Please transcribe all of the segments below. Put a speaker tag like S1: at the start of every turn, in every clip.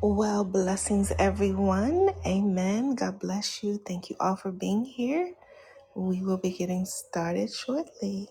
S1: Well, blessings, everyone. Amen. God bless you. Thank you all for being here. We will be getting started shortly.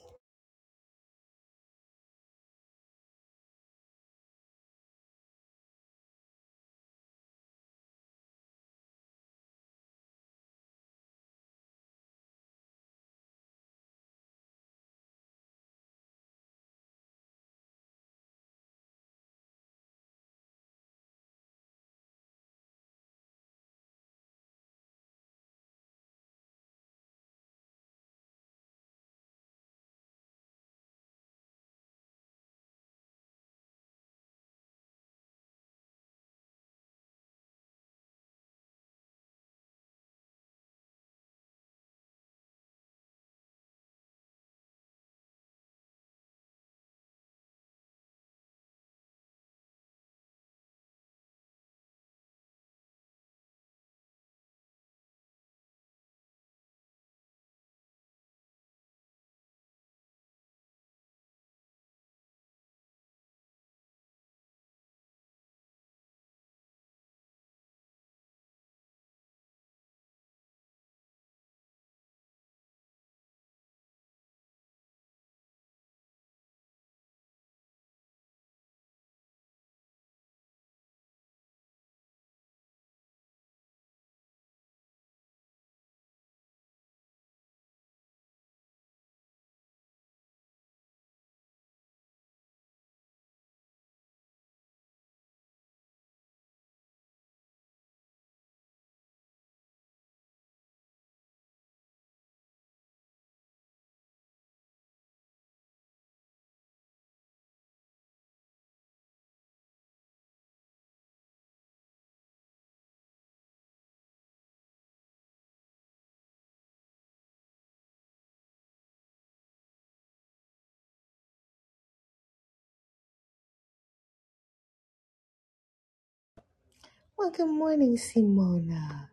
S1: Well, good morning, Simona.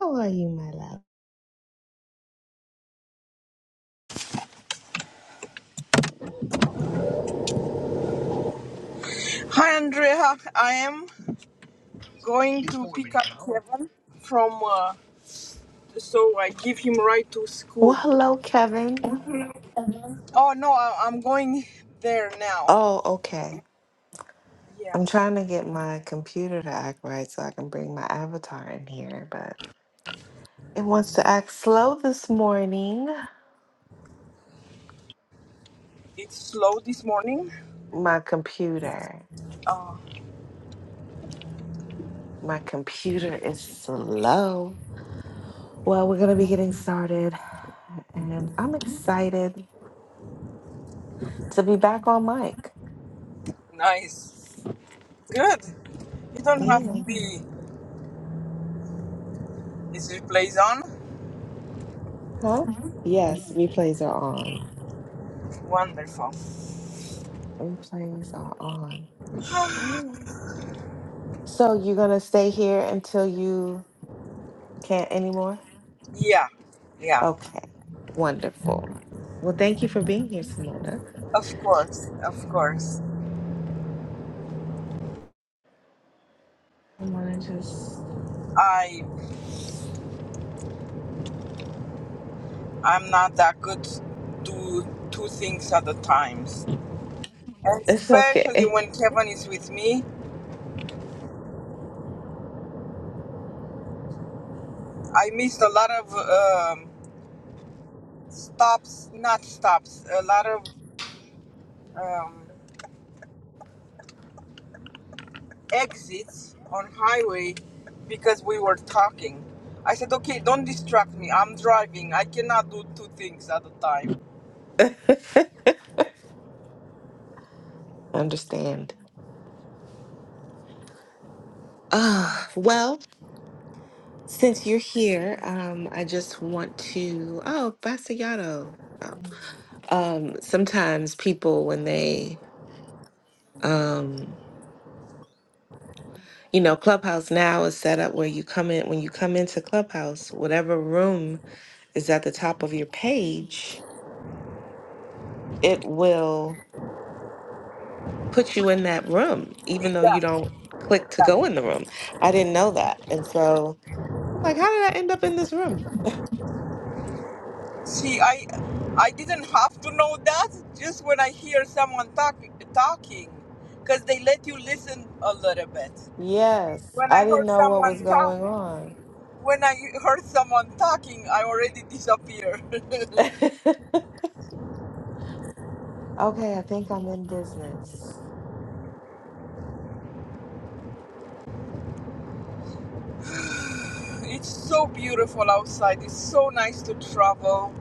S1: How are you, my love?
S2: Hi, Andrea. I am going to pick up Kevin from, uh, so I give him right to
S1: Well,
S2: school.
S1: hello, Kevin.
S2: Oh, no, I, I'm going there now.
S1: Oh, okay.
S2: Yeah,
S1: I'm trying to get my computer to act right so I can bring my avatar in here, but it wants to act slow this morning.
S2: it's slow this morning.
S1: My computer.
S2: Oh,
S1: My computer is slow. Well, we're going to be getting started, and I'm excited to be back on mic.
S2: nice. Good. You don't have
S1: Yeah.
S2: to be. Is it plays on?
S1: Huh? Yes, replays are on.
S2: Wonderful.
S1: Replays are on. I don't know. So you're going to stay here until you can't anymore?
S2: Yeah, yeah.
S1: Okay. Wonderful. Well, thank you for being here, Simona.
S2: Of course, of course.
S1: I want to just,
S2: I I'm not that good to do two things at a times.
S1: it's
S2: Especially
S1: okay.
S2: when Kevin is with me, I missed a lot of um, stops, not stops, a lot of um, exits on highway because we were talking. I said, okay, don't distract me. I'm driving. I cannot do two things at a time.
S1: Understand. Ah, well, Since you're here, um, I just want to. Oh, Basayato. Oh. Um, sometimes people, when they, um, you know, Clubhouse now is set up where you come in, when you come into Clubhouse, whatever room is at the top of your page, it will put you in that room, even though
S2: Yeah,
S1: you don't click to
S2: yeah.
S1: go in the room. I didn't know that. And so I'm like, how did I end up in this room?
S2: See, I, I didn't have to know that. Just when I hear someone talking, talking, because they let you listen a little bit.
S1: Yes,
S2: When I
S1: I didn't
S2: heard
S1: know what was
S2: someone talk,
S1: going on.
S2: when I heard someone talking, I already disappeared.
S1: Okay, I think I'm in business.
S2: It's so beautiful outside. It's so nice to travel,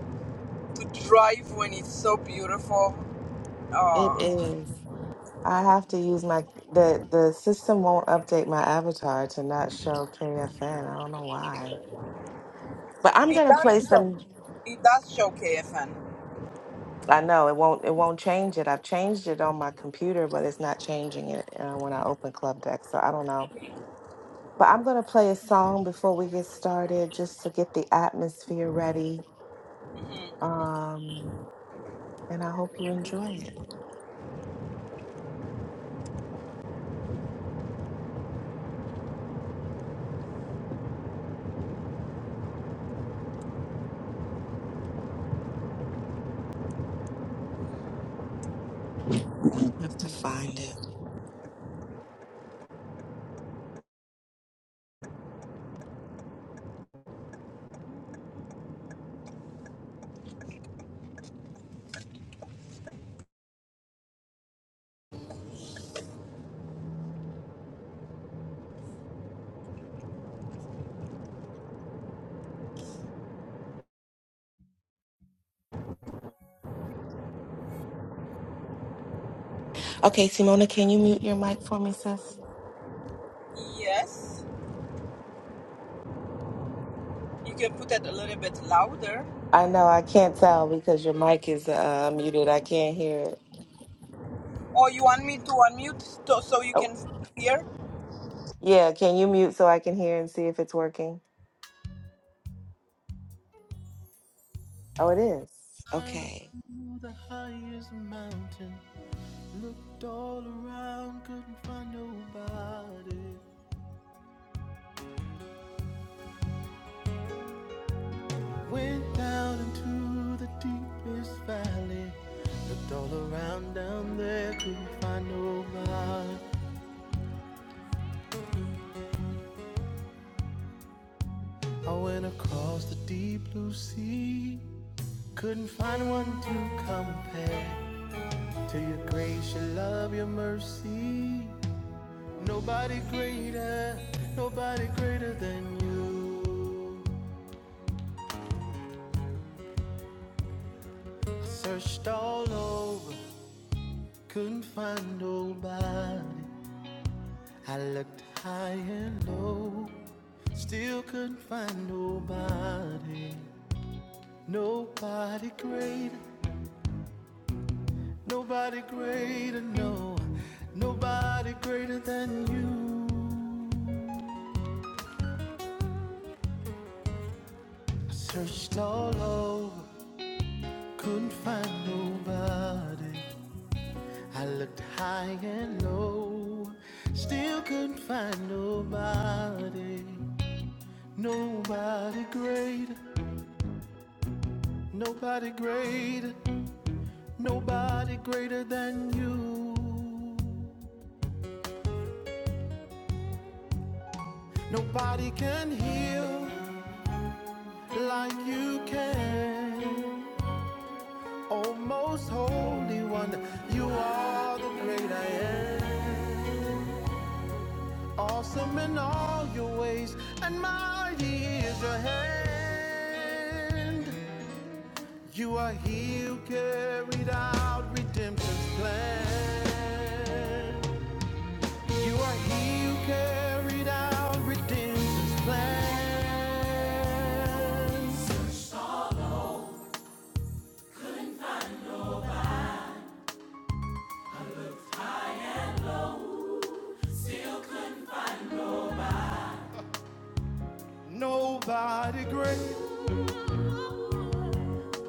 S2: to drive when it's so beautiful.
S1: It
S2: Uh,
S1: is. I have to use my the the system won't update my avatar to not show KFN. I don't know why. But I'm
S2: it
S1: gonna play
S2: does show.
S1: some
S2: It does show KFN.
S1: I know it won't it won't change it. I've changed it on my computer, but it's not changing it uh, when I open Club Deck, so I don't know. But I'm gonna play a song before we get started just to get the atmosphere ready.
S2: hmm
S1: Um and I hope you enjoy it. I have to find it. Okay, Simona, can you mute your mic for me, sis?
S2: Yes, you can put it a little bit louder.
S1: I know I can't tell because your mic is uh, muted. I can't hear it.
S2: Or you want me to unmute to, so you
S1: Oh,
S2: can hear?
S1: yeah. Can you mute so I can hear and see if it's working? Oh, it is.
S3: climbed up
S1: Okay.
S3: to the highest mountain. Looked all around, couldn't find nobody. Went down into the deepest valley. Looked all around down there, couldn't find nobody. I went across the deep blue sea. Couldn't find one to compare to your grace, your love, your mercy. Nobody greater, nobody greater than you. Searched all over, couldn't find nobody. I looked high and low, still couldn't find nobody. Nobody greater, nobody greater, no, nobody greater than you. I searched all over, couldn't find nobody. I looked high and low, still couldn't find nobody. Nobody great, nobody great, nobody greater than you. Nobody can heal like you can. Oh, most holy one, you are the great I am. Awesome in all your ways, and mighty is your hand. You are he who carried out redemption's plan. You are he who carried out redemption's plan. Nobody great,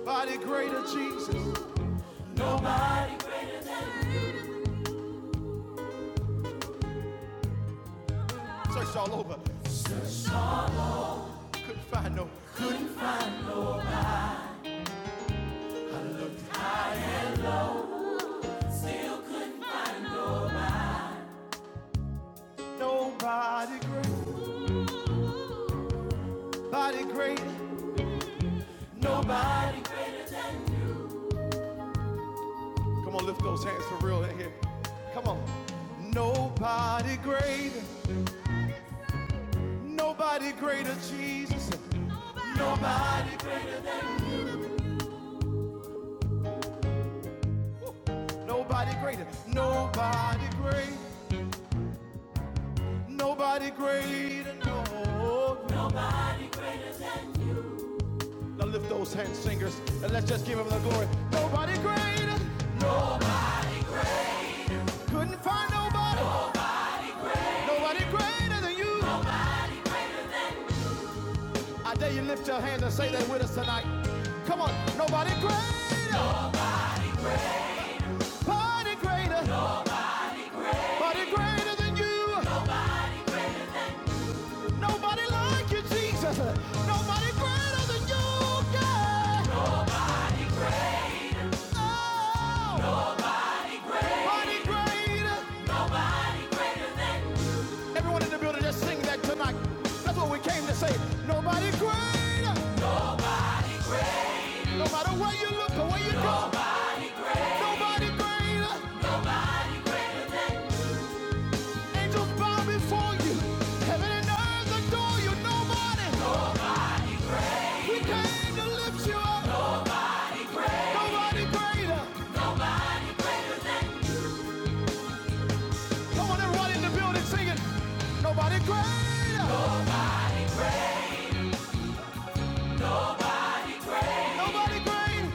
S3: body greater Jesus. Searched all over, couldn't find no. Nobody great, body great, nobody. Come on, lift those hands for real in here. Come on. Nobody great. Nobody greater, Jesus. Nobody greater. Nobody greater. Nobody great. Nobody greater. No. Now lift those hands, singers, and let's just give him the glory. Nobody greater. Couldn't find nobody. Nobody greater than you. I dare you lift your hands and say that with us tonight. Come on. Nobody greater. Nobody greater. Nobody greater than you. Nobody like you, Jesus. Nobody greater than you, God. No. Oh, Nobody greater. Everyone in the building, just sing that tonight. That's what we came to say. Nobody greater. No matter where you look or where you go, nobody nobody greater. Angels bow before you. Heaven and earth adore you. Nobody. No. We came to lift you up. No. Nobody greater. Come on, everybody in the building, singing. Nobody greater. No. Nobody greater.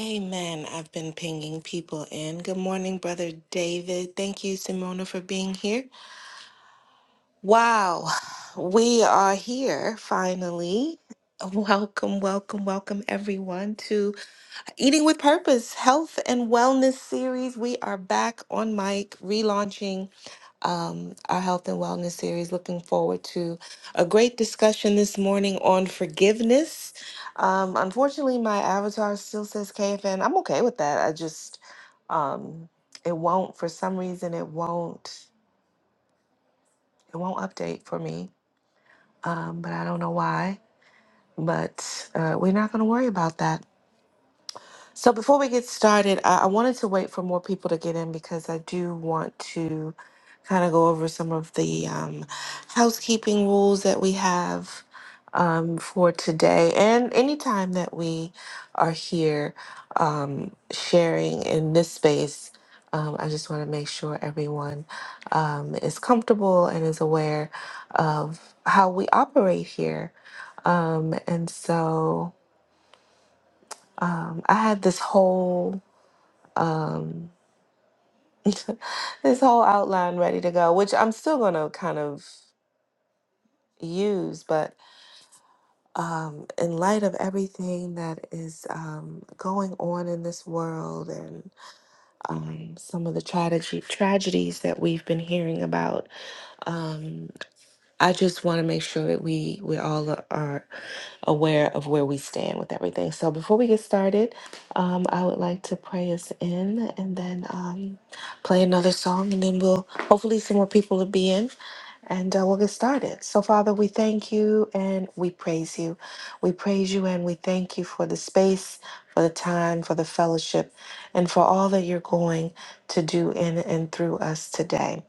S1: Amen. I've been pinging people in. Good morning, Brother David. Thank you, Simona, for being here. Wow. We are here finally. Welcome, welcome, welcome, everyone, to Eating with Purpose Health and Wellness Series. We are back on mic, relaunching um, our health and wellness series. Looking forward to a great discussion this morning on forgiveness. Um, unfortunately, my avatar still says KFN. I'm okay with that. I just, um, it won't, for some reason, it won't, it won't update for me. Um, but I don't know why. But uh, we're not going to worry about that. So before we get started, I, I wanted to wait for more people to get in because I do want to kind of go over some of the um, housekeeping rules that we have um, for today and anytime that we are here um, sharing in this space. Um, I just want to make sure everyone um, is comfortable and is aware of how we operate here. Um, and so um, I had this whole um, this whole outline ready to go, which I'm still going to kind of use, but um, in light of everything that is um, going on in this world and um, some of the tragedy tragedies that we've been hearing about, um, I just want to make sure that we we all are. aware of where we stand with everything. So before we get started, um, I would like to pray us in and then um, play another song, and then we'll hopefully some more people will be in and uh, we'll get started. So, Father, we thank you and we praise you. We praise you and we thank you for the space, for the time, for the fellowship, and for all that you're going to do in and through us today.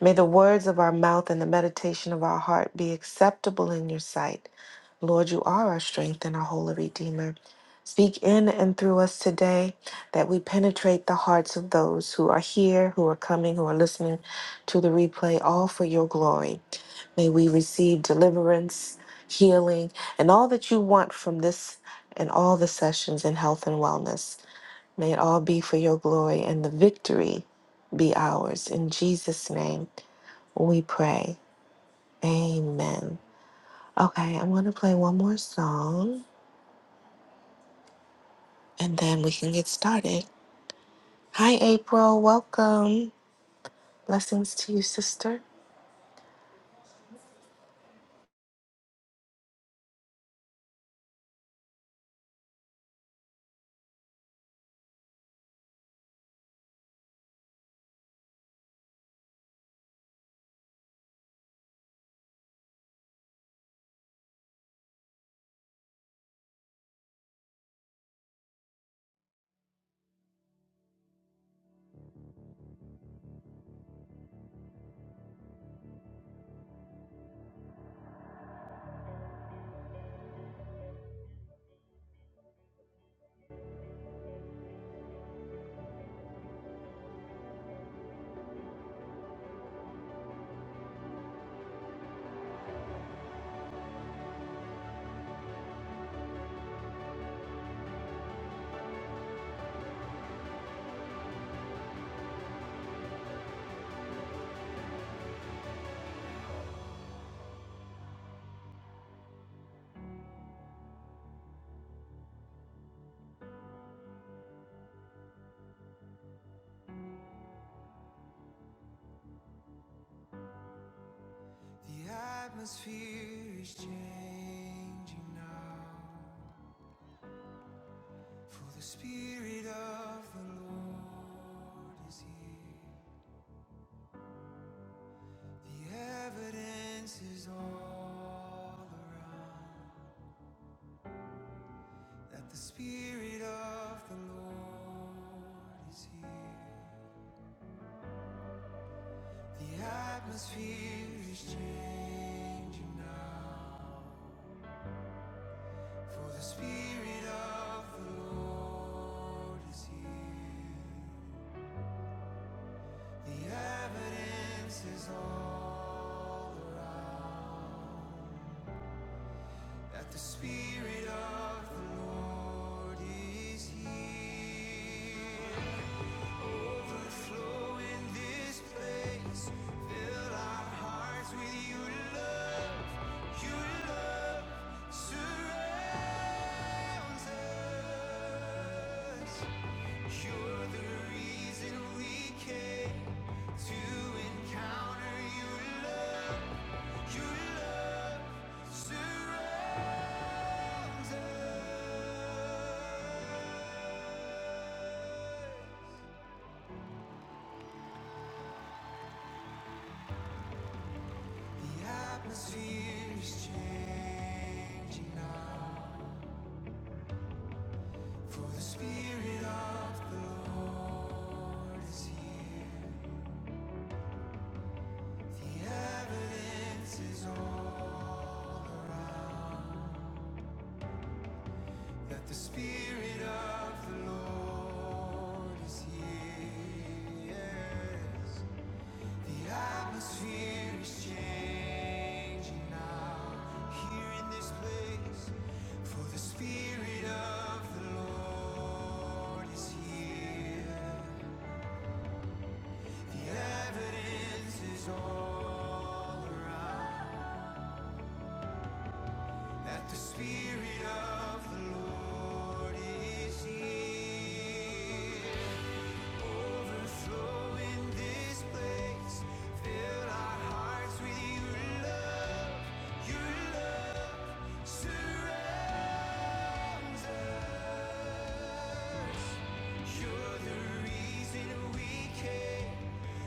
S1: May the words of our mouth and the meditation of our heart be acceptable in your sight. Lord, you are our strength and our holy Redeemer. Speak in and through us today that we penetrate the hearts of those who are here, who are coming, who are listening to the replay, all for your glory. May we receive deliverance, healing, and all that you want from this and all the sessions in health and wellness. May it all be for your glory and the victory be ours. In Jesus' name we pray. Amen. Okay, I'm going to play one more song. and then we can get started. Hi, April. Welcome. Blessings to you, sister.
S3: The evidence is all that the Spirit of the Lord is here. The atmosphere is changing now. For the Spirit of the Lord is here. The evidence is all that the Spirit of the Lord is here. Lord, flow in this place. Fill our hearts with your love. Your love surrounds us. You're the reason we came to encounter your love. Your love surrounds us. Atmospheres changing now. For the Spirit of the Lord is here. The evidence is all that the Spirit of the Lord is here. Yes. The atmosphere is changing now here in this place. For the Spirit of the Lord is here. The evidence is all around that the Spirit of the Lord is here. Overflow in this place. Fill our hearts with your love. You're the reason we came.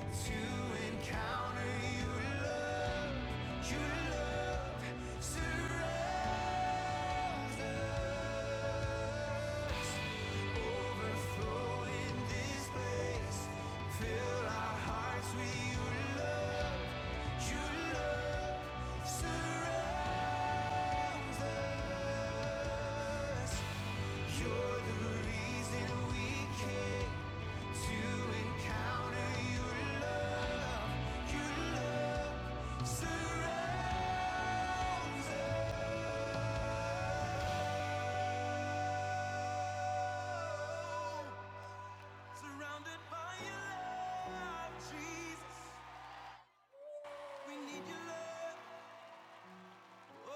S3: To encounter your love, your love, surround our hearts with your love, your love, surround. You're the reason we came to encounter your love, your love, surround. Surrounded by your love, Jesus, we need your love. Oh,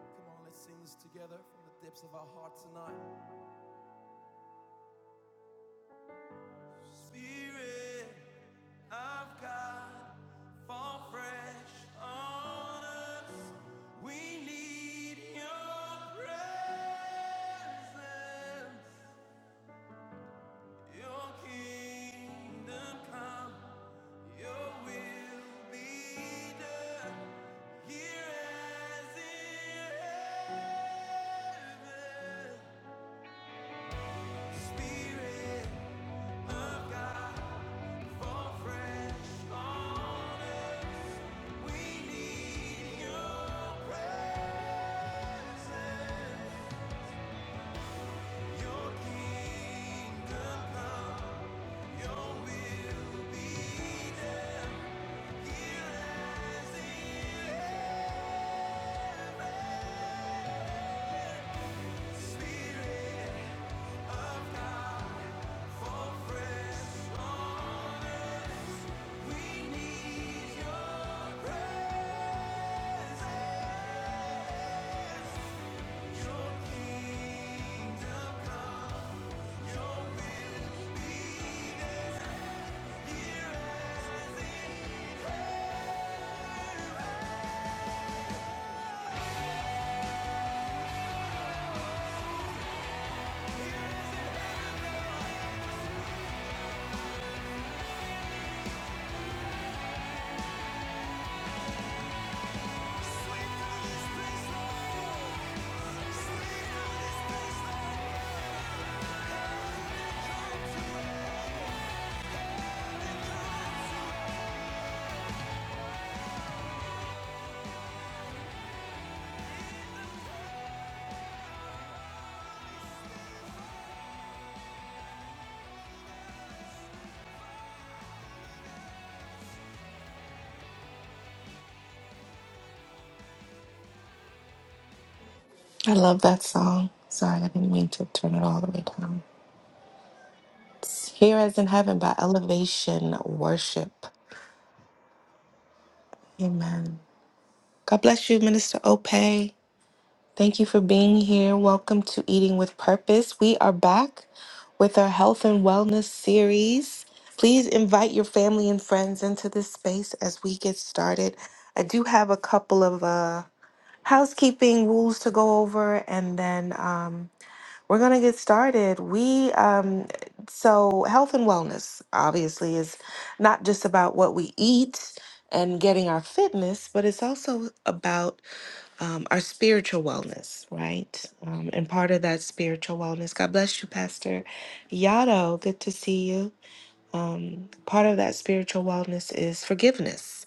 S3: come on, let's sing this together from the depths of our heart tonight. Spirit of God, fall fresh on us. We need your presence, your kingdom come, your will be done here as in heaven. Spirit of God.
S1: I love that song. Sorry, I didn't mean to turn it all the way down. It's Here as in heaven by elevation worship. Amen. God bless you, Minister Ope. Thank you for being here. Welcome to Eating with Purpose. We are back with our health and wellness series. Please invite your family and friends into this space as we get started. I do have a couple of uh housekeeping rules to go over and then um, we're going to get started we um, so health and wellness obviously is not just about what we eat and getting our fitness but it's also about um, our spiritual wellness right um, and part of that spiritual wellness god bless you pastor yado good to see you um, part of that spiritual wellness is forgiveness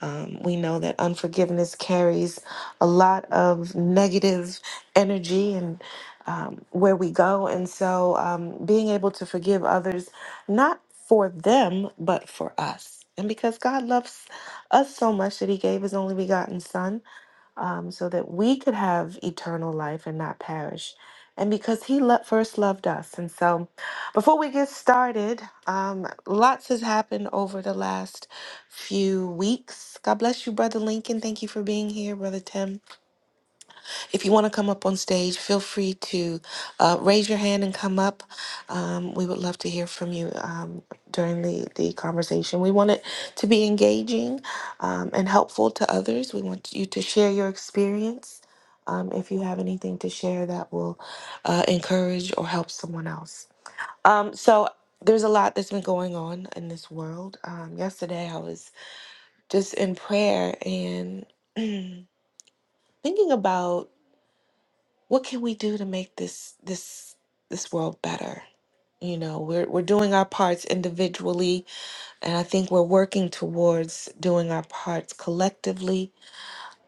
S1: um, we know that unforgiveness carries a lot of negative energy and um, where we go. And so um, being able to forgive others, not for them, but for us. And because God loves us so much that he gave his only begotten son um, so that we could have eternal life and not perish. And because he lo- first loved us. And so, before we get started, um, lots has happened over the last few weeks. God bless you, Brother Lincoln. Thank you for being here, Brother Tim. If you want to come up on stage, feel free to uh, raise your hand and come up. Um, we would love to hear from you um, during the, the conversation. We want it to be engaging um, and helpful to others. We want you to share your experience. Um, if you have anything to share that will uh, encourage or help someone else. Um, so there's a lot that's been going on in this world. Um, yesterday, I was just in prayer and thinking about what can we do to make this this this world better you know we're we're doing our parts individually and i think we're working towards doing our parts collectively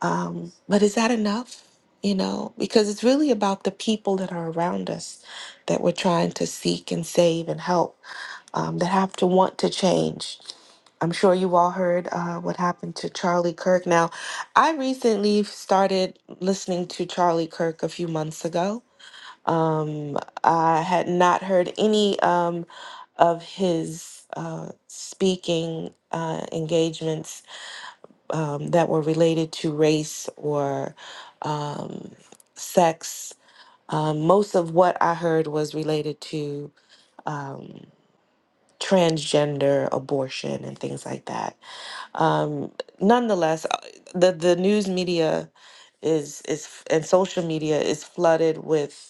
S1: um but is that enough you know because it's really about the people that are around us that we're trying to seek and save and help um, that have to want to change i'm sure you all heard uh, what happened to charlie kirk now i recently started listening to charlie kirk a few months ago um, I had not heard any um, of his uh, speaking uh, engagements um, that were related to race or um, sex. Um, most of what I heard was related to um, transgender abortion and things like that. Um, nonetheless, uh, the the news media is is and social media is flooded with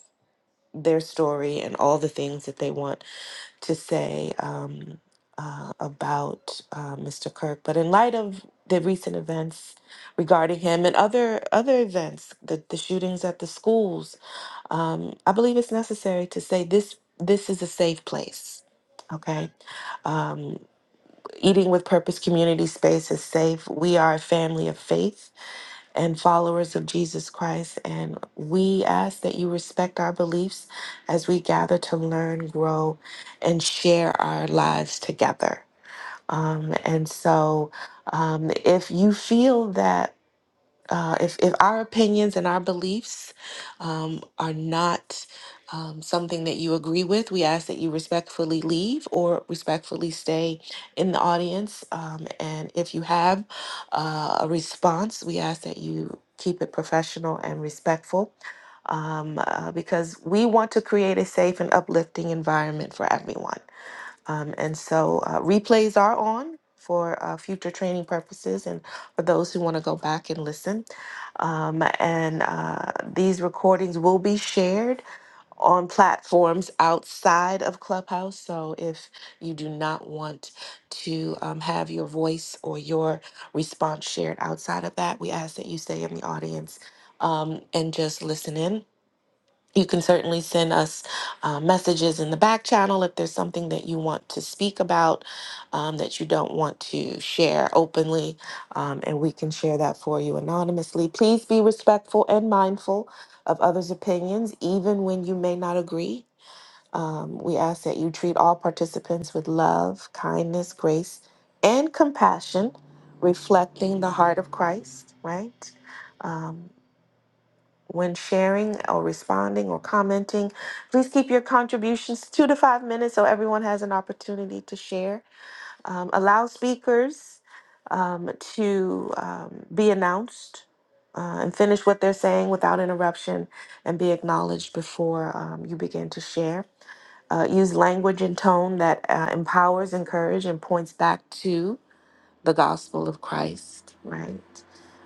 S1: their story and all the things that they want to say um, uh, about uh, Mr. Kirk. But in light of the recent events regarding him and other other events, the, the shootings at the schools, um, I believe it's necessary to say this this is a safe place. Okay, um, eating with purpose community space is safe. We are a family of faith and followers of Jesus Christ. And we ask that you respect our beliefs as we gather to learn, grow, and share our lives together. Um, and so, um, if you feel that uh, if if our opinions and our beliefs um, are not um, something that you agree with, we ask that you respectfully leave or respectfully stay in the audience. Um, and if you have uh, a response, we ask that you keep it professional and respectful um, uh, because we want to create a safe and uplifting environment for everyone. Um, and so uh, replays are on for uh, future training purposes and for those who want to go back and listen. Um, and uh, these recordings will be shared on platforms outside of Clubhouse. So if you do not want to um, have your voice or your response shared outside of that, we ask that you stay in the audience um, and just listen in you can certainly send us uh, messages in the back channel if there's something that you want to speak about um, that you don't want to share openly, um, and we can share that for you anonymously. Please be respectful and mindful of others' opinions, even when you may not agree. Um, we ask that you treat all participants with love, kindness, grace, and compassion, reflecting the heart of Christ, right? Um, when sharing or responding or commenting, please keep your contributions two to five minutes so everyone has an opportunity to share. Um, allow speakers um, to um, be announced uh, and finish what they're saying without interruption and be acknowledged before um, you begin to share. Uh, use language and tone that uh, empowers, encourages, and points back to the gospel of Christ, right?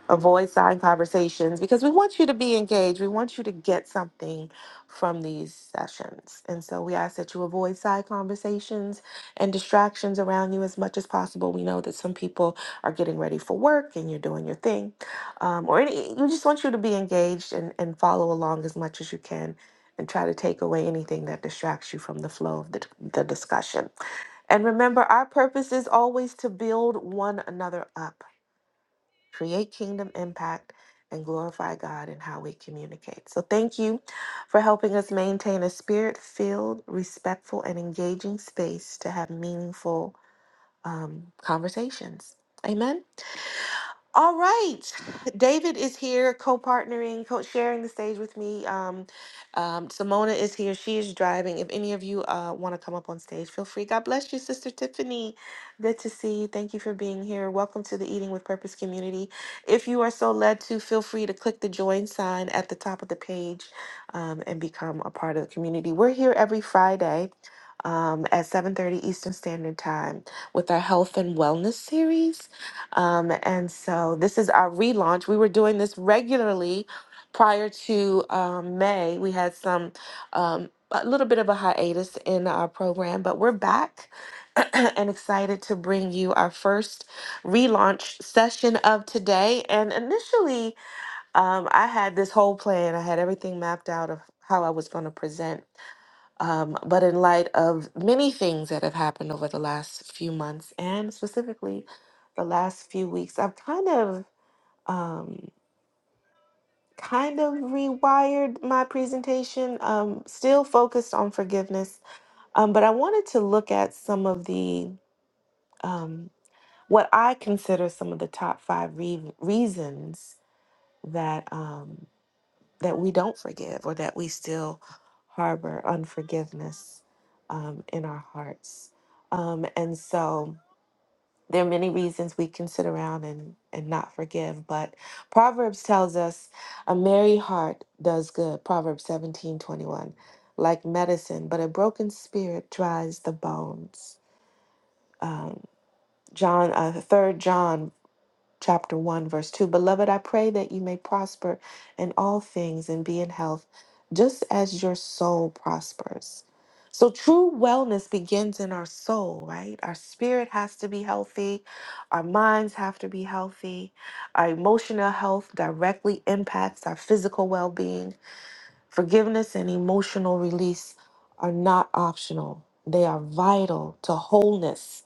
S1: avoid side conversations because we want you to be engaged. We want you to get something from these sessions. And so we ask that you avoid side conversations and distractions around you as much as possible. We know that some people are getting ready for work and you're doing your thing. Um, or any, we just want you to be engaged and, and follow along as much as you can. And try to take away anything that distracts you from the flow of the, the discussion. And remember, our purpose is always to build one another up create kingdom impact, and glorify God in how we communicate. So, thank you for helping us maintain a spirit filled, respectful, and engaging space to have meaningful um, conversations. Amen. All right. David is here, co partnering, co sharing the stage with me. Um, um, Simona is here. She is driving. If any of you uh, want to come up on stage, feel free. God bless you, Sister Tiffany. Good to see you. Thank you for being here. Welcome to the Eating with Purpose community. If you are so led to, feel free to click the join sign at the top of the page um, and become a part of the community. We're here every Friday. Um, at 7:30 Eastern Standard Time with our health and wellness series. Um, and so this is our relaunch. We were doing this regularly prior to um, May. We had some, um, a little bit of a hiatus in our program, but we're back and excited to bring you our first relaunch session of today. And initially, um, I had this whole plan, I had everything mapped out of how I was going to present. Um, but in light of many things that have happened over the last few months and specifically the last few weeks, I've kind of um, kind of rewired my presentation, um, still focused on forgiveness. Um, but I wanted to look at some of the um, what I consider some of the top five re- reasons that Um, that we don't forgive or that we still harbor unforgiveness um, in our hearts. Um, and so there are many reasons we can sit around and, and not forgive, but Proverbs tells us a merry heart does good. Proverbs seventeen twenty one, like medicine, but a broken spirit dries the bones. Um, John, uh, 3 John chapter 1, verse 2. Beloved, I pray that you may prosper in all things and be in health, just as your soul prospers. So, true wellness begins in our soul, right? Our spirit has to be healthy. Our minds have to be healthy. Our emotional health directly impacts our physical well being. Forgiveness and emotional release are not optional, they are vital to wholeness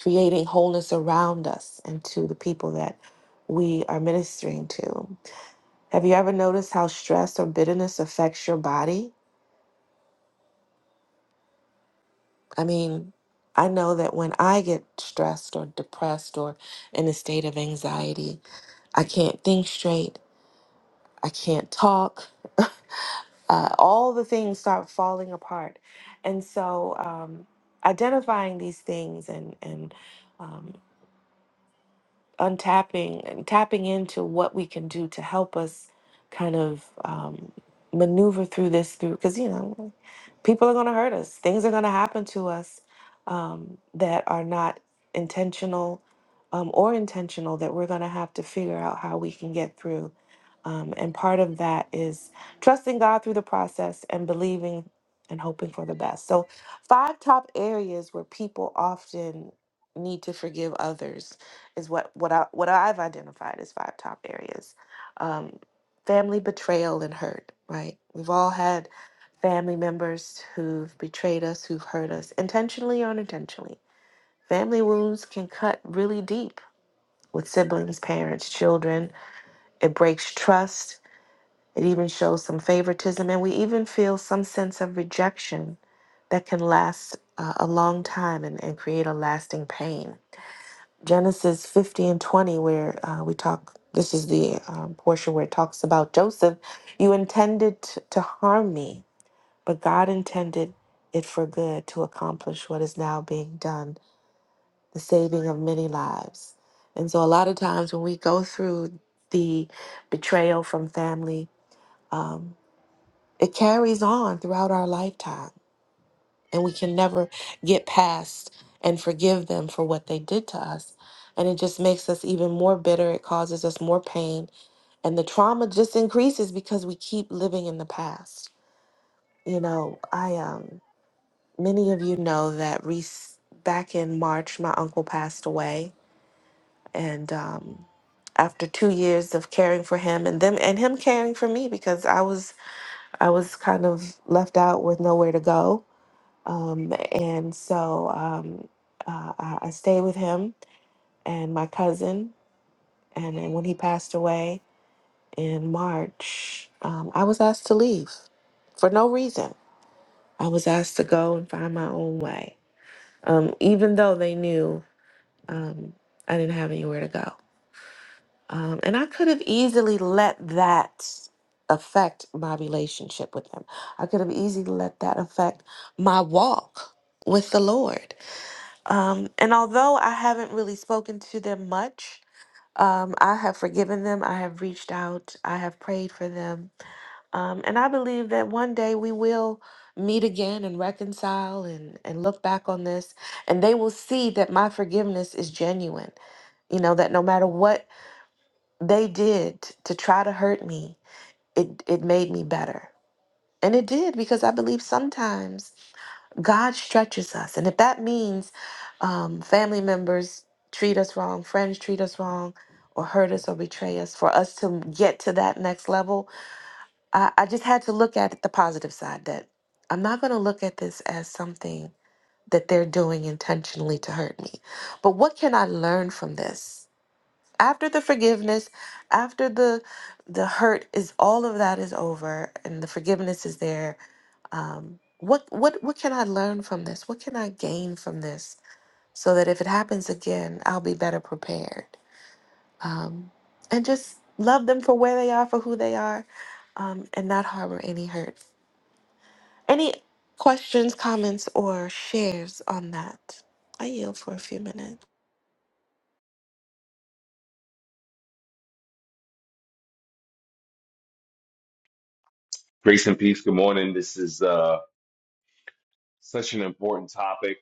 S1: creating wholeness around us and to the people that we are ministering to. Have you ever noticed how stress or bitterness affects your body? I mean, I know that when I get stressed or depressed or in a state of anxiety, I can't think straight, I can't talk, uh, all the things start falling apart. And so, um, identifying these things and, and um, untapping and tapping into what we can do to help us kind of um, maneuver through this through because you know people are going to hurt us things are going to happen to us um, that are not intentional um, or intentional that we're going to have to figure out how we can get through um, and part of that is trusting god through the process and believing and hoping for the best so five top areas where people often need to forgive others is what what I what I've identified as five top areas. Um, family betrayal and hurt, right? We've all had family members who've betrayed us, who've hurt us, intentionally or unintentionally. Family wounds can cut really deep with siblings, parents, children. It breaks trust. It even shows some favoritism, and we even feel some sense of rejection that can last uh, a long time and, and create a lasting pain Genesis 50 and 20, where uh, we talk, this is the um, portion where it talks about Joseph. You intended t- to harm me, but God intended it for good to accomplish what is now being done, the saving of many lives. And so, a lot of times when we go through the betrayal from family, um, it carries on throughout our lifetime and we can never get past and forgive them for what they did to us. And it just makes us even more bitter. It causes us more pain. And the trauma just increases because we keep living in the past. You know, I, um, many of you know that Reese, back in March, my uncle passed away. And, um, after two years of caring for him and them and him caring for me because I was I was kind of left out with nowhere to go Um, and so um, uh, I I stayed with him and my cousin. And then when he passed away in March, um, I was asked to leave for no reason. I was asked to go and find my own way, um, even though they knew um, I didn't have anywhere to go. Um, and I could have easily let that affect my relationship with him. I could have easily let that affect my walk with the Lord Um, and although I haven't really spoken to them much, um, I have forgiven them. I have reached out. I have prayed for them. Um, and I believe that one day we will meet again and reconcile and, and look back on this. And they will see that my forgiveness is genuine. You know, that no matter what they did to try to hurt me, it, it made me better. And it did because I believe sometimes God stretches us. And if that means um, family members treat us wrong, friends treat us wrong, or hurt us or betray us, for us to get to that next level, I, I just had to look at it the positive side that I'm not going to look at this as something that they're doing intentionally to hurt me. But what can I learn from this? After the forgiveness, after the the hurt is all of that is over and the forgiveness is there um, what what what can I learn from this? What can I gain from this? So that if it happens again, I'll be better prepared. And just love them for where they are, for who they are, um, and not harbor any hurt. Any questions, comments, or shares on that? I yield for a few minutes.
S4: Grace and peace. Good morning. This is uh, such an important topic,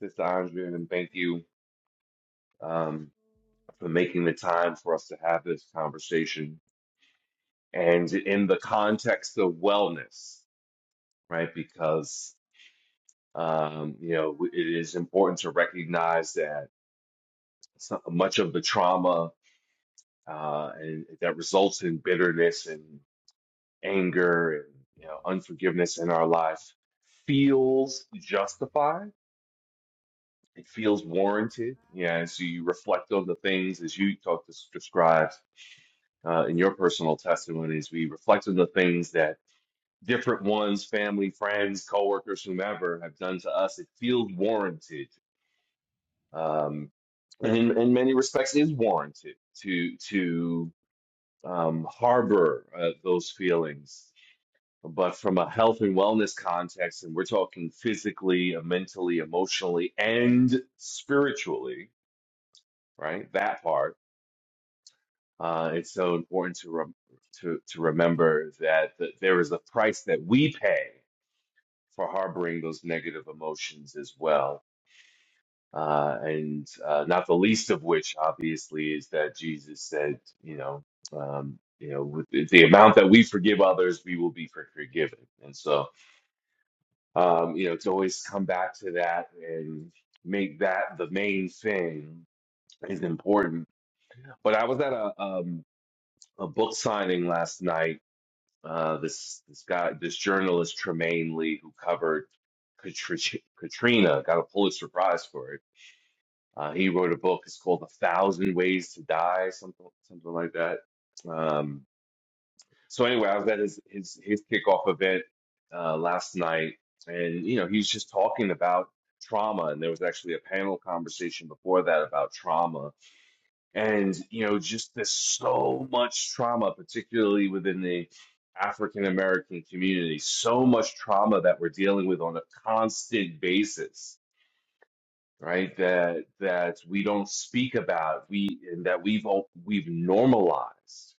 S4: Sister Andrea, and thank you um, for making the time for us to have this conversation. And in the context of wellness, right? Because um, you know it is important to recognize that so much of the trauma uh, and that results in bitterness and anger and you know unforgiveness in our life feels justified it feels warranted. Yeah, and so you reflect on the things as you talked to described uh, in your personal testimonies. We reflect on the things that different ones, family, friends, coworkers, whomever, have done to us. It feels warranted, um, and in, in many respects, is warranted to to um, harbor uh, those feelings. But from a health and wellness context, and we're talking physically, uh, mentally, emotionally, and spiritually, right? That part. Uh, it's so important to rem to to remember that th there is a price that we pay for harboring those negative emotions as well, uh, and uh, not the least of which, obviously, is that Jesus said, you know, um, you know, with the the amount that we forgive others, we will be for- forgiven. And so, um, you know, to always come back to that and make that the main thing is important. But I was at a um, a book signing last night. Uh, this this guy, this journalist Tremaine Lee, who covered Katri- Katrina, got a Pulitzer Prize for it. Uh, he wrote a book. It's called A Thousand Ways to Die, something something like that. Um, so anyway, I was at his his his kickoff event uh, last night, and you know he's just talking about trauma, and there was actually a panel conversation before that about trauma and you know just there's so much trauma particularly within the african american community so much trauma that we're dealing with on a constant basis right that that we don't speak about we and that we've all we've normalized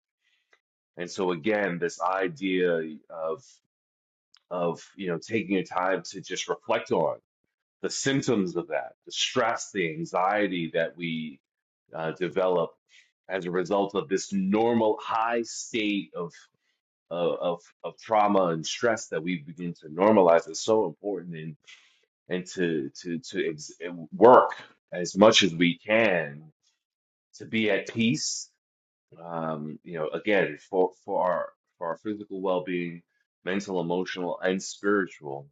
S4: and so again this idea of of you know taking a time to just reflect on the symptoms of that, the stress, the anxiety that we uh, develop as a result of this normal high state of of of of trauma and stress that we begin to normalize is so important and and to to to ex- work as much as we can to be at peace um you know again for for our for our physical well-being mental emotional and spiritual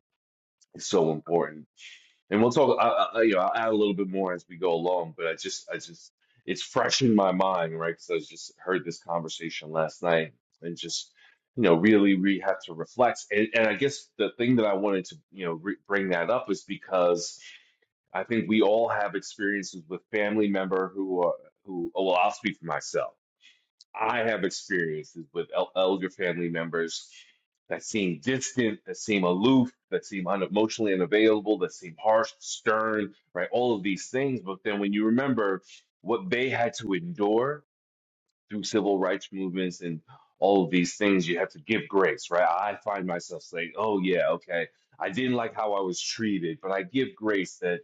S4: is so important and we'll talk. I, I, you know, I'll add a little bit more as we go along. But I just, I just, it's fresh in my mind, right? Because I was just heard this conversation last night, and just, you know, really, we have to reflect. And, and I guess the thing that I wanted to, you know, re bring that up is because I think we all have experiences with family member who are, who. Well, I'll speak for myself I have experiences with el- elder family members that seem distant, that seem aloof, that seem unemotionally unavailable, that seem harsh, stern, right? All of these things. But then when you remember what they had to endure through civil rights movements and all of these things, you have to give grace, right? I find myself saying, oh, yeah, okay, I didn't like how I was treated, but I give grace that,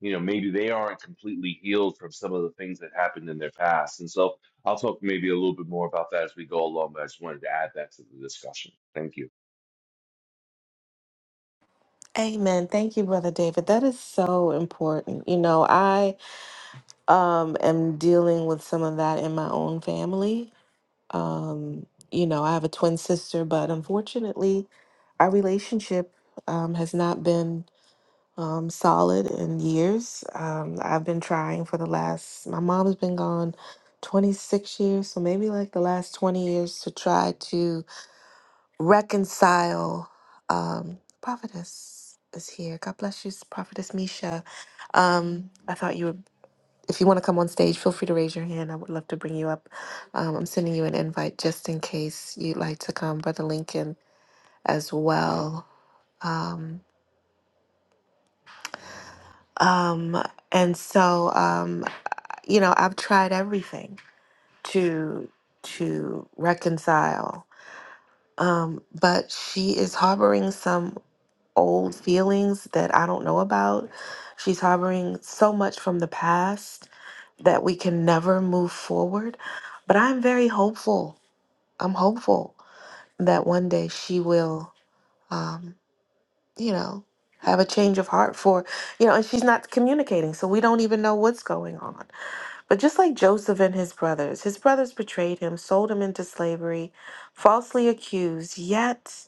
S4: you know, maybe they aren't completely healed from some of the things that happened in their past. And so I'll talk maybe a little bit more about that as we go along, but I just wanted to add that to the discussion. Thank you.
S1: Amen. Thank you, Brother David. That is so important. You know, I um, am dealing with some of that in my own family Um, you know, I have a twin sister, but unfortunately, our relationship um, has not been um, solid in years. Um, I've been trying for the last, my mom's been gone 26 years, so maybe like the last 20 years to try to reconcile. Um, prophetess is here. God bless you, prophetess Misha. Um, I thought you were. If you want to come on stage, feel free to raise your hand. I would love to bring you up. Um, I'm sending you an invite just in case you'd like to come, Brother Lincoln, as well. Um, um, and so, um, you know, I've tried everything to to reconcile, um, but she is harboring some old feelings that I don't know about. She's harboring so much from the past that we can never move forward. But I'm very hopeful I'm hopeful that one day she will, um, you know, have a change of heart for, you know, and she's not communicating, so we don't even know what's going on. But just like Joseph and his brothers, his brothers betrayed him, sold him into slavery, falsely accused, yet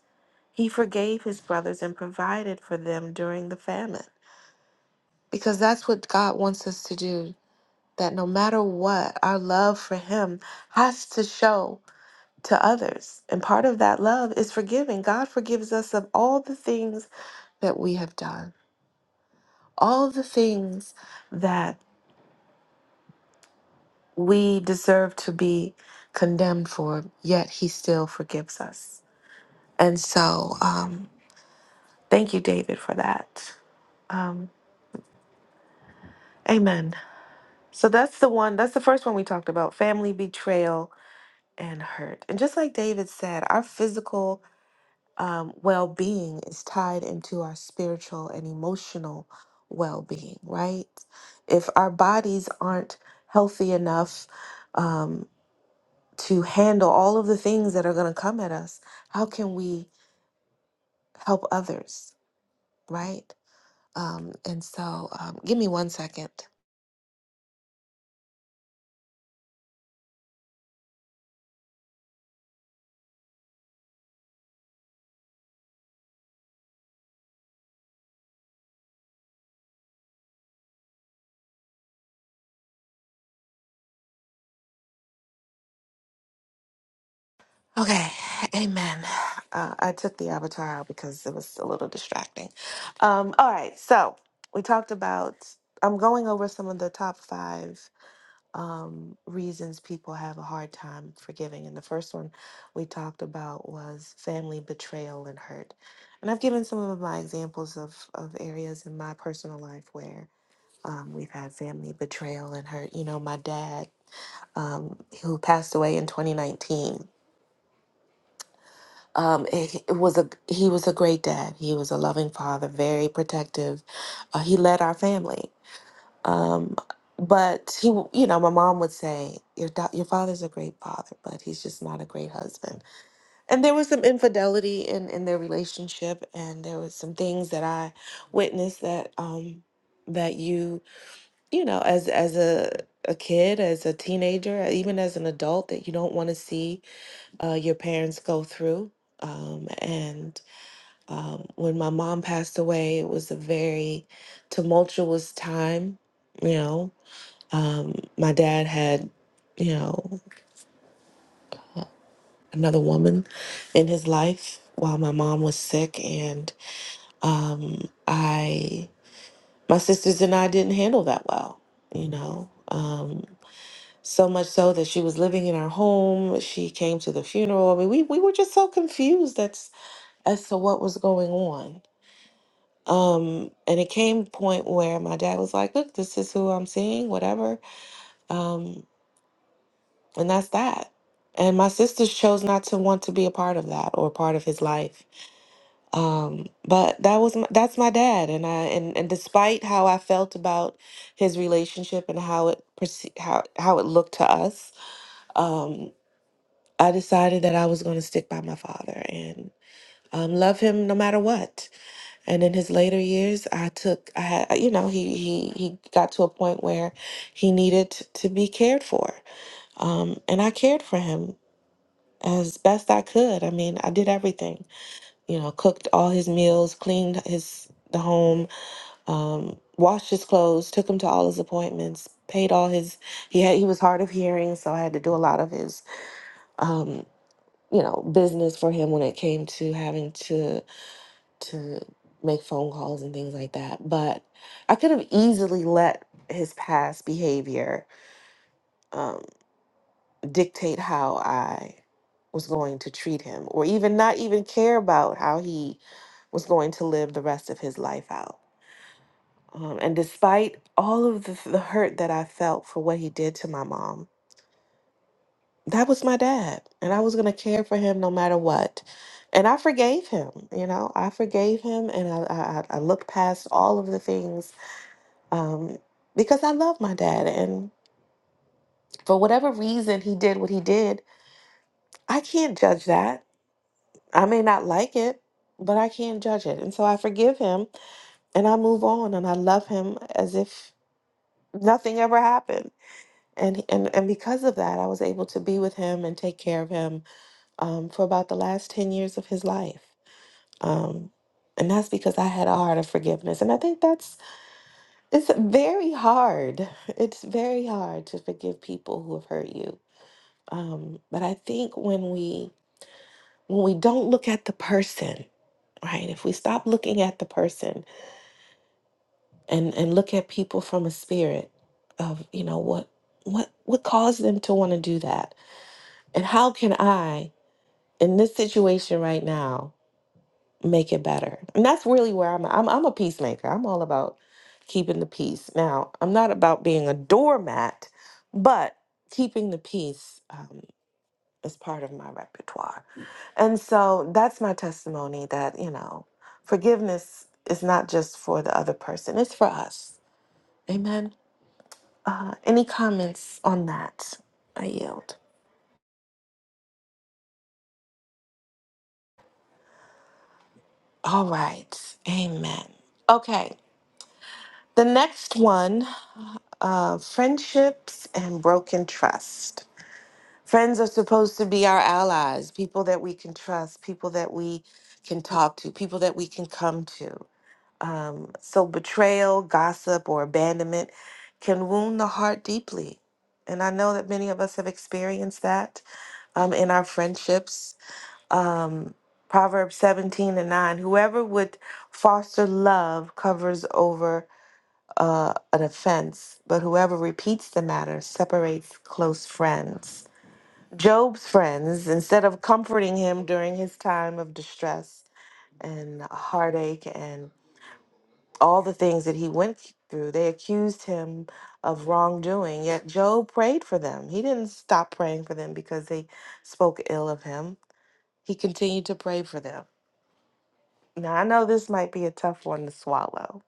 S1: he forgave his brothers and provided for them during the famine. Because that's what God wants us to do, that no matter what, our love for him has to show to others. And part of that love is forgiving. God forgives us of all the things that we have done, all the things that we deserve to be condemned for, yet He still forgives us. And so, um, thank you, David, for that. Um, amen. So, that's the one, that's the first one we talked about family betrayal and hurt. And just like David said, our physical um, well being is tied into our spiritual and emotional well being, right? If our bodies aren't healthy enough um, to handle all of the things that are going to come at us, how can we help others, right? Um, and so, um, give me one second. Okay, amen. Uh, I took the avatar out because it was a little distracting. Um, all right, so we talked about, I'm going over some of the top five um, reasons people have a hard time forgiving. And the first one we talked about was family betrayal and hurt. And I've given some of my examples of, of areas in my personal life where um, we've had family betrayal and hurt. You know, my dad, um, who passed away in 2019. Um, it, it was a he was a great dad. He was a loving father, very protective. Uh, he led our family, um, but he, w- you know, my mom would say, "Your da- your father's a great father, but he's just not a great husband." And there was some infidelity in in their relationship, and there was some things that I witnessed that um that you you know as as a a kid, as a teenager, even as an adult, that you don't want to see uh, your parents go through. Um, and um, when my mom passed away, it was a very tumultuous time, you know, um, my dad had, you know, another woman in his life while my mom was sick, and um, I, my sisters and I didn't handle that well, you know. Um, so much so that she was living in our home. She came to the funeral. I mean, we we were just so confused as as to what was going on. Um, and it came a point where my dad was like, "Look, this is who I'm seeing. Whatever." Um, And that's that. And my sisters chose not to want to be a part of that or part of his life. Um, but that was my, that's my dad, and I and, and despite how I felt about his relationship and how it perce- how how it looked to us, um, I decided that I was going to stick by my father and um, love him no matter what. And in his later years, I took I had you know he he he got to a point where he needed to be cared for, um, and I cared for him as best I could. I mean, I did everything. You know, cooked all his meals, cleaned his the home, um, washed his clothes, took him to all his appointments, paid all his. He had he was hard of hearing, so I had to do a lot of his, um, you know, business for him when it came to having to to make phone calls and things like that. But I could have easily let his past behavior. um, dictate how I was going to treat him or even not even care about how he was going to live the rest of his life out. Um, and despite all of the, the hurt that I felt for what he did to my mom, that was my dad. And I was going to care for him no matter what. And I forgave him, you know, I forgave him and I, I, I I looked past all of the things um, because I love my dad. And for whatever reason he did what he did, I can't judge that. I may not like it, but I can't judge it. And so I forgive him and I move on and I love him as if nothing ever happened. And, and, and because of that, I was able to be with him and take care of him um, for about the last 10 years of his life. Um, and that's because I had a heart of forgiveness. And I think that's, it's very hard. It's very hard to forgive people who have hurt you. Um, but I think when we, when we don't look at the person, right? If we stop looking at the person and and look at people from a spirit of you know what what what caused them to want to do that and how can i in this situation right now make it better and that's really where i'm i'm, I'm a peacemaker i'm all about keeping the peace now i'm not about being a doormat but keeping the peace um, is part of my repertoire and so that's my testimony that you know forgiveness is not just for the other person it's for us amen Uh, any comments on that? I yield. All right. Amen. Okay. The next one uh, friendships and broken trust. Friends are supposed to be our allies, people that we can trust, people that we can talk to, people that we can come to. Um, so, betrayal, gossip, or abandonment can wound the heart deeply. And I know that many of us have experienced that um, in our friendships um, Proverbs 17 and 9 Whoever would foster love covers over uh, an offense, but whoever repeats the matter separates close friends. Job's friends, instead of comforting him during his time of distress and heartache and all the things that he went through, they accused him of wrongdoing. Yet Job prayed for them. He didn't stop praying for them because they spoke ill of him, he continued to pray for them. Now, I know this might be a tough one to swallow.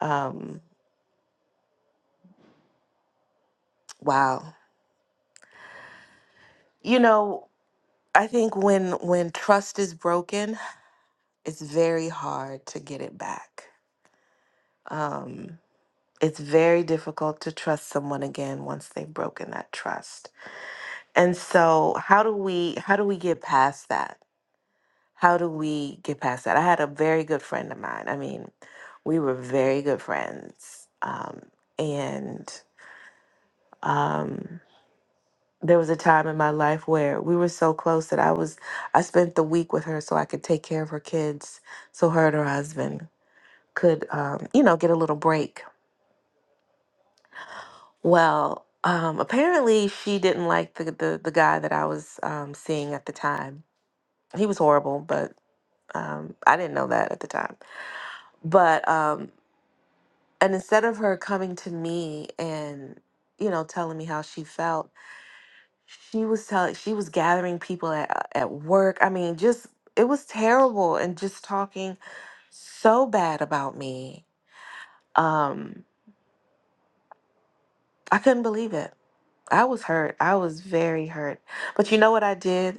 S1: Um, wow. You know, I think when when trust is broken, it's very hard to get it back. Um, it's very difficult to trust someone again once they've broken that trust. And so, how do we how do we get past that? How do we get past that? I had a very good friend of mine. I mean, we were very good friends. Um, and um there was a time in my life where we were so close that I was I spent the week with her so I could take care of her kids so her and her husband could um, you know get a little break. Well, um, apparently she didn't like the the, the guy that I was um, seeing at the time. He was horrible, but um, I didn't know that at the time. But um, and instead of her coming to me and you know telling me how she felt she was telling she was gathering people at, at work i mean just it was terrible and just talking so bad about me um i couldn't believe it i was hurt i was very hurt but you know what i did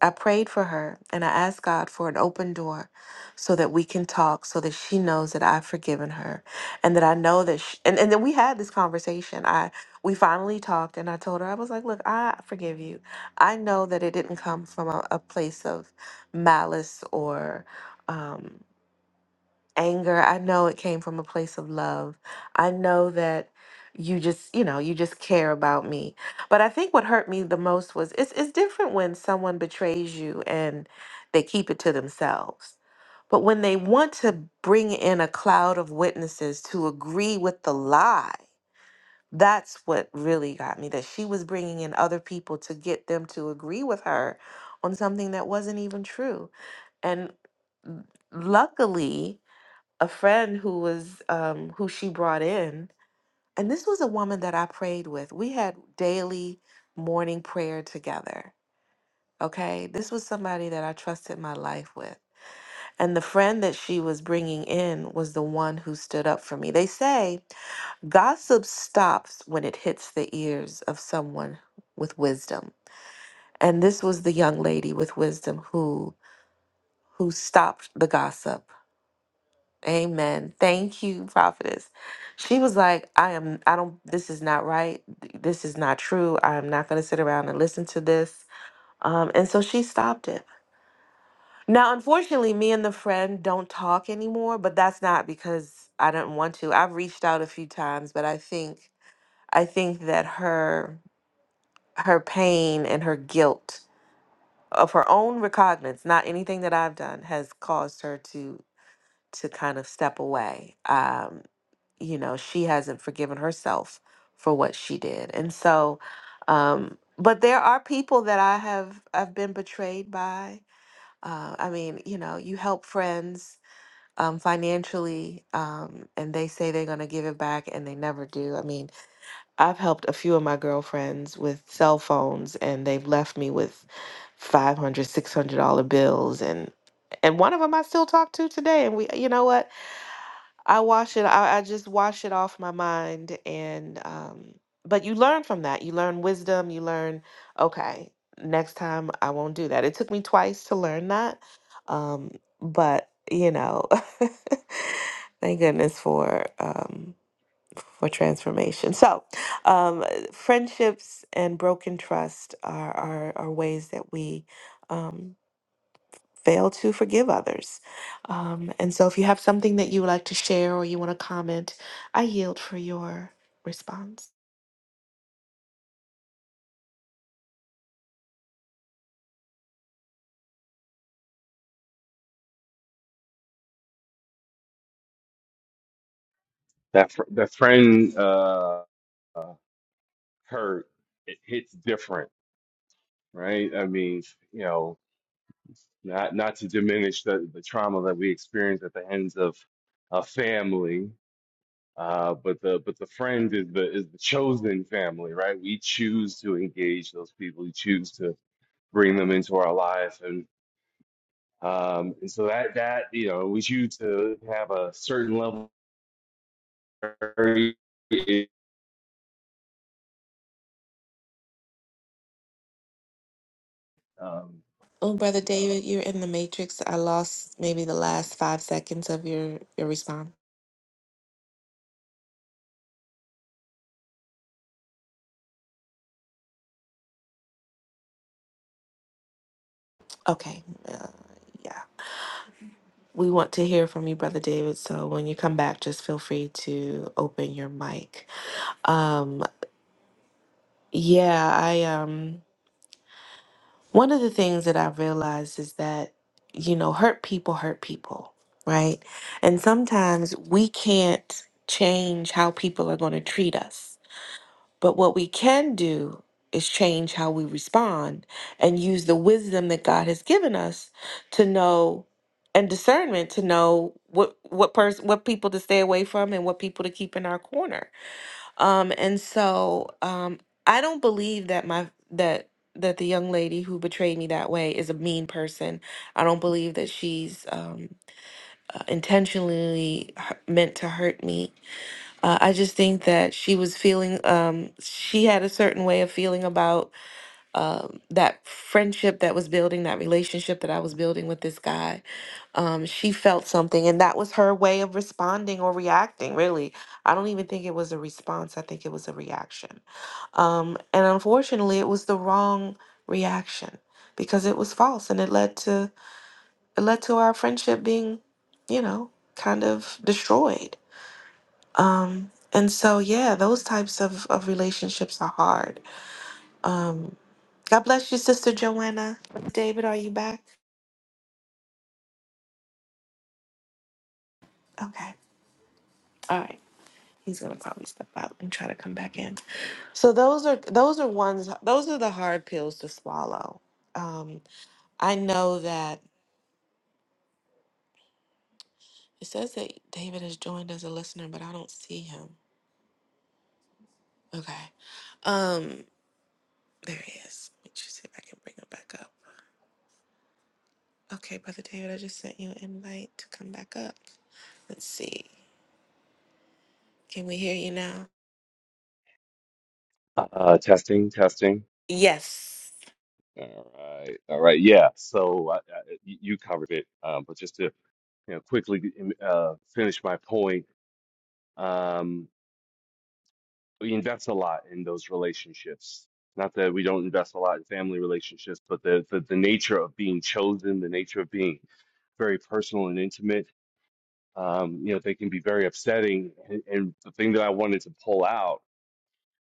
S1: I prayed for her and I asked God for an open door so that we can talk, so that she knows that I've forgiven her and that I know that she, and, and then we had this conversation. I we finally talked and I told her, I was like, look, I forgive you. I know that it didn't come from a, a place of malice or um anger. I know it came from a place of love. I know that you just, you know, you just care about me. But I think what hurt me the most was it's it's different when someone betrays you and they keep it to themselves. But when they want to bring in a cloud of witnesses to agree with the lie, that's what really got me that she was bringing in other people to get them to agree with her on something that wasn't even true. And mm, luckily, a friend who was um, who she brought in, and this was a woman that I prayed with. We had daily morning prayer together. Okay, this was somebody that I trusted my life with. And the friend that she was bringing in was the one who stood up for me. They say Gossip stops when it hits the ears of someone with wisdom. And this was the young lady with wisdom who who stopped the gossip. Amen. Thank you, prophetess. She was like, I am, I don't, this is not right. This is not true. I'm not going to sit around and listen to this. Um, and so she stopped it. Now, unfortunately, me and the friend don't talk anymore, but that's not because I don't want to. I've reached out a few times, but I think, I think that her, her pain and her guilt of her own recognizance, not anything that I've done, has caused her to, to kind of step away. Um, you know, she hasn't forgiven herself for what she did. And so, um, but there are people that I have I've been betrayed by. Uh, I mean, you know, you help friends um, financially, um, and they say they're going to give it back, and they never do. I mean, I've helped a few of my girlfriends with cell phones, and they've left me with five hundred, six hundred dollar bills and and one of them I still talk to today and we you know what I wash it. I, I just wash it off my mind, and um, but you learn from that. You learn wisdom. You learn, okay, next time I won't do that. It took me twice to learn that, um, but you know, thank goodness for um, for transformation. So, um, friendships and broken trust are are, are ways that we. Um, fail to forgive others. Um, and so if you have something that you would like to share or you want to comment, I yield for your response.
S4: That, fr- that friend uh, uh, hurt, it hits different, right? I mean, you know, not not to diminish the, the trauma that we experience at the hands of a family uh, but the but the friend is the is the chosen family right we choose to engage those people we choose to bring them into our life and um, and so that that you know we choose to have a certain level of, um,
S1: Oh, Brother David, you're in the matrix. I lost maybe the last five seconds of your, your response. Okay. Uh, yeah. We want to hear from you, Brother David. So when you come back, just feel free to open your mic. Um, yeah, I. um. One of the things that I've realized is that, you know, hurt people hurt people, right? And sometimes we can't change how people are going to treat us. But what we can do is change how we respond and use the wisdom that God has given us to know and discernment to know what what person what people to stay away from and what people to keep in our corner um, and so um, I don't believe that my that that the young lady who betrayed me that way is a mean person. I don't believe that she's um, uh, intentionally hu- meant to hurt me. Uh, I just think that she was feeling um, she had a certain way of feeling about um, that friendship that was building, that relationship that I was building with this guy, um, she felt something, and that was her way of responding or reacting. Really, I don't even think it was a response. I think it was a reaction, um, and unfortunately, it was the wrong reaction because it was false, and it led to it led to our friendship being, you know, kind of destroyed. Um, and so, yeah, those types of of relationships are hard. Um, God bless you, Sister Joanna. David, are you back? Okay. All right. He's gonna probably step out and try to come back in. So those are those are ones those are the hard pills to swallow. Um, I know that it says that David has joined as a listener, but I don't see him. Okay. Um, there he is. Let me just see if I can bring him back up. Okay, Brother David, I just sent you an invite to come back up. Let's see. Can we hear you now?
S4: uh, testing testing
S1: Yes.
S4: all right all right yeah so uh, uh, you you covered it um, but just to you know, quickly um, uh, finish my point. Um, we invest a lot in those relationships. Not that we don't invest a lot in family relationships, but the, the, the nature of being chosen, the nature of being very personal and intimate. Um, you know, they can be very upsetting. And, and the thing that I wanted to pull out,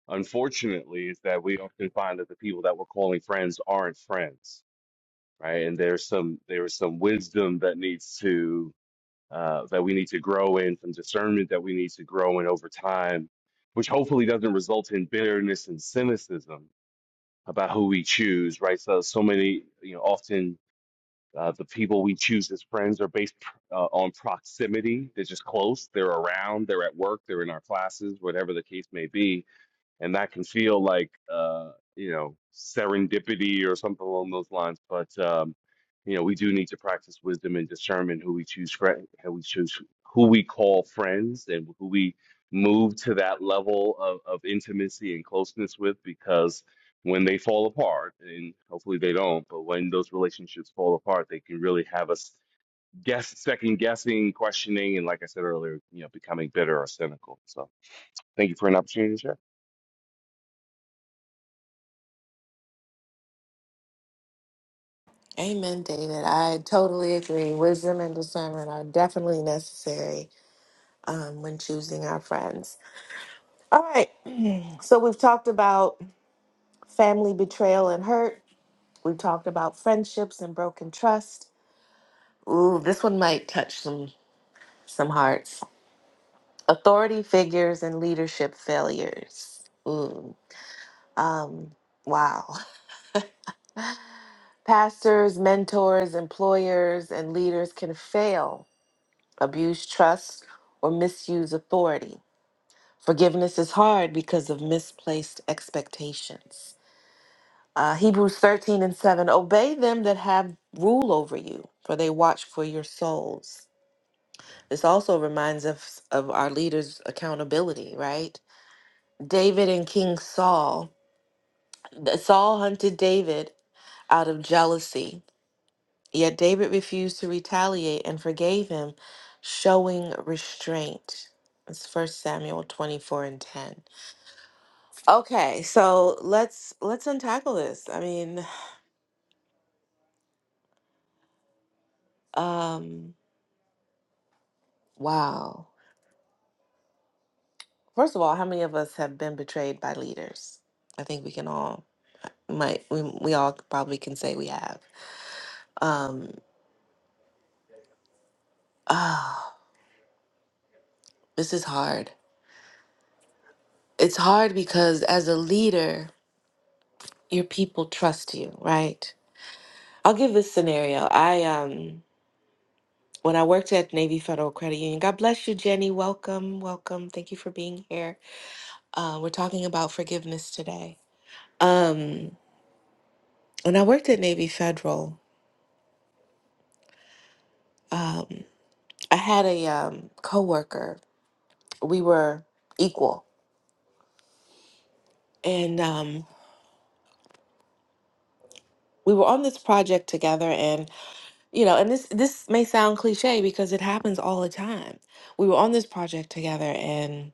S4: unfortunately, is that we often find that the people that we're calling friends aren't friends, right? And there's some there is some wisdom that needs to uh, that we need to grow in, some discernment that we need to grow in over time, which hopefully doesn't result in bitterness and cynicism about who we choose, right? So, so many, you know, often uh, the people we choose as friends are based uh, on proximity. They're just close, they're around, they're at work, they're in our classes, whatever the case may be and that can feel like uh, you know serendipity or something along those lines. But um, you know, we do need to practice wisdom and discernment who we choose, fri- how we choose who we call friends, and who we move to that level of, of intimacy and closeness with, because when they fall apart, and hopefully they don't, but when those relationships fall apart, they can really have us guess, second guessing, questioning, and like I said earlier, you know, becoming bitter or cynical. So, thank you for an opportunity to share.
S1: Amen, David. I totally agree. Wisdom and discernment are definitely necessary um, when choosing our friends. All right. So we've talked about family betrayal and hurt. We've talked about friendships and broken trust. Ooh, this one might touch some some hearts. Authority figures and leadership failures. Ooh. Um. Wow. Pastors, mentors, employers, and leaders can fail, abuse trust, or misuse authority. Forgiveness is hard because of misplaced expectations. Uh, Hebrews 13 and 7 Obey them that have rule over you, for they watch for your souls. This also reminds us of our leaders' accountability, right? David and King Saul. Saul hunted David out of jealousy, yet David refused to retaliate and forgave him, showing restraint. It's First Samuel 24 and 10. Okay, so let's let's untackle this. I mean, um, wow. First of all, how many of us have been betrayed by leaders? I think we can all might we we all probably can say we have. Um, ah, this is hard. It's hard because as a leader, your people trust you, right? I'll give this scenario. I um when I worked at Navy Federal Credit Union, God bless you, Jenny. Welcome, welcome. Thank you for being here. Uh, we're talking about forgiveness today Um, when I worked at Navy Federal, um, I had a um, coworker. We were equal, and um, we were on this project together. And you know, and this this may sound cliche because it happens all the time. We were on this project together, and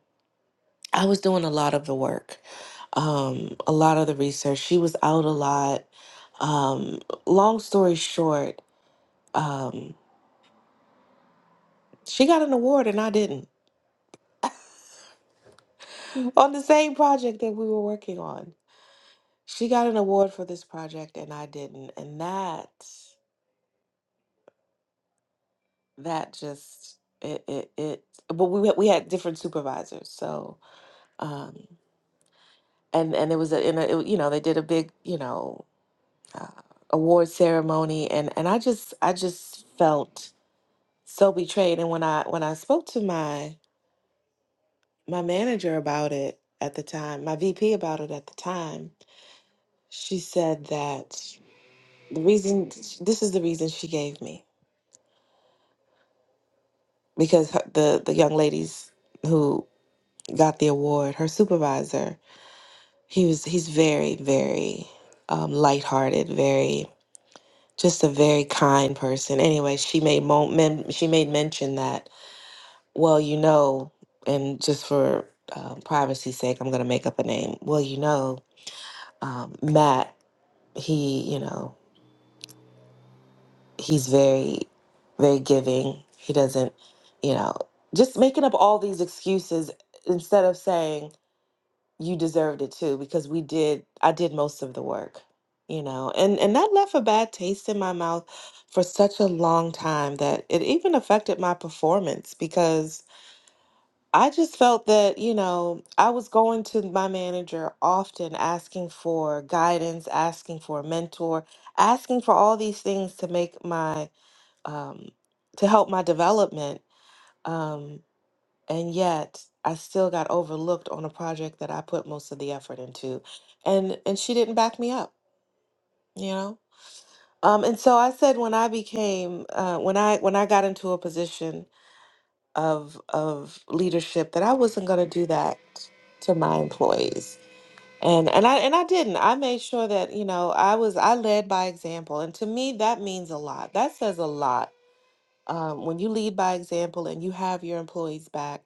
S1: I was doing a lot of the work, um, a lot of the research. She was out a lot. Um, long story short, um, she got an award and I didn't on the same project that we were working on She got an award for this project and I didn't. And that that just it it, it but we had- we had different supervisors. So um and and it was a, in a it- you know they did a big you know uh, award ceremony and and I just I just felt so betrayed and when I when I spoke to my my manager about it at the time, my VP about it at the time, she said that the reason this is the reason she gave me. because her, the the young ladies who got the award, her supervisor, he was he's very very um, lighthearted, very just a very kind person. Anyway, she made mo- men, she made mention that well, you know, and just for um, privacy's sake, I'm gonna make up a name. Well, you know, um, Matt, he you know he's very very giving. He doesn't, you know, just making up all these excuses instead of saying you deserved it too because we did I did most of the work, you know. And and that left a bad taste in my mouth for such a long time that it even affected my performance because I just felt that, you know, I was going to my manager often asking for guidance, asking for a mentor, asking for all these things to make my um to help my development. um, and yet I still got overlooked on a project that I put most of the effort into, and and she didn't back me up, you know. Um, and so I said when I became uh, when I when I got into a position of of leadership that I wasn't going to do that to my employees, and and I and I didn't. I made sure that you know I was I led by example, and to me that means a lot. That says a lot um, when you lead by example and you have your employees back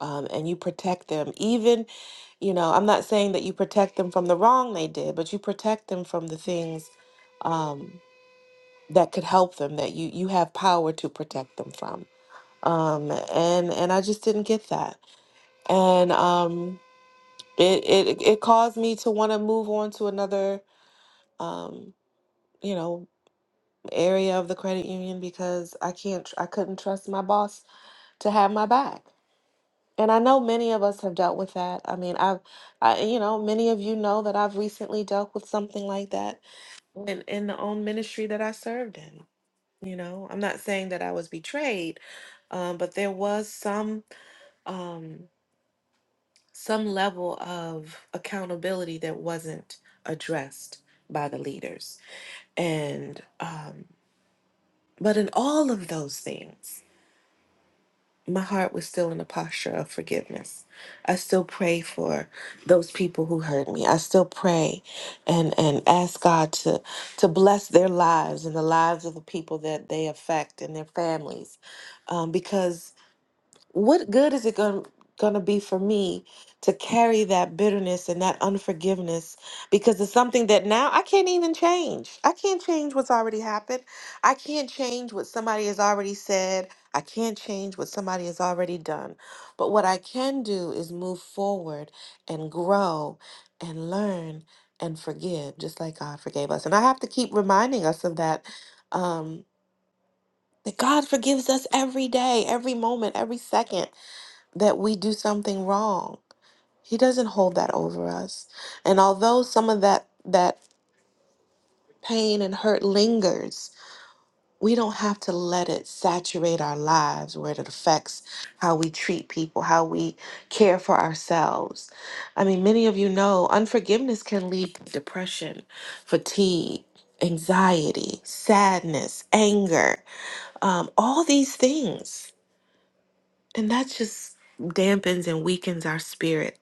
S1: um, and you protect them, even, you know, I'm not saying that you protect them from the wrong they did, but you protect them from the things um, that could help them that you you have power to protect them from. Um, and and I just didn't get that, and um, it it it caused me to want to move on to another um, you know area of the credit union because I can't tr- I couldn't trust my boss to have my back. And I know many of us have dealt with that. I mean, I've, I, you know, many of you know that I've recently dealt with something like that in, in the own ministry that I served in. You know, I'm not saying that I was betrayed, um, but there was some um, some level of accountability that wasn't addressed by the leaders. And um, but in all of those things. my heart was still in a posture of forgiveness. I still pray for those people who hurt me. I still pray and and ask God to to bless their lives and the lives of the people that they affect and their families, um, because what good is it going to be for me to carry that bitterness and that unforgiveness because it's something that now I can't even change. I can't change what's already happened. I can't change what somebody has already said. I can't change what somebody has already done. But what I can do is move forward and grow and learn and forgive just like God forgave us. And I have to keep reminding us of that um that God forgives us every day, every moment, every second that we do something wrong. He doesn't hold that over us. And although some of that that pain and hurt lingers, we don't have to let it saturate our lives where it affects how we treat people, how we care for ourselves. I mean, many of you know unforgiveness can lead to depression, fatigue, anxiety, sadness, anger, um, all these things. And that just dampens and weakens our spirit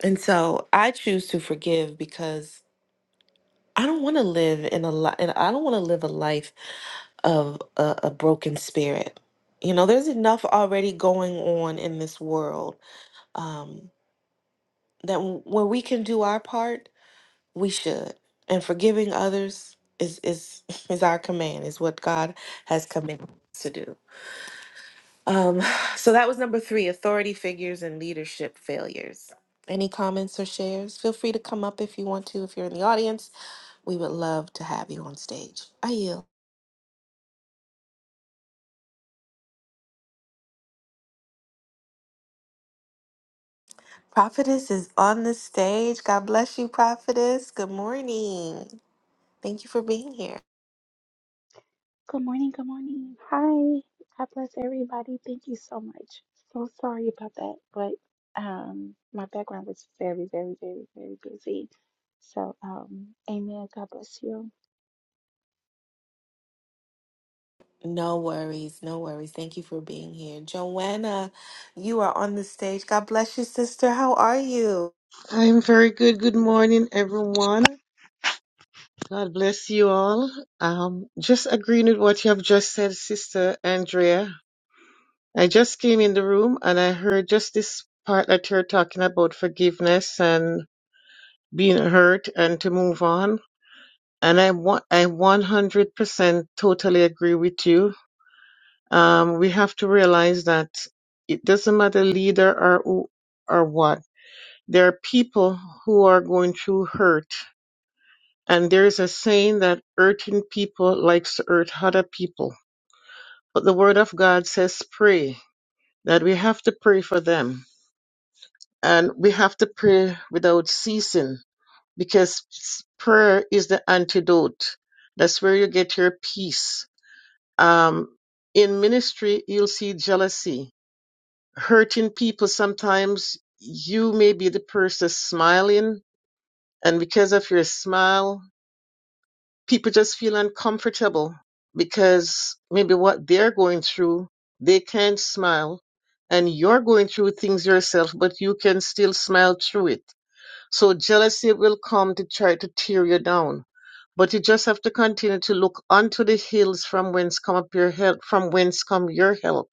S1: And so I choose to forgive because I don't want to live in a life, and I don't want to live a life of a, a broken spirit. You know, there's enough already going on in this world um, that w- when we can do our part, we should. And forgiving others is is is our command. Is what God has commanded us to do. Um, so that was number three authority figures and leadership failures. Any comments or shares? Feel free to come up if you want to. If you're in the audience, we would love to have you on stage. Are you? Prophetess is on the stage. God bless you, Prophetess. Good morning. Thank you for being here.
S5: Good morning, good morning. Hi. God bless everybody. Thank you so much. So sorry about that, but um my background was very, very, very, very busy. So um amen. God bless you.
S1: No worries, no worries. Thank you for being here. Joanna, you are on the stage. God bless you, sister. How are you?
S6: I'm very good. Good morning, everyone. God bless you all. Um, just agreeing with what you have just said, Sister Andrea. I just came in the room and I heard just this part that you're talking about forgiveness and being hurt and to move on. And I wa- I 100% totally agree with you. Um, we have to realize that it doesn't matter leader or who or what. There are people who are going through hurt And there's a saying that earthing people likes to hurt other people. But the word of God says pray, that we have to pray for them. And we have to pray without ceasing because s- prayer is the antidote. That's where you get your peace. Um, in ministry, you'll see jealousy. Hurting people, sometimes you may be the person smiling, and because of your smile, people just feel uncomfortable because maybe what they're going through, they can't smile. And you're going through things yourself, but you can still smile through it. So jealousy will come to try to tear you down. But you just have to continue to look unto the hills from whence come up your help, from whence come your help.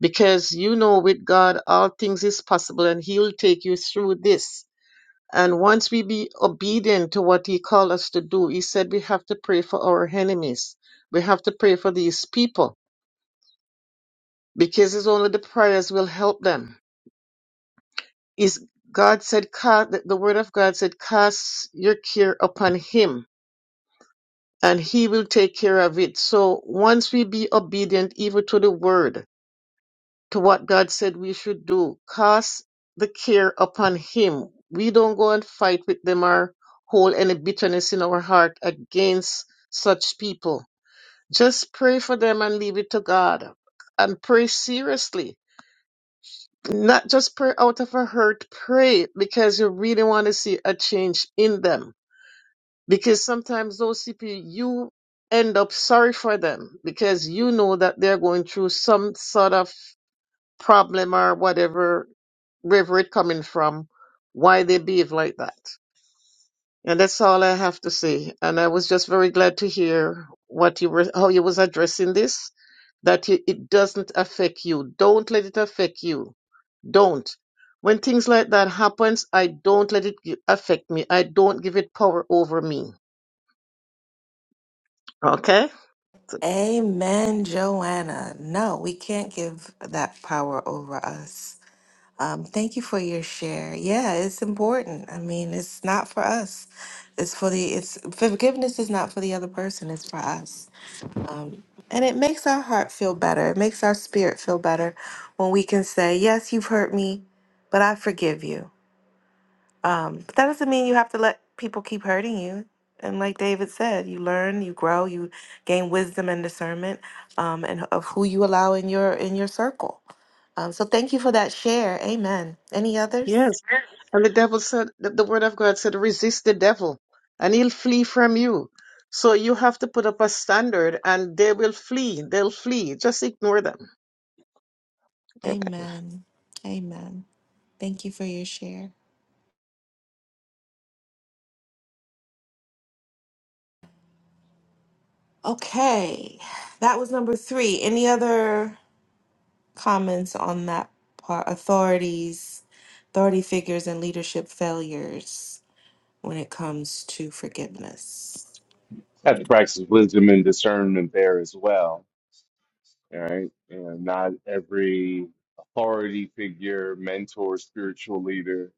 S6: Because you know with God all things is possible and He'll take you through this. And once we be obedient to what he called us to do, he said we have to pray for our enemies. We have to pray for these people because it's only the prayers will help them. Is God said, "Ca- the the word of God said, cast your care upon him and he will take care of it. So once we be obedient even to the word, to what God said we should do. Cast the care upon Him. We don't go and fight with them or hold any bitterness in our heart against such people. Just pray for them and leave it to God. And pray seriously. Not just pray out of a hurt, pray because you really want to see a change in them. Because sometimes those people, you end up sorry for them because you know that they're going through some sort of problem or whatever wherever it coming from, why they behave like that. And that's all I have to say. And I was just very glad to hear what you were, how you was addressing this, that you, it doesn't affect you. Don't let it affect you. Don't. When things like that happens, I don't let it gi- affect me. I don't give it power over me. Okay. So,
S1: Amen, Joanna. No, we can't give that power over us. Um, thank you for your share. Yeah, it's important. I mean, it's not for us. It's for the it's forgiveness is not for the other person, it's for us. And it makes our heart feel better. It makes our spirit feel better when we can say, "Yes, you've hurt me, but I forgive you." Um, but that doesn't mean you have to let people keep hurting you. And like David said, you learn, you grow, you gain wisdom and discernment um, and of who you allow in your in your circle. Um, so thank you for that share. Amen. Any others?
S6: Yes. And the devil said, the, the word of God said, resist the devil and he'll flee from you. So you have to put up a standard and they will flee. They'll flee. Just ignore them.
S1: Amen. Amen. Thank you for your share. Okay. That was number three. Any other comments on that part? Authorities, authority figures, and leadership failures when it comes to forgiveness.
S4: have to practice wisdom and discernment there as well. All right. And not every authority figure, mentor, spiritual leader,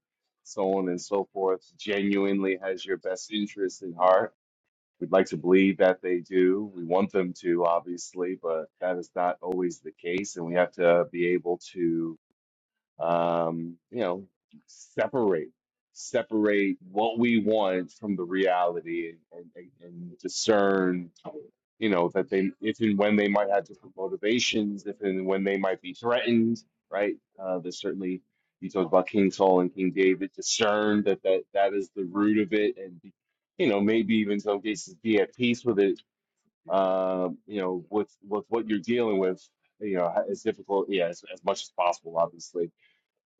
S4: so on and so forth, genuinely has your best interest in heart. We'd like to believe that they do. We want them to, obviously, but that is not always the case. And we have to be able to um, you know, separate separate what we want from the reality and, and, and discern, you know, that they if and when they might have different motivations, if and when they might be threatened, right? Uh, there's certainly you talked about King Saul and King David, discern that that, that is the root of it and be, you know, maybe even in some cases be at peace with it. Uh, you know, with with what you're dealing with, you know, as difficult, yeah, as, as much as possible, obviously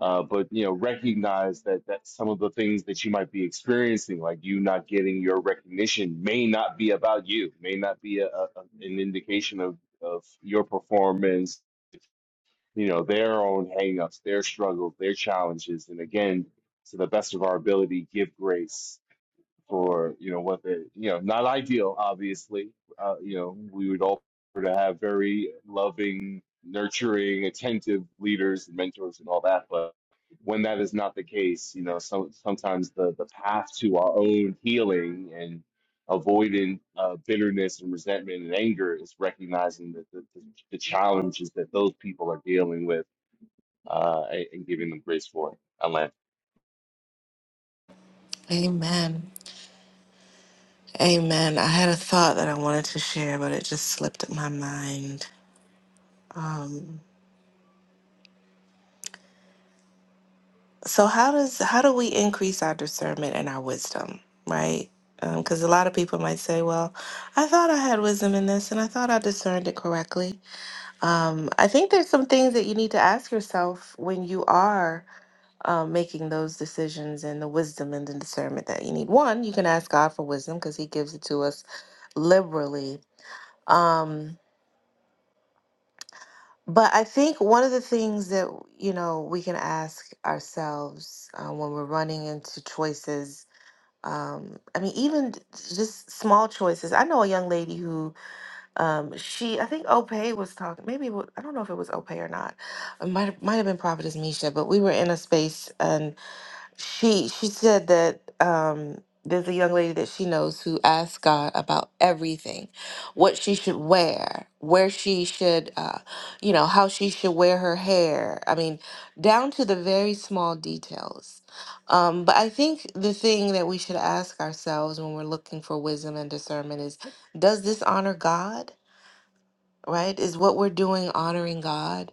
S4: uh, but you know recognize that that some of the things that you might be experiencing like you not getting your recognition may not be about you may not be a, a, an indication of of your performance you know their own hangups their struggles their challenges and again to the best of our ability give grace for you know what the you know not ideal obviously uh, you know we would all prefer to have very loving nurturing attentive leaders and mentors and all that but when that is not the case you know some sometimes the the path to our own healing and avoiding uh, bitterness and resentment and anger is recognizing that the, the, the challenges that those people are dealing with uh, and and giving them grace for it
S1: Amen. Amen. I had a thought that I wanted to share, but it just slipped my mind. so how does how do we increase our discernment and our wisdom right because a lot of people might say well i thought i had wisdom in this and i thought i discerned it correctly um, i think there's some things that you need to ask yourself when you are um, making those decisions and the wisdom and the discernment that you need one you can ask god for wisdom because he gives it to us liberally um, but i think one of the things that you know we can ask ourselves uh, when we're running into choices um i mean even t- just small choices i know a young lady who um she i think opay was talking maybe it wa- i don't know if it was opay or not it might have might have been prophetess misha but we were in a space she she said that um, there's a young lady that she knows who asks God about everything, what she should wear, where she should, uh, you know, how she should wear her hair. I mean, down to the very small details. Um, but I think the thing that we should ask ourselves when we're looking for wisdom and discernment is, does this honor God? Right? Is what we're doing honoring God?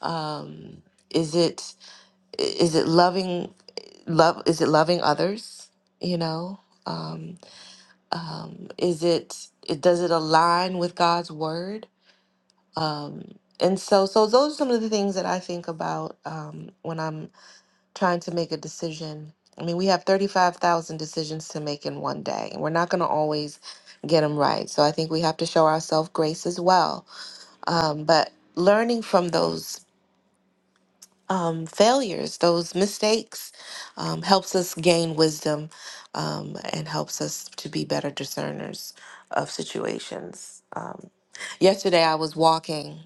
S1: Um, is it is it loving? love is it loving others you know um, um, is it it does it align with god's word um, and so so those are some of the things that i think about um, when i'm trying to make a decision i mean we have 35000 decisions to make in one day and we're not going to always get them right so i think we have to show ourselves grace as well um, but learning from those um, failures, those mistakes, um, helps us gain wisdom um, and helps us to be better discerners of situations. Um, yesterday, I was walking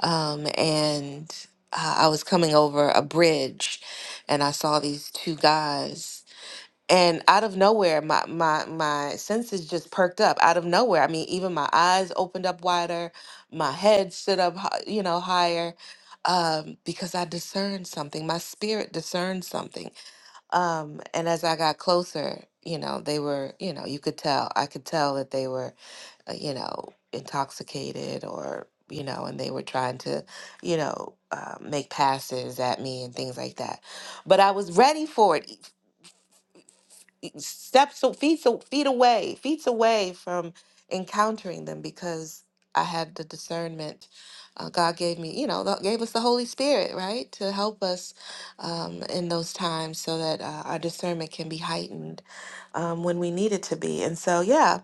S1: um, and uh, I was coming over a bridge and I saw these two guys and out of nowhere my my my senses just perked up out of nowhere i mean even my eyes opened up wider my head stood up hi- you know higher um because i discerned something my spirit discerned something um and as i got closer you know they were you know you could tell i could tell that they were uh, you know intoxicated or you know and they were trying to you know uh, make passes at me and things like that but i was ready for it steps so feet so feet away feet away from encountering them because i had the discernment uh, god gave me you know the- gave us the holy spirit right to help us um, in those times so that uh, our discernment can be heightened um, when we need it to be and so yeah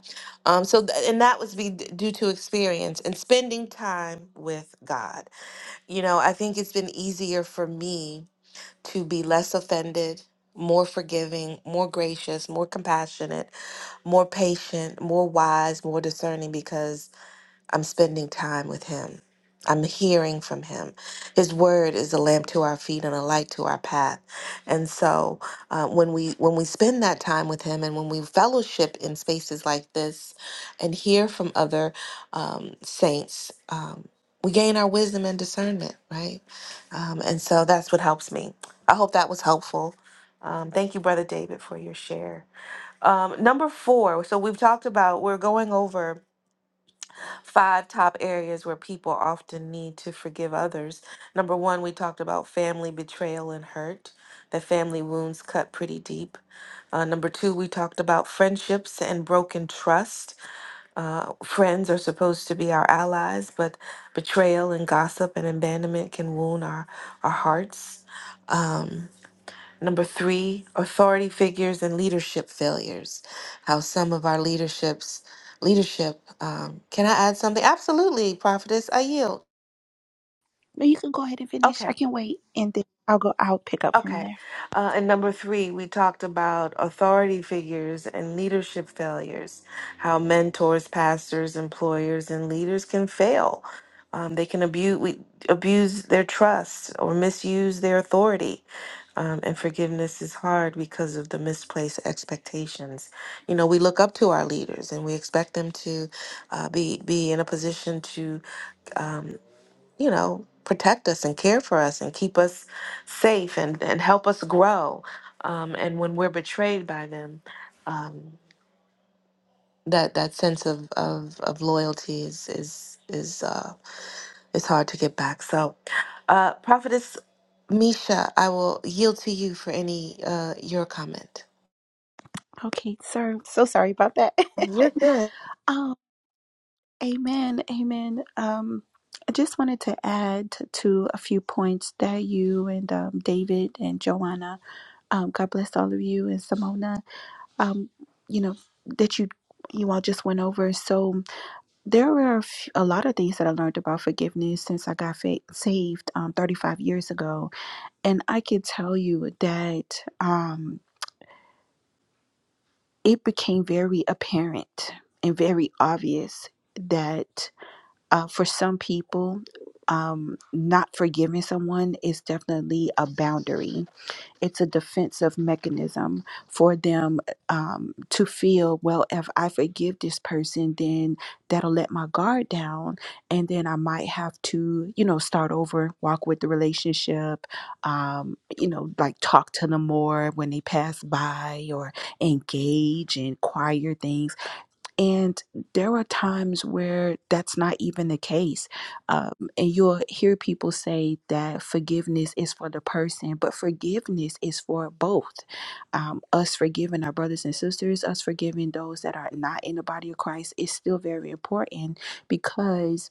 S1: um, so th- and that was be d- due to experience and spending time with god you know i think it's been easier for me to be less offended, more forgiving, more gracious, more compassionate, more patient, more wise, more discerning, because I'm spending time with Him. I'm hearing from Him. His Word is a lamp to our feet and a light to our path. And so, uh, when we when we spend that time with Him, and when we fellowship in spaces like this, and hear from other um, saints, um, we gain our wisdom and discernment, right? Um, and so that's what helps me. I hope that was helpful. Um, thank you, Brother David, for your share. Um, number four. So we've talked about we're going over five top areas where people often need to forgive others. Number one, we talked about family betrayal and hurt, that family wounds cut pretty deep. Uh, number two, we talked about friendships and broken trust. Uh, friends are supposed to be our allies, but betrayal and gossip and abandonment can wound our, our hearts. Um, Number three, authority figures and leadership failures. How some of our leaderships, leadership. Um, can I add something? Absolutely, prophetess. I yield.
S5: But you can go ahead and finish.
S1: Okay.
S5: I can wait and then I'll go I'll pick up from
S1: Okay.
S5: there.
S1: Uh, and number three, we talked about authority figures and leadership failures, how mentors, pastors, employers, and leaders can fail. Um, they can abuse, we, abuse their trust or misuse their authority. Um, and forgiveness is hard because of the misplaced expectations. You know, we look up to our leaders and we expect them to uh, be be in a position to um, you know, protect us and care for us and keep us safe and, and help us grow. Um, and when we're betrayed by them, um, that that sense of, of, of loyalty is is is uh, is hard to get back. So, uh, prophetess Misha, I will yield to you for any uh, your comment.
S5: Okay, sir. So sorry about that.
S1: You're good.
S5: oh, amen. Amen. Um I just wanted to add to a few points that you and um, David and Joanna, um, God bless all of you and Simona um, you know, that you you all just went over. So there were a, f- a lot of things that I learned about forgiveness since I got fa- saved um, 35 years ago, and I can tell you that um, it became very apparent and very obvious that uh, for some people. Um, not forgiving someone is definitely a boundary It's a defensive mechanism for them um, to feel, well, if I forgive this person, then that'll let my guard down. And then I might have to, you know, start over, walk with the relationship, um, you know, like talk to them more when they pass by or engage in choir things and there are times where that's not even the case. Um, and you'll hear people say that forgiveness is for the person, but forgiveness is for both um, us forgiving our brothers and sisters, us forgiving those that are not in the body of Christ is still very important because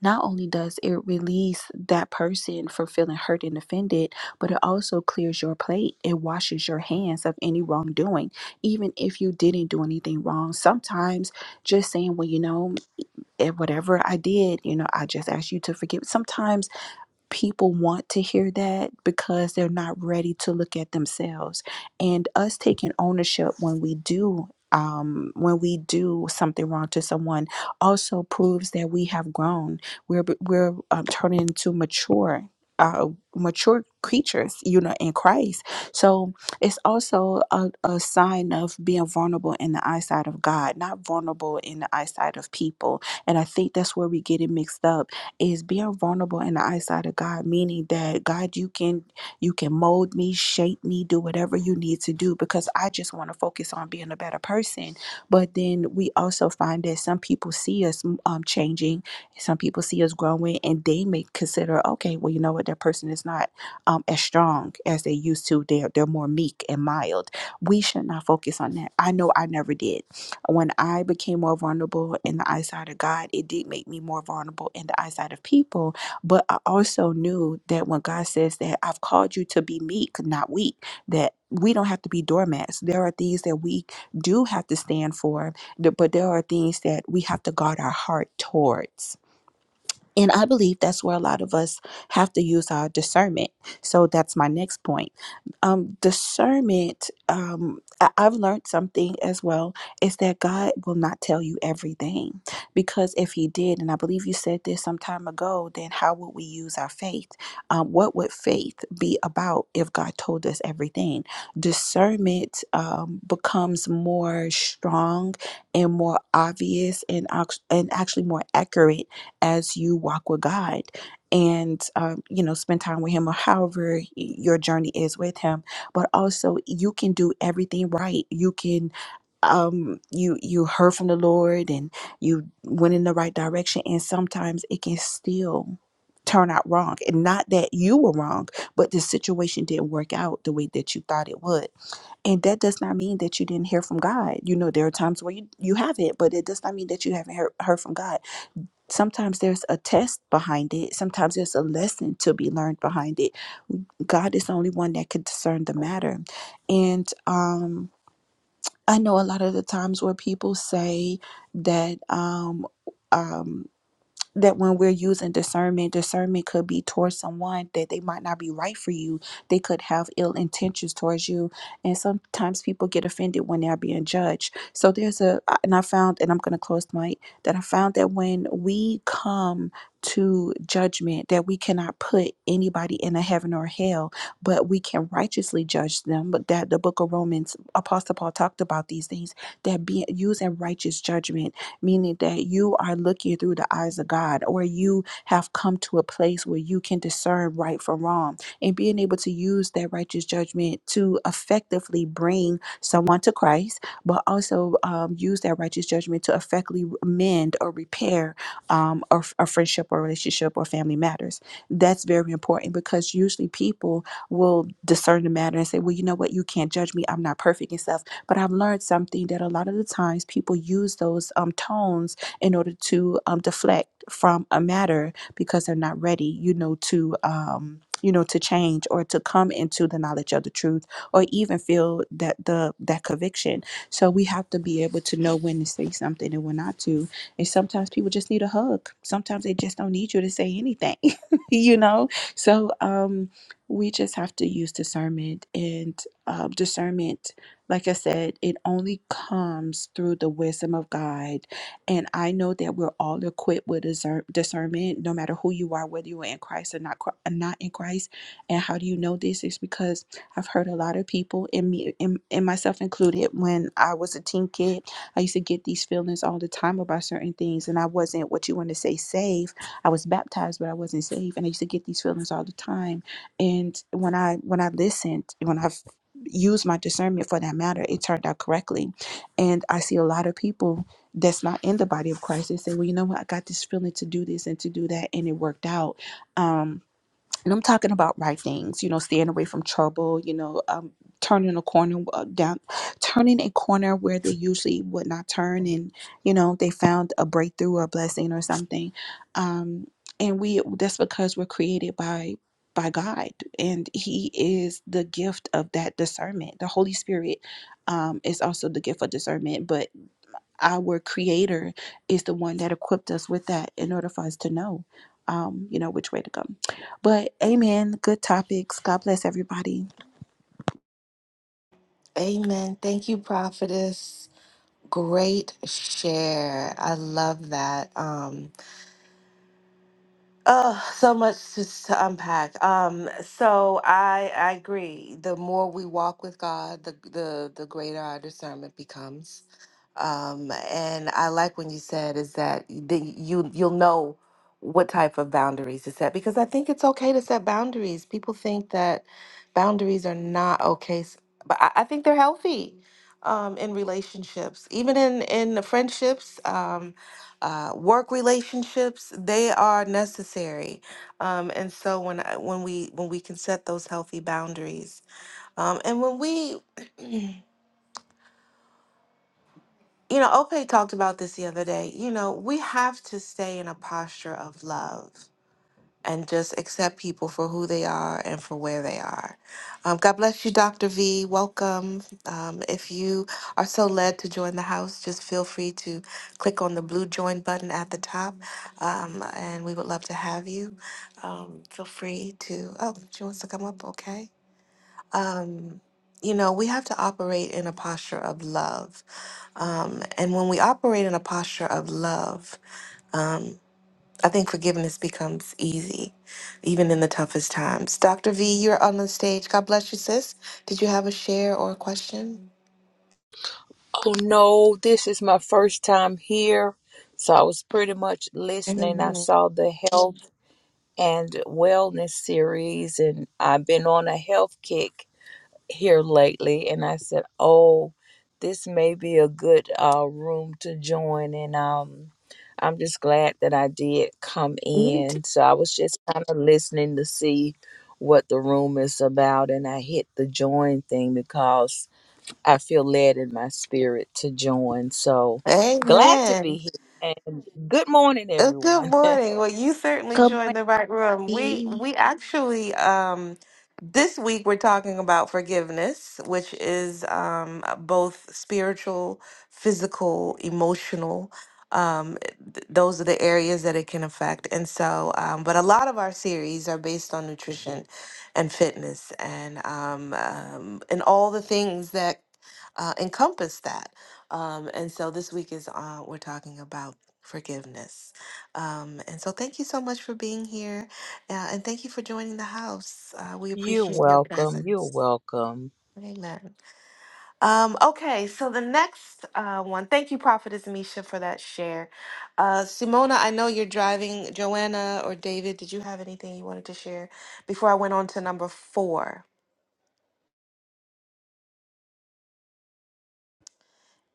S5: not only does it release that person from feeling hurt and offended, but it also clears your plate. It washes your hands of any wrongdoing, even if you didn't do anything wrong. Sometimes just saying, well, you know, eh, whatever I did, you know, I just ask you to forgive. Sometimes people want to hear that because they're not ready to look at themselves and us taking ownership when we do um, when we do something wrong to someone also proves that we have grown we're we're um, turning into mature uh, mature creatures you know in christ so it's also a, a sign of being vulnerable in the eyesight of god not vulnerable in the eyesight of people and i think that's where we get it mixed up is being vulnerable in the eyesight of God, meaning that God, you can you can mold me, shape me, do whatever you need to do because I just want to focus on being a better person. But then we also find that some people see us um, changing, some people see us growing, and they may consider, okay, well, you know what, that person is not um, as strong as they used to. They're they're more meek and mild. We should not focus on that. I know I never did. When I became more vulnerable in the eyesight of God, it did make me more vulnerable in the eyesight of people. But I also knew that when God says that I've called you to be meek, not weak, that we don't have to be doormats. There are things that we do have to stand for, th- but there are things that we have to guard our heart towards and I believe that's where a lot of us have to use our discernment. So that's my next point. Um, discernment, um, I- I've learned something as well, is that God will not tell you everything. Because if He did, and I believe you said this some time ago, then how would we use our faith? Um, what would faith be about if God told us everything? Discernment um, becomes more strong and more obvious and, act- and actually more accurate as you walk with God and, um, you know, spend time with Him or however your journey is with Him. But also, you can do everything right. You can um you you heard from the lord and you went in the right direction and sometimes it can still turn out wrong and not that you were wrong but the situation didn't work out the way that you thought it would and that does not mean that you didn't hear from god you know there are times where you you haven't but it does not mean that you haven't heard, heard from god Sometimes there's a test behind it. Sometimes there's a lesson to be learned behind it. God is the only one that can discern the matter. And um, I know a lot of the times where people say that um, um, that when we're using discernment, discernment could be towards someone that they might not be right for you. They could have ill intentions towards you. And sometimes people get offended when they're being judged. So there's a, and I found, and I'm going to close my, that I found that when we come to judgment, that we cannot put anybody in a heaven or hell, but we can righteously judge them. But that the book of Romans, Apostle Paul talked about these things, that being using righteous judgment meaning that you are looking through the eyes of God, or you have come to a place where you can discern right from wrong and being able to use that righteous judgment to effectively bring someone to Christ, but also um, use that righteous judgment to effectively mend or repair um, a, a friendship or relationship or family matters. That's very important because usually people will discern the matter and say, well, you know what, you can't judge me. I'm not perfect and stuff but I've learned something that a lot of the times people use those um, tones in order to um, deflect from a matter because they're not ready, you know, to. Um, you know to change or to come into the knowledge of the truth or even feel that the that conviction so we have to be able to know when to say something and when not to and sometimes people just need a hug sometimes they just don't need you to say anything you know so um we just have to use discernment and uh, discernment like I said, it only comes through the wisdom of God. And I know that we're all equipped with discern- discernment, no matter who you are, whether you are in Christ or not, Chri- not in Christ. And how do you know this? It's because I've heard a lot of people, and me, and, and myself included, when I was a teen kid, I used to get these feelings all the time about certain things, and I wasn't what you want to say saved. I was baptized, but I wasn't saved, and I used to get these feelings all the time. And when I when I listened, when I use my discernment for that matter, it turned out correctly. And I see a lot of people that's not in the body of Christ. They say, well, you know what? I got this feeling to do this and to do that, and it worked out. Um, and I'm talking about right things, you know, staying away from trouble, you know, um, turning a corner uh, down, turning a corner where they usually would not turn, and you know, they found a breakthrough or a blessing or something, um, and we that's because we're created by by God, and He is the gift of that discernment. The Holy Spirit um, is also the gift of discernment, but our creator is the one that equipped us with that in order for us to know um you know which way to go but amen good topics god bless everybody
S1: Amen. Thank you, prophetess. Great share. I love that. Um, Oh, so much to, to unpack. Um, so I I agree. The more we walk with God, the the the greater our discernment becomes. Um, and I like when you said is that the, you you'll know what type of boundaries to set because I think it's okay to set boundaries. People think that boundaries are not okay, s- but I, I think they're healthy um, in relationships, even in in friendships. Um, uh, work relationships they are necessary um, and so when I, when we when we can set those healthy boundaries um, and when we you know ope talked about this the other day you know we have to stay in a posture of love and just accept people for who they are and for where they are. Um, God bless you, Dr. V. Welcome. Um, if you are so led to join the house, just feel free to click on the blue join button at the top, um, and we would love to have you. Um, feel free to, oh, she wants to come up, okay. Um, you know, we have to operate in a posture of love. Um, and when we operate in a posture of love, um, I think forgiveness becomes easy, even in the toughest times. Dr. V, you're on the stage. God bless you, sis. Did you have a share or a question?
S7: Oh no, this is my first time here. So I was pretty much listening. I
S1: Amen.
S7: saw the health and wellness series, and I've been on a health kick here lately. And I said, oh, this may be a good uh, room to join. And um, I'm just glad that I did come
S1: Me too.
S7: in. So I was just kind of listening to see what the room is about. And I hit the join thing because I feel led in my spirit to join. So glad to be
S1: Amen.
S7: here. And good morning,
S1: Uh, Good
S7: everyone.
S1: morning. Well, you certainly
S5: good
S1: joined the right room. We
S5: morning
S1: we actually um this week we're talking about forgiveness, which is um uh, both spiritual, physical, emotional. Um th- those are the areas that it can affect. And so um but a lot of our series are based on nutrition and fitness and um, um and all the things that uh, encompass that. Um and so this week is uh we're talking about forgiveness. Um, and so thank you so much for being here. Uh, and thank you for joining the house. Uh, we
S7: You're
S1: appreciate your
S7: welcome. You're
S1: presence.
S7: welcome.
S1: Amen. Um, okay, so the next uh, one, thank you, Prophetess Misha, for that share. Uh, Simona, I know you're driving. Joanna or David, did you have anything you wanted to share before I went on to number four?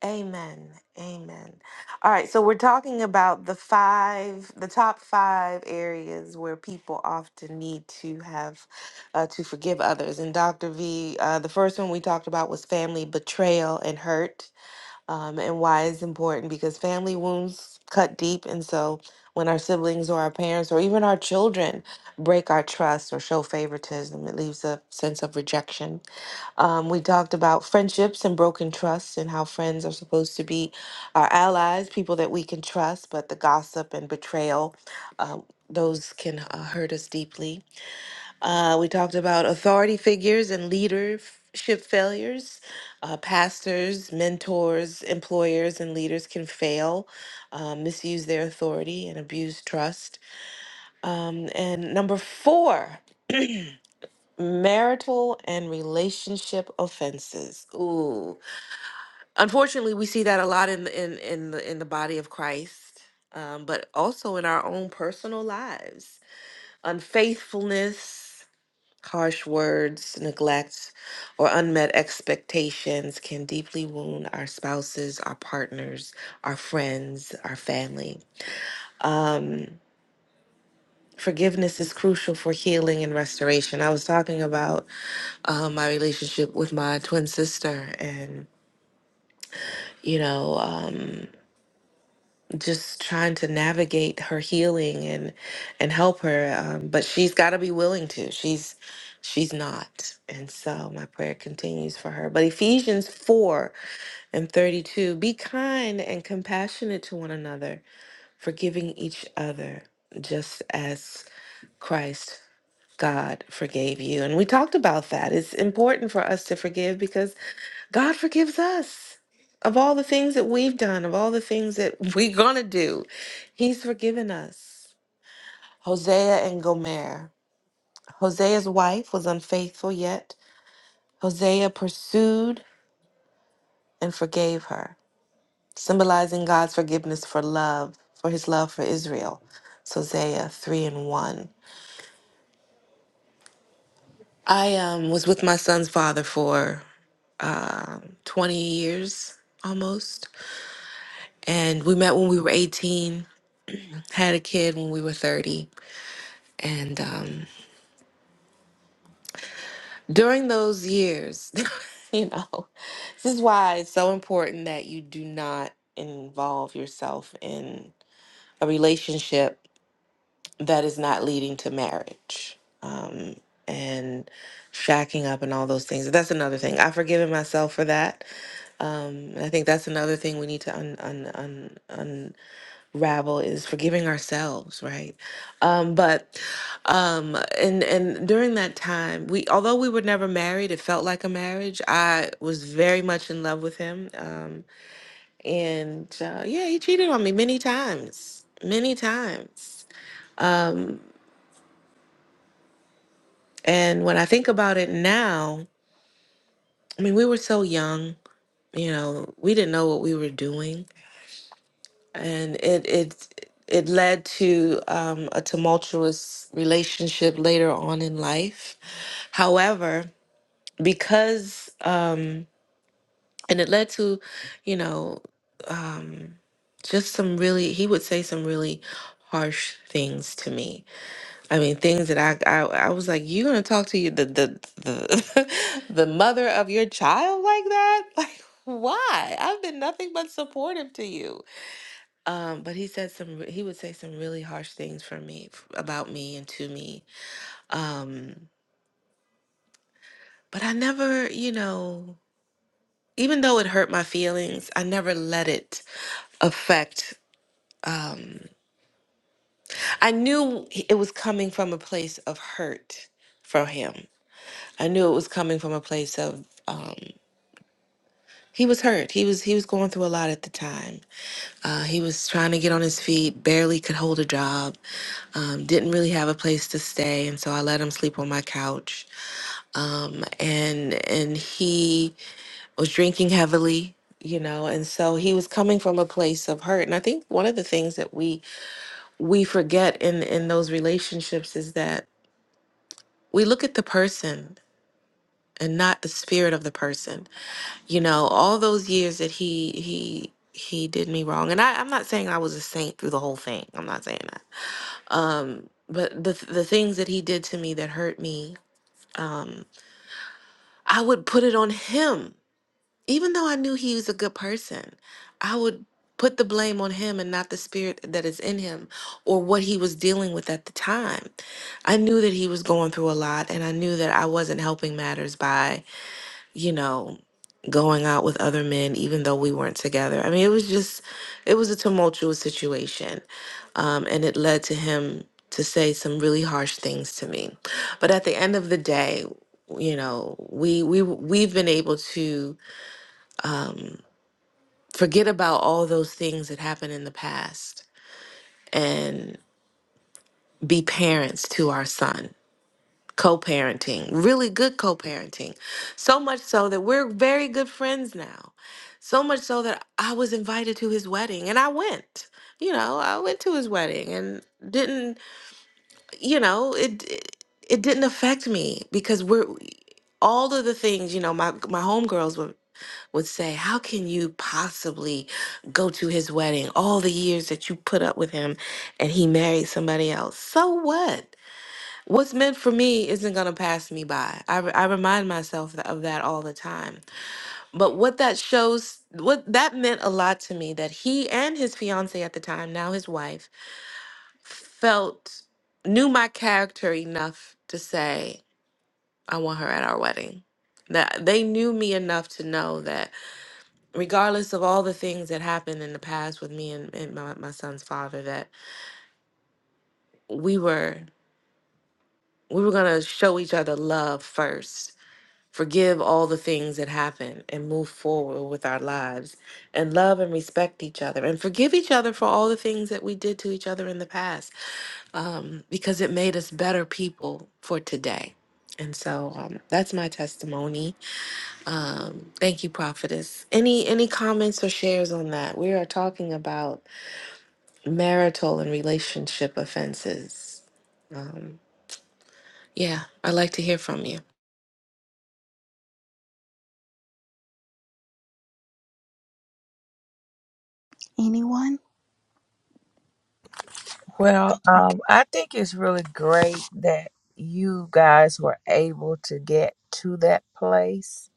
S1: Amen. Amen. All right. So we're talking about the five, the top five areas where people often need to have uh, to forgive others. And Dr. V, uh, the first one we talked about was family betrayal and hurt, um, and why it's important because family wounds cut deep. And so when our siblings or our parents or even our children break our trust or show favoritism, it leaves a sense of rejection. Um, we talked about friendships and broken trusts and how friends are supposed to be our allies, people that we can trust, but the gossip and betrayal, um, those can uh, hurt us deeply. Uh, we talked about authority figures and leadership failures. Uh, pastors, mentors, employers, and leaders can fail, uh, misuse their authority, and abuse trust. Um, and number four, marital and relationship offenses. Ooh Unfortunately, we see that a lot in the- in in the in the body of Christ, um, but also in our own personal lives. Unfaithfulness, harsh words, neglect, or unmet expectations can deeply wound our spouses, our partners, our friends, our family. Forgiveness is crucial for healing and restoration. I was talking about um, my relationship with my twin sister, and you know. Um, just trying to navigate her healing and and help her um, but she's got to be willing to she's she's not and so my prayer continues for her but ephesians 4 and 32 be kind and compassionate to one another forgiving each other just as christ god forgave you and we talked about that it's important for us to forgive because God forgives us of all the things that we've done, of all the things that we're going to do. He's forgiven us. Hosea and Gomer. Hosea's wife was unfaithful, yet Hosea pursued and forgave her, symbolizing God's forgiveness for love, for his love for Israel. So Hosea 3 and 1. I um, was with my son's father for um 20 years almost. And we met when we were 18, had a kid when we were 30 And um, during those years, you know, this is why it's so important that you do not involve yourself in a relationship that is not leading to marriage um, and shacking up and all those things. That's another thing. I've forgiven myself for that. Um, and I think that's another thing we need to un, un, un, rabble is forgiving ourselves right um but um and and during that time we although we were never married it felt like a marriage i was very much in love with him um and uh, yeah he cheated on me many times many times um and when i think about it now i mean we were so young you know we didn't know what we were doing and it it it led to um, a tumultuous relationship later on in life. However, because um, and it led to, you know, um, just some really he would say some really harsh things to me. I mean, things that I I, I was like, you gonna talk to you the the the the mother of your child like that? Like why? I've been nothing but supportive to you um, but he said some, he would say some really harsh things for me, f- about me and to me. Um, but I never, you know, even though it hurt my feelings, I never let it affect. I knew he- it was coming from a place of hurt for him. I knew it was coming from a place of, um, he was hurt. He was he was going through a lot at the time. Uh, he was trying to get on his feet, barely could hold a job, um, didn't really have a place to stay, and so I let him sleep on my couch um, and and he was drinking heavily you know and so he was coming from a place of hurt and i think one of the things that we we forget in in those relationships is that we look at the person and not the spirit of the person you know all those years that he he he did me wrong and I, i'm not saying i was a saint through the whole thing i'm not saying that um but the the things that he did to me that hurt me um i would put it on him even though I knew he was a good person, I would put the blame on him and not the spirit that is in him or what he was dealing with at the time. I knew that he was going through a lot and I knew that I wasn't helping matters by, you know, going out with other men even though we weren't together. I mean, it was just it was a tumultuous situation. Um and it led to him to say some really harsh things to me. But at the end of the day, you know, we we we've been able to forget about all those things that happened in the past and be parents to our son. Co parenting, really good co parenting. So much so that we're very good friends now. So much so that I was invited to his wedding and I went. You know, I went to his wedding and didn't, you know, it it, it didn't affect me because we're all of the things, you know, my my homegirls were. would say, How can you possibly go to his wedding all the years that you put up with him and he married somebody else? So what? What's meant for me isn't going to pass me by. I, re- I remind myself th- of that all the time. But what that shows, what that meant a lot to me that he and his fiance at the time, now his wife, felt, knew my character enough to say, I want her at our wedding. That they knew me enough to know that regardless of all the things that happened in the past with me and, and my, my son's father that we were we were going to show each other love first forgive all the things that happened and move forward with our lives and love and respect each other and forgive each other for all the things that we did to each other in the past um, because it made us better people for today and so um, that's my testimony um, thank you prophetess any any comments or shares on that we are talking about marital and relationship offenses. Um, yeah, I'd like to hear from you.
S5: anyone
S7: Well,
S5: okay
S7: um, I think it's really great that you guys were able to get to that place.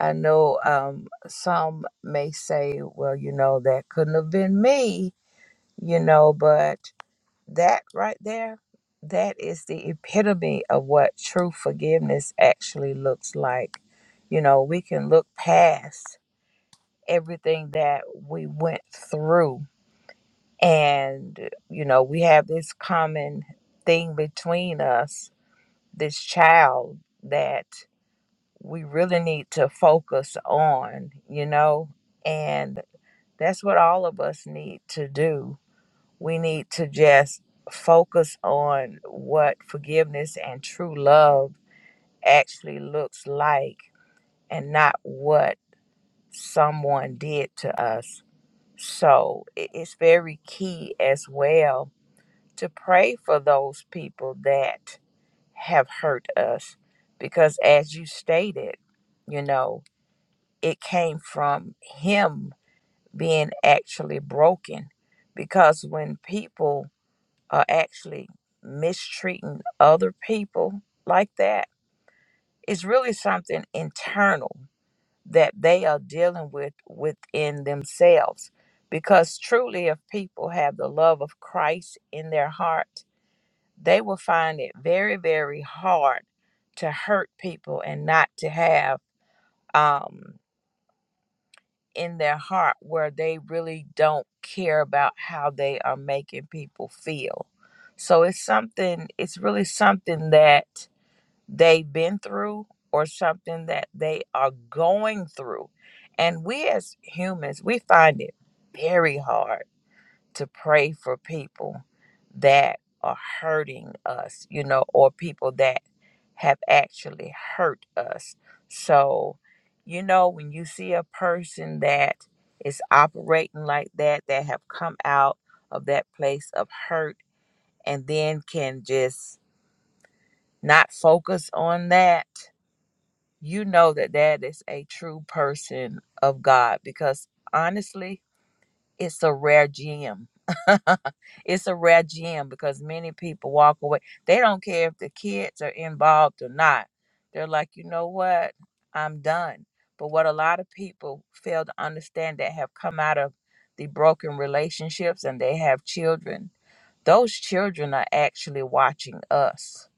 S7: I know um, some may say, well, you know, that couldn't have been me, you know, but That right there, that is the epitome of what true forgiveness actually looks like. You know, we can look past everything that we went through, and, you know, we have this common thing between us, this child that we really need to focus on, you know, and that's what all of us need to do we need to just focus on what forgiveness and true love actually looks like and not what someone did to us. So i- it's very key as well to pray for those people that have hurt us because, as you stated, you know, it came from him being actually broken. Because when people are actually mistreating other people like that it's really something internal that they are dealing with within themselves because truly if people have the love of christ in their heart they will find it very very hard to hurt people and not to have um, in their heart where they really don't care about how they are making people feel. So it's something, it's really something that they've been through or something that they are going through. And we as humans, we find it very hard to pray for people that are hurting us, you know, or people that have actually hurt us. So, you know, when you see a person that is operating like that, that have come out of that place of hurt and then can just not focus on that, you know that that is a true person of God because honestly, it's a rare gem. it's a rare gem because many people walk away. They don't care if the kids are involved or not. They're like, you know what? I'm done. But what a lot of people fail to understand that have come out of the broken relationships and they have children, those children are actually watching us.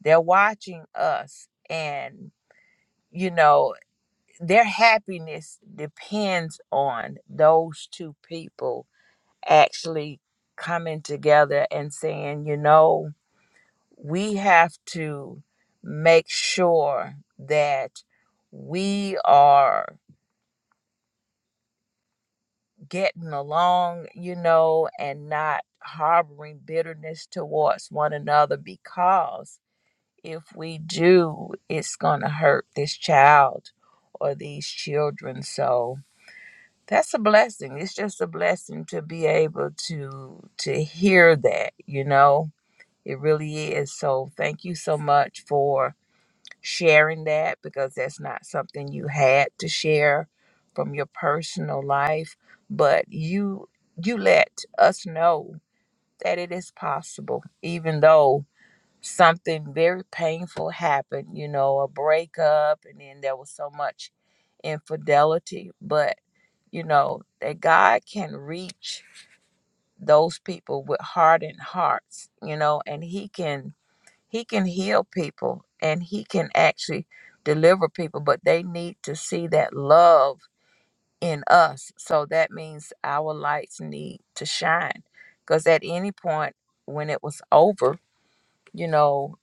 S7: They're watching us. And, you know, their happiness depends on those two people actually coming together and saying, you know, we have to make sure that we are getting along, you know, and not harboring bitterness towards one another because if we do, it's going to hurt this child or these children. So that's a blessing. It's just a blessing to be able to to hear that, you know It really is. So thank you so much for sharing that because that's not something you had to share from your personal life, but you you let us know that it is possible even though something very painful happened, you know, a breakup and then there was so much infidelity, but you know, that God can reach those people with hardened hearts, you know, and he can he can heal people and he can actually deliver people, but they need to see that love in us. So that means our lights need to shine. Because at any point when it was over, you know,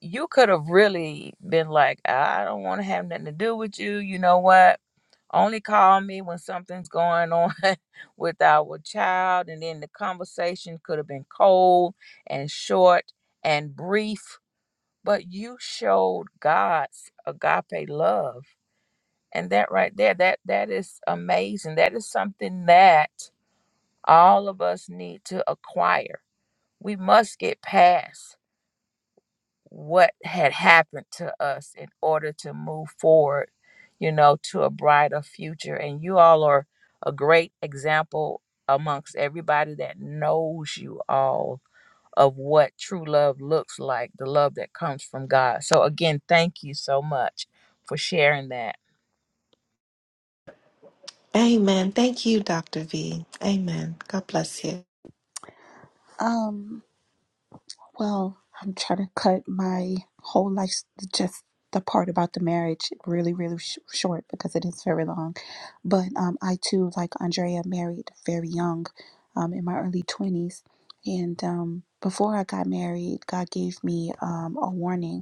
S7: you could have really been like, I don't want to have nothing to do with you. You know what? Only call me when something's going on with our child. And then the conversation could have been cold and short and brief but you showed God's agape love. And that right there, that that is amazing. That is something that all of us need to acquire. We must get past what had happened to us in order to move forward, you know, to a brighter future. And you all are a great example amongst everybody that knows you all of what true love looks like, the love that comes from God. So, again, thank you so much for sharing that.
S1: Amen. Thank you, Dr. V. Amen. God bless you.
S5: um Well, I'm trying to cut my whole life, just the part about the marriage, really, really sh- short because it is very long. But um, I too, like Andrea, married very young, um, in my early 20s. And um, before I got married, God gave me um, a warning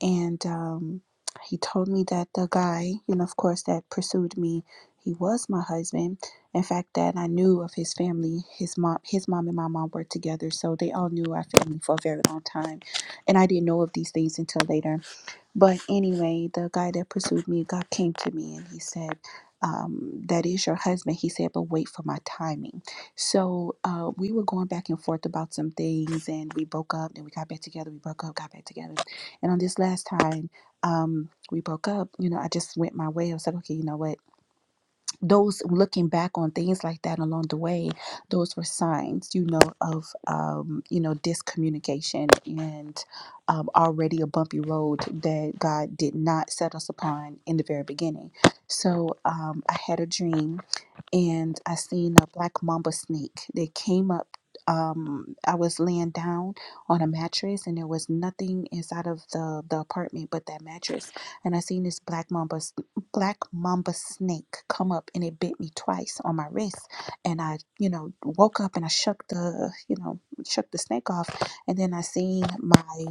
S5: and um, he told me that the guy, you know, of course, that pursued me, he was my husband. In fact, that I knew of his family. His mom, his mom, and my mom were together, so they all knew our family for a very long time, and I didn't know of these things until later but anyway, the guy that pursued me, God came to me and he said, um, that is your husband. He said, but wait for my timing. So uh, we were going back and forth about some things and we broke up and we got back together. We broke up, got back together. And on this last time, um, we broke up, you know, I just went my way. I was like, okay, you know what? those looking back on things like that along the way those were signs you know of um you know discommunication and um, already a bumpy road that god did not set us upon in the very beginning so um i had a dream and i seen a black mamba snake that came up um i was laying down on a mattress and there was nothing inside of the the apartment but that mattress and i seen this black mamba black mamba snake come up and it bit me twice on my wrist and i you know woke up and i shook the you know shook the snake off and then i seen my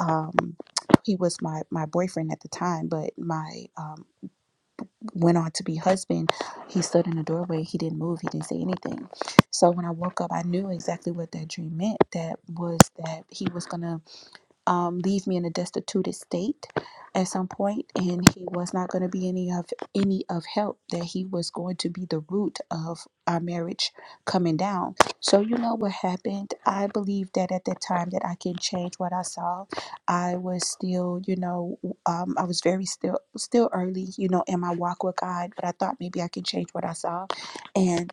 S5: um he was my my boyfriend at the time but my um went on to be husband he stood in the doorway he didn't move he didn't say anything so when i woke up i knew exactly what that dream meant that was that he was gonna um, leave me in a destitute state at some point and he was not going to be any of any of help that he was going to be the root of our marriage coming down so you know what happened i believe that at that time that i can change what i saw i was still you know um, i was very still still early you know in my walk with god but i thought maybe i can change what i saw and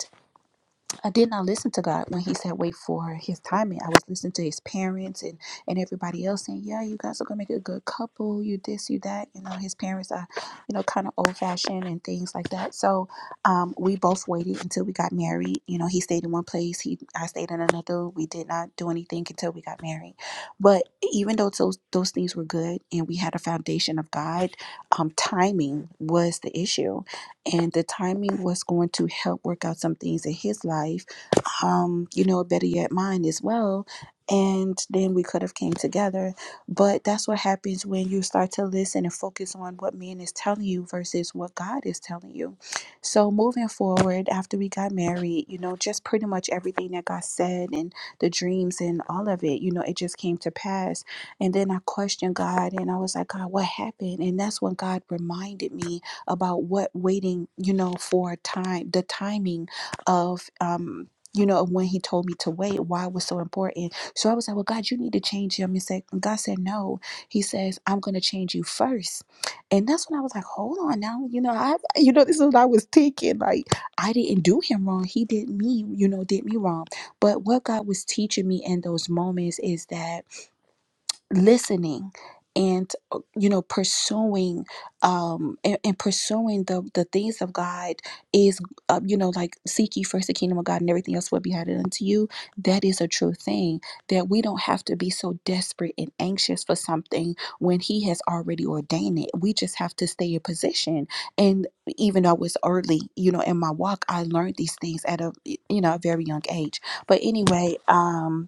S5: I did not listen to God when He said wait for His timing. I was listening to His parents and and everybody else saying, "Yeah, you guys are gonna make a good couple. You this, you that." You know, His parents are, you know, kind of old fashioned and things like that. So, um, we both waited until we got married. You know, He stayed in one place. He I stayed in another. We did not do anything until we got married. But even though those those things were good and we had a foundation of God, um, timing was the issue, and the timing was going to help work out some things in His life um, you know, better yet, mine as well. And then we could have came together. But that's what happens when you start to listen and focus on what man is telling you versus what God is telling you. So moving forward, after we got married, you know, just pretty much everything that God said and the dreams and all of it, you know, it just came to pass. And then I questioned God and I was like, God, what happened? And that's when God reminded me about what waiting, you know, for time, the timing of um you know, of when he told me to wait, why it was so important. So I was like, well, God, you need to change him. And said, and God said, no. He says, I'm going to change you first. And that's when I was like, hold on now. You know, I, you know, this is what I was thinking. Like, I didn't do him wrong. He did me, you know, did me wrong. But what God was teaching me in those moments is that listening and uh, you know pursuing um and, and pursuing the the things of god is uh, you know like seek ye first the kingdom of god and everything else will be added unto you that is a true thing that we don't have to be so desperate and anxious for something when he has already ordained it we just have to stay in position and even though it's early you know in my walk i learned these things at a you know a very young age but anyway um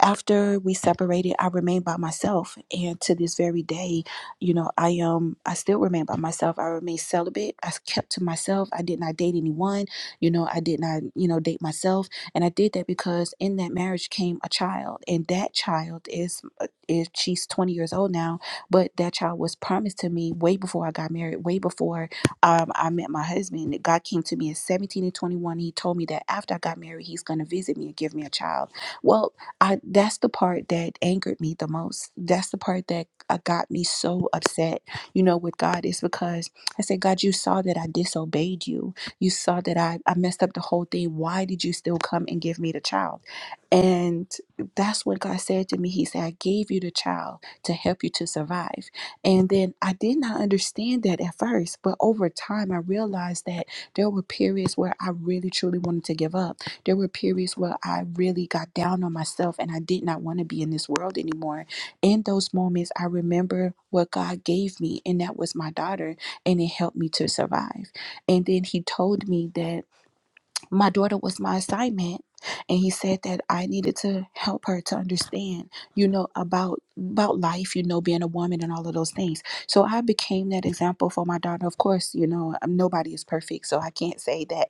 S5: after we separated i remained by myself and to this very day you know i um i still remain by myself i remain celibate i kept to myself i did not date anyone you know i did not you know date myself and i did that because in that marriage came a child and that child is uh, is she's 20 years old now but that child was promised to me way before i got married way before um, i met my husband god came to me at 17 and 21 he told me that after i got married he's going to visit me and give me a child well I that's the part that angered me the most. That's the part that uh, got me so upset, you know, with God is because I said, God, you saw that I disobeyed you. You saw that I, I messed up the whole thing. Why did you still come and give me the child? And that's what God said to me. He said, I gave you the child to help you to survive. And then I did not understand that at first, but over time I realized that there were periods where I really truly wanted to give up there were periods where I really got down on myself and I did not want to be in this world anymore. In those moments, I remember what God gave me, and that was my daughter, and it helped me to survive. And then He told me that my daughter was my assignment and he said that i needed to help her to understand you know about about life you know being a woman and all of those things so i became that example for my daughter of course you know um, nobody is perfect so i can't say that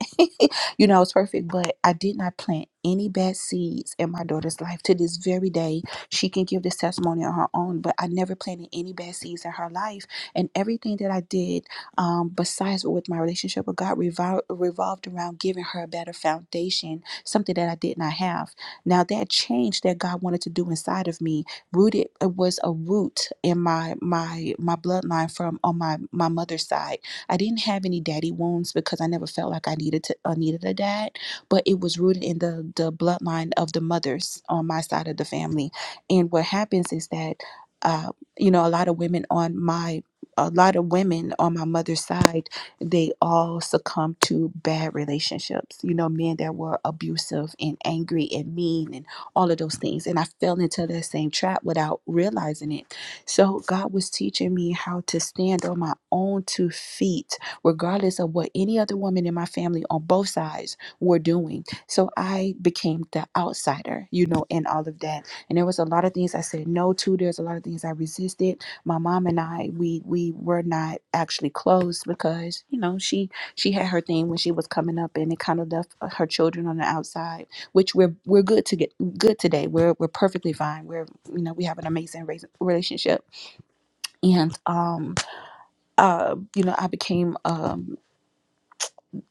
S5: you know i was perfect but i did not plant any bad seeds in my daughter's life to this very day she can give this testimony on her own but i never planted any bad seeds in her life and everything that i did um, besides with my relationship with God, revol- revolved around giving her a better foundation, something that I did not have. Now, that change that God wanted to do inside of me, rooted it was a root in my my my bloodline from on my my mother's side. I didn't have any daddy wounds because I never felt like I needed to I needed a dad, but it was rooted in the the bloodline of the mothers on my side of the family. And what happens is that. Uh, you know, a lot of women on my a lot of women on my mother's side, they all succumbed to bad relationships. You know, men that were abusive and angry and mean and all of those things. And I fell into that same trap without realizing it. So God was teaching me how to stand on my own two feet, regardless of what any other woman in my family on both sides were doing. So I became the outsider, you know, in all of that. And there was a lot of things I said no to. There's a lot of things I resisted my mom and I we we were not actually close because you know she she had her thing when she was coming up and it kind of left her children on the outside which we're we're good to get good today we're we're perfectly fine we're you know we have an amazing raise- relationship and um uh you know I became um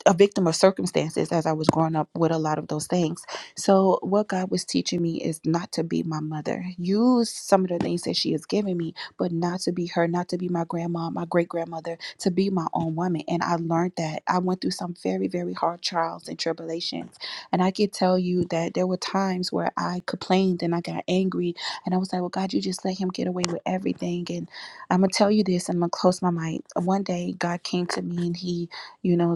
S5: a victim of circumstances as I was growing up with a lot of those things. So, what God was teaching me is not to be my mother. Use some of the things that she has given me, but not to be her, not to be my grandma, my great grandmother, to be my own woman. And I learned that. I went through some very, very hard trials and tribulations. And I could tell you that there were times where I complained and I got angry. And I was like, well, God, you just let him get away with everything. And I'm going to tell you this, and I'm going to close my mind. One day, God came to me and he you know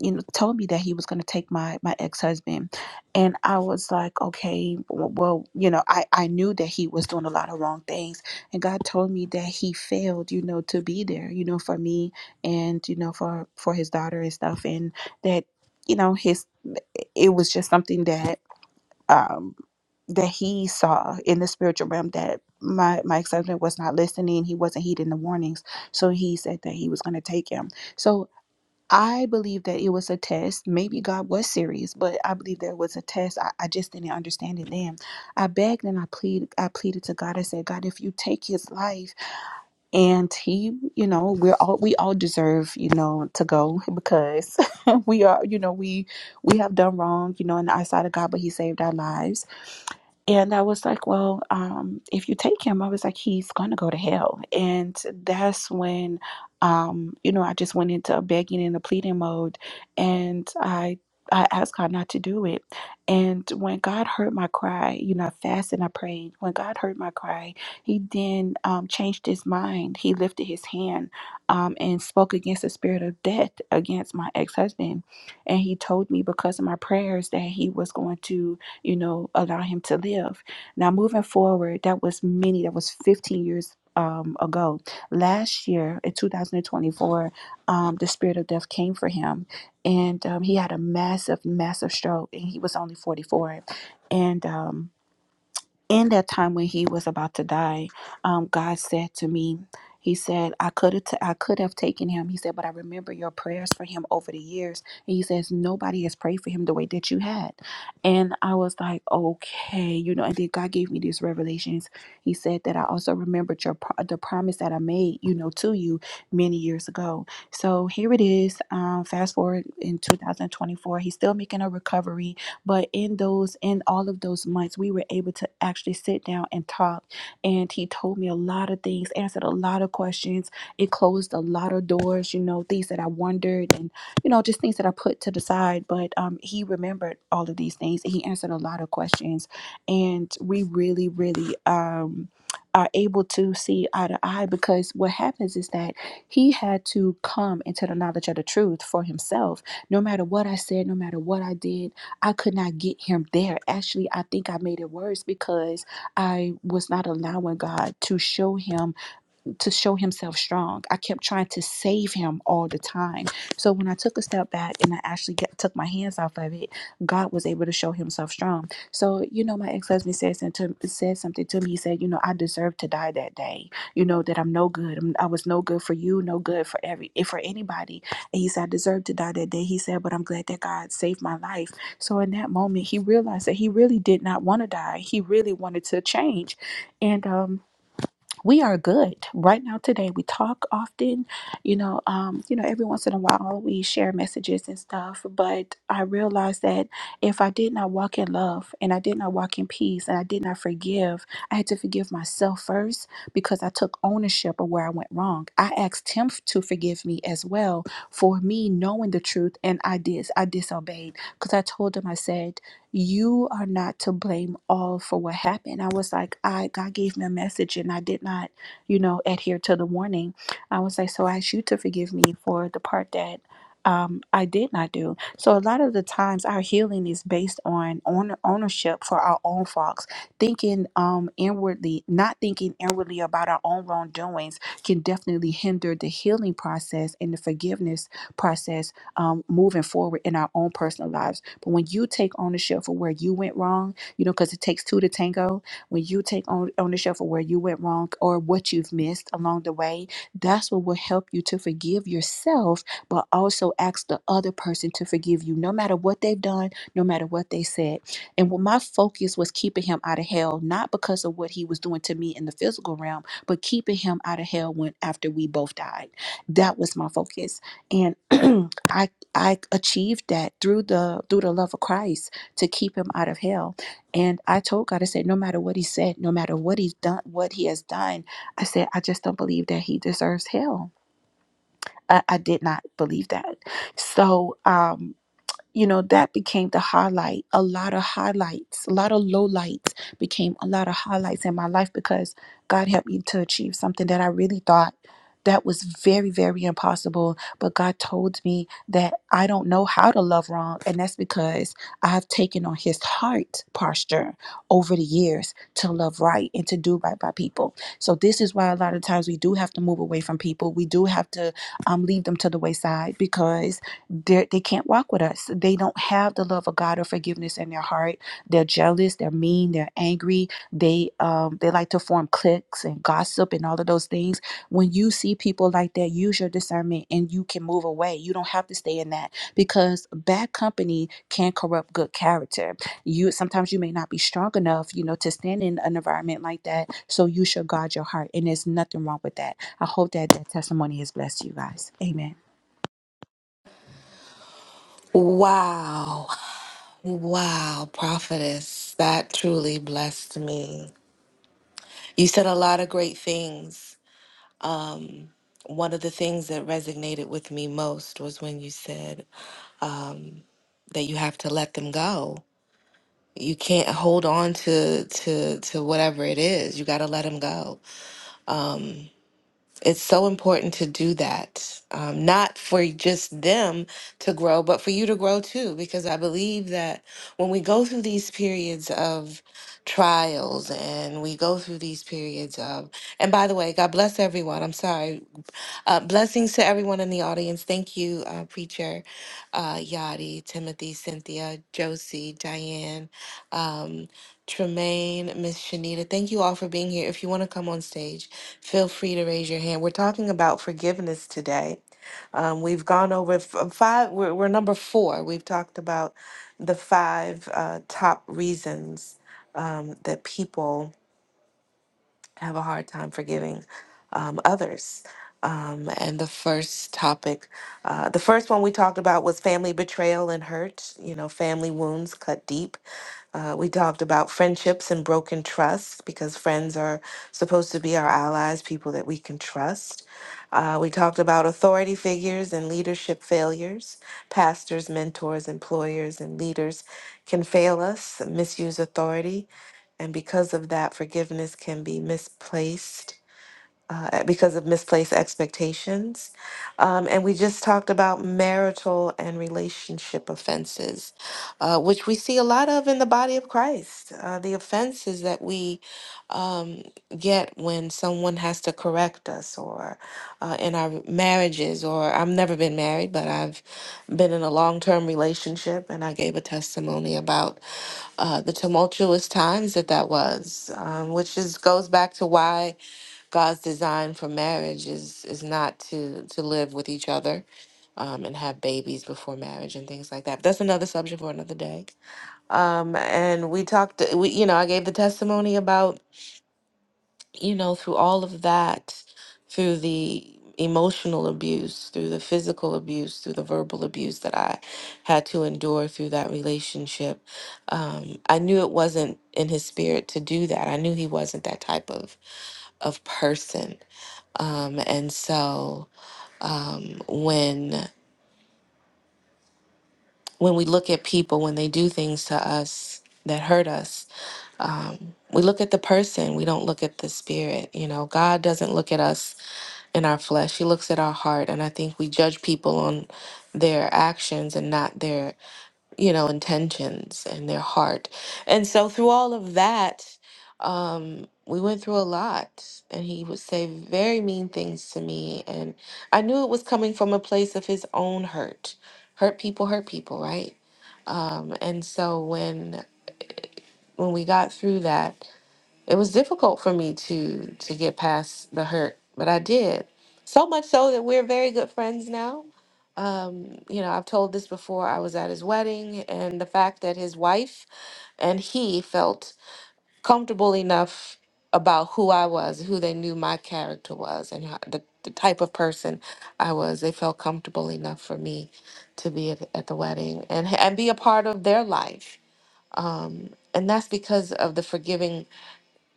S5: you know told me that he was going to take my my ex-husband and i was like okay w- well you know i i knew that he was doing a lot of wrong things and god told me that he failed you know to be there you know for me and you know for for his daughter and stuff and that you know his it was just something that um that he saw in the spiritual realm that my my ex-husband was not listening he wasn't heeding the warnings so he said that he was going to take him so I believe that it was a test. Maybe God was serious, but I believe there was a test. I, I just didn't understand it then. I begged and I pleaded. I pleaded to God. I said, God, if you take his life, and he, you know, we're all we all deserve, you know, to go because we are, you know, we we have done wrong, you know, in the eyesight of God, but He saved our lives and I was like, well, um, if you take him, I was like, he's gonna go to hell. And that's when, um, you know, I just went into a begging and a pleading mode, and I I asked God not to do it. And when God heard my cry, you know, I fasted and I prayed. When God heard my cry, He then um, changed His mind. He lifted His hand um, and spoke against the spirit of death against my ex husband, and He told me because of my prayers that He was going to you know, allow him to live. Now, moving forward, that was many, that was 15 years um, ago. Last year in 2024, um, the spirit of death came for him and um, he had a massive, massive stroke and he was only 44. And, um, in that time when he was about to die, um, God said to me, He said, I could have t- I could have taken him. He said, but I remember your prayers for him over the years. And he says, Nobody has prayed for him the way that you had. And I was like, Okay, you know, and then God gave me these revelations. He said that I also remembered your pro- the promise that I made, you know, to you many years ago. So here it is. Um, fast forward in 2024, he's still making a recovery but in those, in all of those months, we were able to actually sit down and talk. And he told me a lot of things, answered a lot of questions. It closed a lot of doors, you know, things that I wondered and, you know, just things that I put to the side. But um, he remembered all of these things. He answered a lot of questions. And we really, really, um, are able to see eye to eye because what happens is that he had to come into the knowledge of the truth for himself no matter what I said, no matter what I did, I could not get him there. Actually, I think I made it worse because I was not allowing God to show him to show himself strong. I kept trying to save him all the time. So when I took a step back and I actually get, took my hands off of it, God was able to show himself strong. So, you know, my ex husband said, some- to- said something to me. He said, You know, I deserve to die that day. You know, that I'm no good. I'm, I was no good for you, no good for every eh, for anybody. And he said, I deserve to die that day. He said, But I'm glad that God saved my life. So in that moment, he realized that he really did not want to die. He really wanted to change. And, um, we are good right now today we talk often you know um you know every once in a while we share messages and stuff but i realized that if i did not walk in love and i did not walk in peace and i did not forgive i had to forgive myself first because i took ownership of where i went wrong i asked him f- to forgive me as well for me knowing the truth and i did i disobeyed because i told him i said you are not to blame all for what happened. I was like, I God gave me a message and I did not, you know, adhere to the warning. I was like, so I ask you to forgive me for the part that um, I did not do. So a lot of the times our healing is based on on ownership for our own faults, thinking um inwardly, not thinking inwardly about our own wrongdoings can definitely hinder the healing process and the forgiveness process um, moving forward in our own personal lives. But when you take ownership for where you went wrong, you know, because it takes two to tango, when you take on ownership for where you went wrong or what you've missed along the way, that's what will help you to forgive yourself, but also ask the other person to forgive you, no matter what they've done, no matter what they said. And when my focus was keeping him out of hell, not because of what he was doing to me in the physical realm, but keeping him out of hell when after we both died. That was my focus. And I. I achieved that through the through the love of Christ to keep him out of hell. And I told God, I said, no matter what he said, no matter what he's done, what he has done, I said, I just don't believe that he deserves hell. I, I did not believe that. So um you know that became the highlight a lot of highlights a lot of low lights became a lot of highlights in my life because god helped me to achieve something that i really thought that was very very impossible but god told me that i don't know how to love wrong and that's because i've taken on his heart posture over the years to love right and to do right by people so this is why a lot of times we do have to move away from people we do have to um, leave them to the wayside because they're- they can't walk with us. They don't have the love of God or forgiveness in their heart. They're jealous. They're mean. They're angry. They um, they like to form cliques and gossip and all of those things. When you see people like that, use your discernment and you can move away. You don't have to stay in that because bad company can corrupt good character. You sometimes you may not be strong enough, you know, to stand in an environment like that. So you should guard your heart, and there's nothing wrong with that. I hope that that testimony has blessed you guys. Amen.
S1: Wow. Wow, prophetess. That truly blessed me. You said a lot of great things. One of the things that resonated with me most was when you said um, that you have to let them go. You can't hold on to to to whatever it is. You got to let them go. It's so important to do that, um, not for just them to grow, but for you to grow too, because I believe that when we go through these periods of trials and we go through these periods of, and by the way, God bless everyone. I'm sorry. Uh, blessings to everyone in the audience. Thank you, uh, Preacher, uh, Yadi, Timothy, Cynthia, Josie, Diane, um, Tremaine, Miss Shanita. Thank you all for being here. If you want to come on stage, feel free to raise your hand. We're talking about forgiveness today. Um, we've gone over f- um, five, we're, we're number four. We've talked about the five uh, top reasons um, that people have a hard time forgiving um, others. Um, and the first topic, uh, the first one we talked about was family betrayal and hurt. You know, family wounds cut deep. Uh, we talked about friendships and broken trust because friends are supposed to be our allies, people that we can trust. Uh, we talked about authority figures and leadership failures. Pastors, mentors, employers, and leaders can fail us, misuse authority, and because of that, forgiveness can be misplaced uh, because of misplaced expectations. Um, and we just talked about marital and relationship offenses, uh, which we see a lot of in the body of Christ. Uh, the offenses that we um, get when someone has to correct us, or uh, in our marriages, or I've never been married, but I've been in a long term relationship, and I gave a testimony about uh, the tumultuous times that that was, um, which is goes back to why God's design for marriage is is not to to live with each other um, and have babies before marriage and things like that. But that's another subject for another day. Um, and we talked. We you know I gave the testimony about you know, through all of that, through the emotional abuse, through the physical abuse, through the verbal abuse that I had to endure through that relationship, um, I knew it wasn't in his spirit to do that. I knew he wasn't that type of of person. Um, and so um, when when we look at people when they do things to us that hurt us, um, we look at the person. We don't look at the spirit. You know, God doesn't look at us in our flesh. He looks at our heart, and I think we judge people on their actions and not their, you know, intentions and their heart. And so through all of that, um, we went through a lot, and he would say very mean things to me, and I knew it was coming from a place of his own hurt. Hurt people, hurt people, right? Um, and so when when we got through that, it was difficult for me to to get past the hurt but i did so much so that we're very good friends now um, you know i've told this before i was at his wedding and the fact that his wife and he felt comfortable enough about who i was who they knew my character was and how, the, the type of person i was they felt comfortable enough for me to be at, at the wedding and and be a part of their life and that's because of the forgiving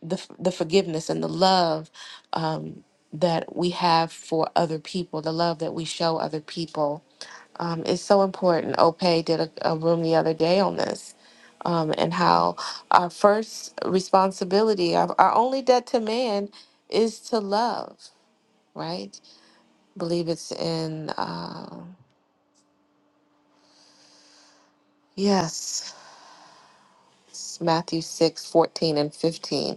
S1: the f- the forgiveness and the love um, that we have for other people, the love that we show other people, um, is so important. Ope did a, a room the other day on this, um, and how our first responsibility, our, our only debt to man, is to love. Right? I believe it's in uh, yes, it's Matthew six fourteen and fifteen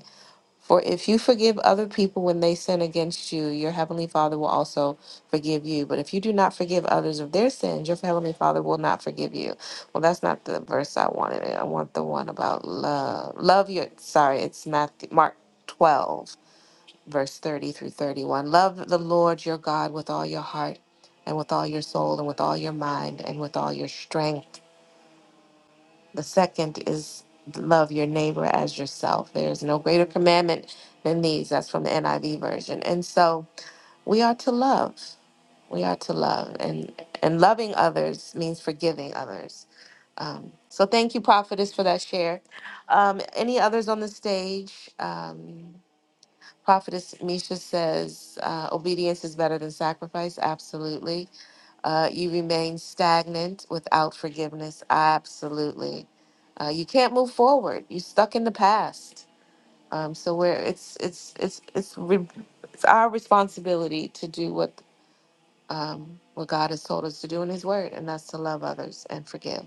S1: For if you forgive other people when they sin against you, your heavenly Father will also forgive you. But if you do not forgive others of their sins, your heavenly Father will not forgive you. Well, that's not the verse I wanted. I want the one about love. Love your sorry, it's Matthew Mark 12, verse 30 through 31. Love the Lord your God with all your heart and with all your soul and with all your mind and with all your strength the second is love your neighbor as yourself. There is no greater commandment than these. That's from the NIV version. And so we are to love. We are to love, and and loving others means forgiving others. Um, so thank you, prophetess, for that share. Um, any others on the stage? Um, prophetess Misha says uh, obedience is better than sacrifice. Absolutely. Uh, you remain stagnant without forgiveness. Absolutely. Uh, you can't move forward. You're stuck in the past. Um, so where it's it's it's it's re- it's our responsibility to do what um, what God has told us to do in His Word, and that's to love others and forgive.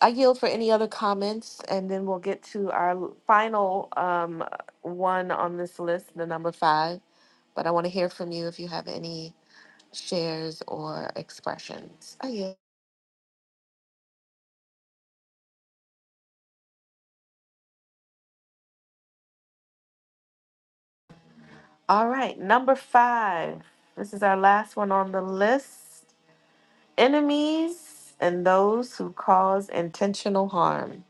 S1: I yield for any other comments, and then we'll get to our final um, one on this list, the number five. But I want to hear from you if you have any shares or expressions. I yield. All right, number five. This is our last one on the list. Enemies and those who cause intentional harm.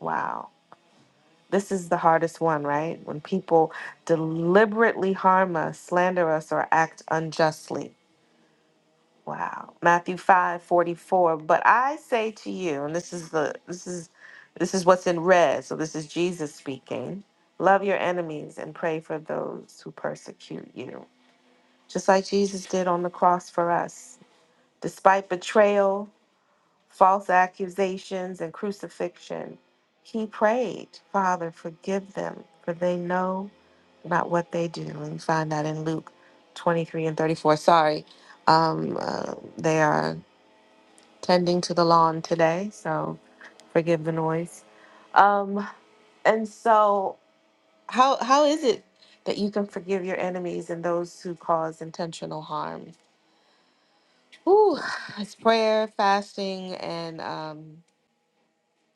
S1: Wow. This is the hardest one, right? When people deliberately harm us, slander us, or act unjustly. Wow. Matthew 5 44. But I say to you, and this is the this is this is what's in red. So this is Jesus speaking. Love your enemies and pray for those who persecute you. just like Jesus did on the cross for us. Despite betrayal, false accusations, and crucifixion, he prayed, Father, forgive them, for they know not what they do. And you find that in Luke 23 and 34. Sorry, um, uh, they are tending to the lawn today, so forgive the noise. Um, and so, how how is it that you can forgive your enemies and those who cause intentional harm? Ooh, it's prayer, fasting, and um,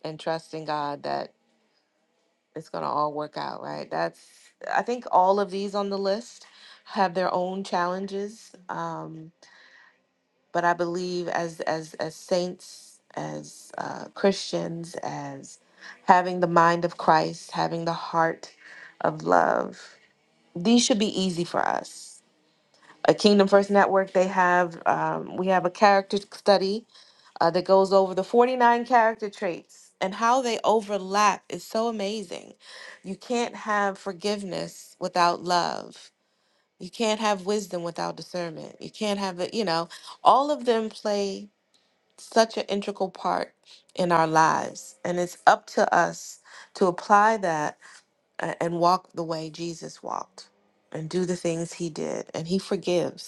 S1: and trusting God that it's gonna all work out, right? That's I think all of these on the list have their own challenges, um, but I believe as as as saints, as uh, Christians, as having the mind of Christ, having the heart of love, these should be easy for us. A Kingdom First Network, they have um, we have a character study uh, that goes over the 49 character traits and how they overlap is so amazing. You can't have forgiveness without love. You can't have wisdom without discernment. You can't have it, you know, all of them play such an integral part in our lives. And it's up to us to apply that uh, and walk the way Jesus walked and do the things he did. And he forgives.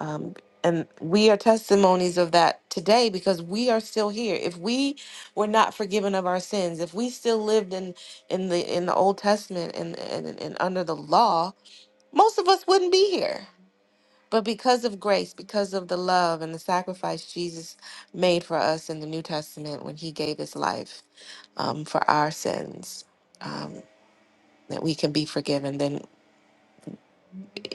S1: Um, and we are testimonies of that today because we are still here. If we were not forgiven of our sins, if we still lived in in the in the Old Testament and and, and under the law, most of us wouldn't be here. But because of grace, because of the love and the sacrifice Jesus made for us in the New Testament when He gave His life um, for our sins, um, that we can be forgiven. Then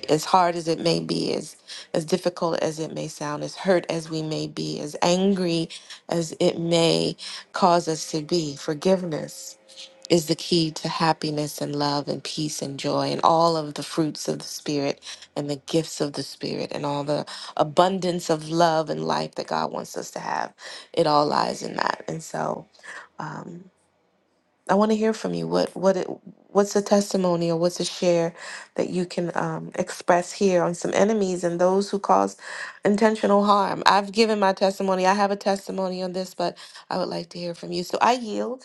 S1: as hard as it may be, as as difficult as it may sound, as hurt as we may be, as angry as it may cause us to be, forgiveness is the key to happiness and love and peace and joy and all of the fruits of the spirit and the gifts of the spirit and all the abundance of love and life that God wants us to have. It all lies in that. And so um, I want to hear from you. What what it, what's a testimony or what's a share that you can um, express here on some enemies and those who cause intentional harm? I've given my testimony. I have a testimony on this, but I would like to hear from you. So I yield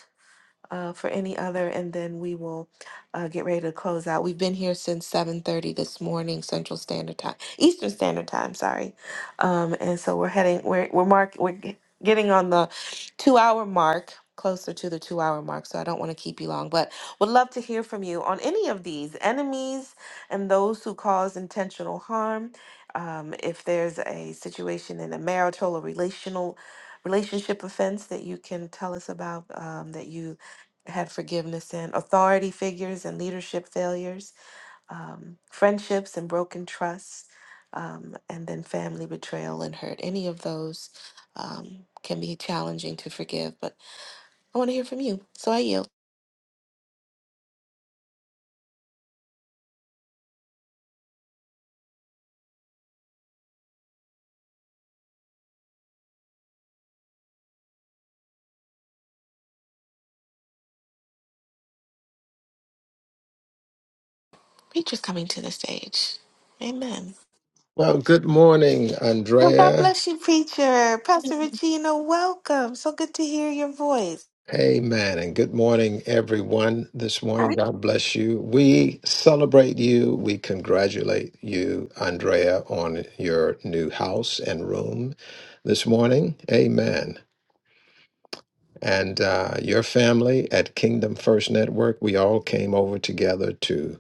S1: uh, for any other, and then we will uh, get ready to close out. We've been here since 7:30 this morning, Central Standard Time, Eastern Standard Time. Sorry, um, and so we're heading. We're we're mark. We're g- getting on the two-hour mark, closer to the two-hour mark. So I don't want to keep you long, but would love to hear from you on any of these enemies and those who cause intentional harm. Um, if there's a situation in a marital or relational relationship offense that you can tell us about um, that you had forgiveness in, authority figures and leadership failures, um, friendships and broken trusts, um, and then family betrayal and hurt. Any of those um, can be challenging to forgive, but I want to hear from you. So I yield. Preacher's coming to the stage. Amen.
S8: Well, good morning,
S1: Well, God
S8: Andrea.
S1: bless you, preacher. Pastor Regina, welcome. So good to hear your voice.
S8: Amen. And good morning, everyone, this
S5: All
S8: morning.
S5: right.
S8: God bless you. We celebrate you. We congratulate you, Andrea, on your new house and room this morning. Amen. And uh, your family at Kingdom First Network, we all came over together to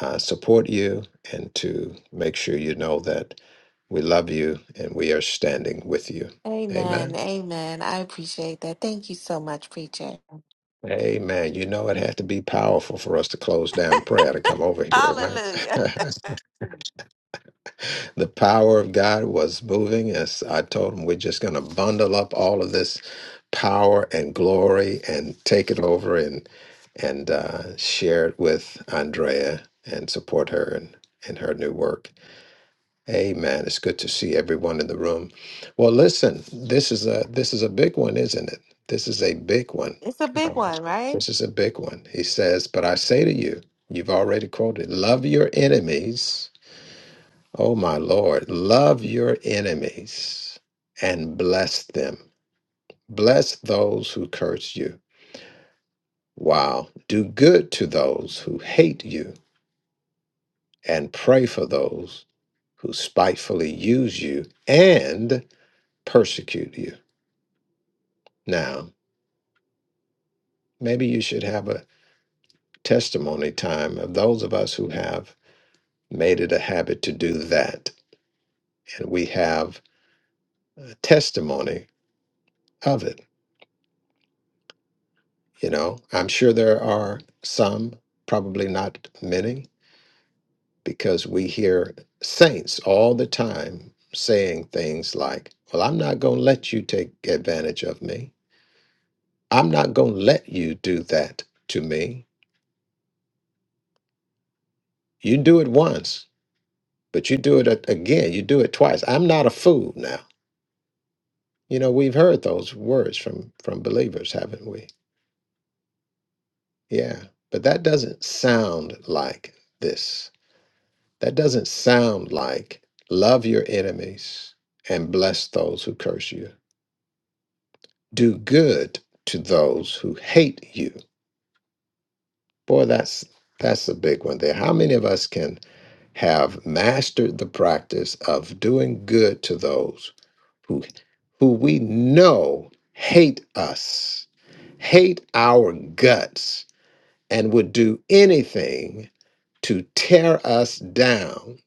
S8: uh, support you and to make sure you know that we love you and we are standing with you.
S1: Amen.
S8: Amen.
S1: Amen. I appreciate that. Thank you so much, preacher.
S8: Amen. You know, it had to be powerful for us to close down prayer to come over here, right?
S1: Hallelujah.
S8: the power of God was moving. As I told him, we're just going to bundle up all of this power and glory and take it over and and uh, share it with Andrea and support her in, in her new work. Amen. It's good to see everyone in the room. Well, listen, this is a this is a big one, isn't it? This is a big one.
S1: It's a big
S8: Um,
S1: one, right?
S8: This is a big one. He says, "But I say to you, you've already quoted, love your enemies. Oh my Lord, love your enemies and bless them. Bless those who curse you. Wow. Do good to those who hate you and pray for those who spitefully use you and persecute you. Now, maybe you should have a testimony time of those of us who have made it a habit to do that, and we have a testimony of it. You know, I'm sure there are some, probably not many, because we hear saints all the time saying things like, Well, I'm not going to let you take advantage of me. I'm not going to let you do that to me. You do it once. But you do it a- again, you do it twice. I'm not a fool now. You know, we've heard those words from from believers, haven't we? Yeah. But that doesn't sound like this. That doesn't sound like love your enemies and bless those who curse you. Do good to those who hate you. Boy, that's that's a big one there. How many of us can have mastered the practice of doing good to those who who we know hate us, hate our guts, and would do anything to tear us down.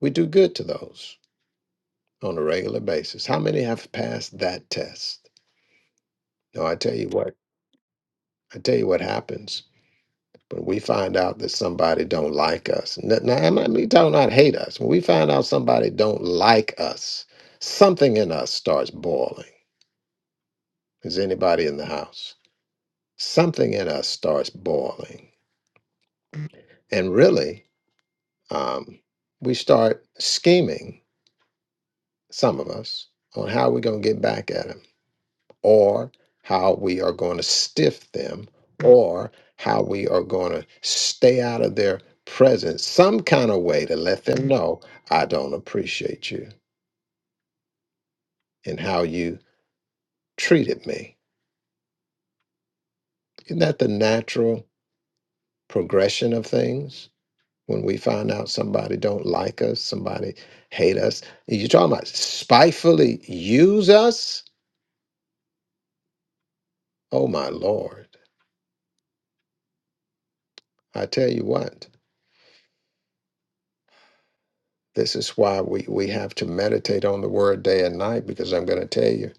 S8: We do good to those on a regular basis. How many have passed that test? No, I tell you what, I tell you what happens when we find out that somebody don't like us. N- Now, I'm not me talking not hate us. When we find out somebody don't like us, something in us starts boiling. Is anybody in the house? something in us starts boiling. And really, um, we start scheming, some of us, on how we're going to get back at them or how we are going to stiff them or how we are going to stay out of their presence, some kind of way to let them know, I don't appreciate you and how you treated me. Isn't that the natural progression of things? when we find out somebody don't like us, somebody hate us. You're talking about spitefully use us? Oh my Lord. I tell you what, this is why we, we have to meditate on the word day and night, because I'm going to tell you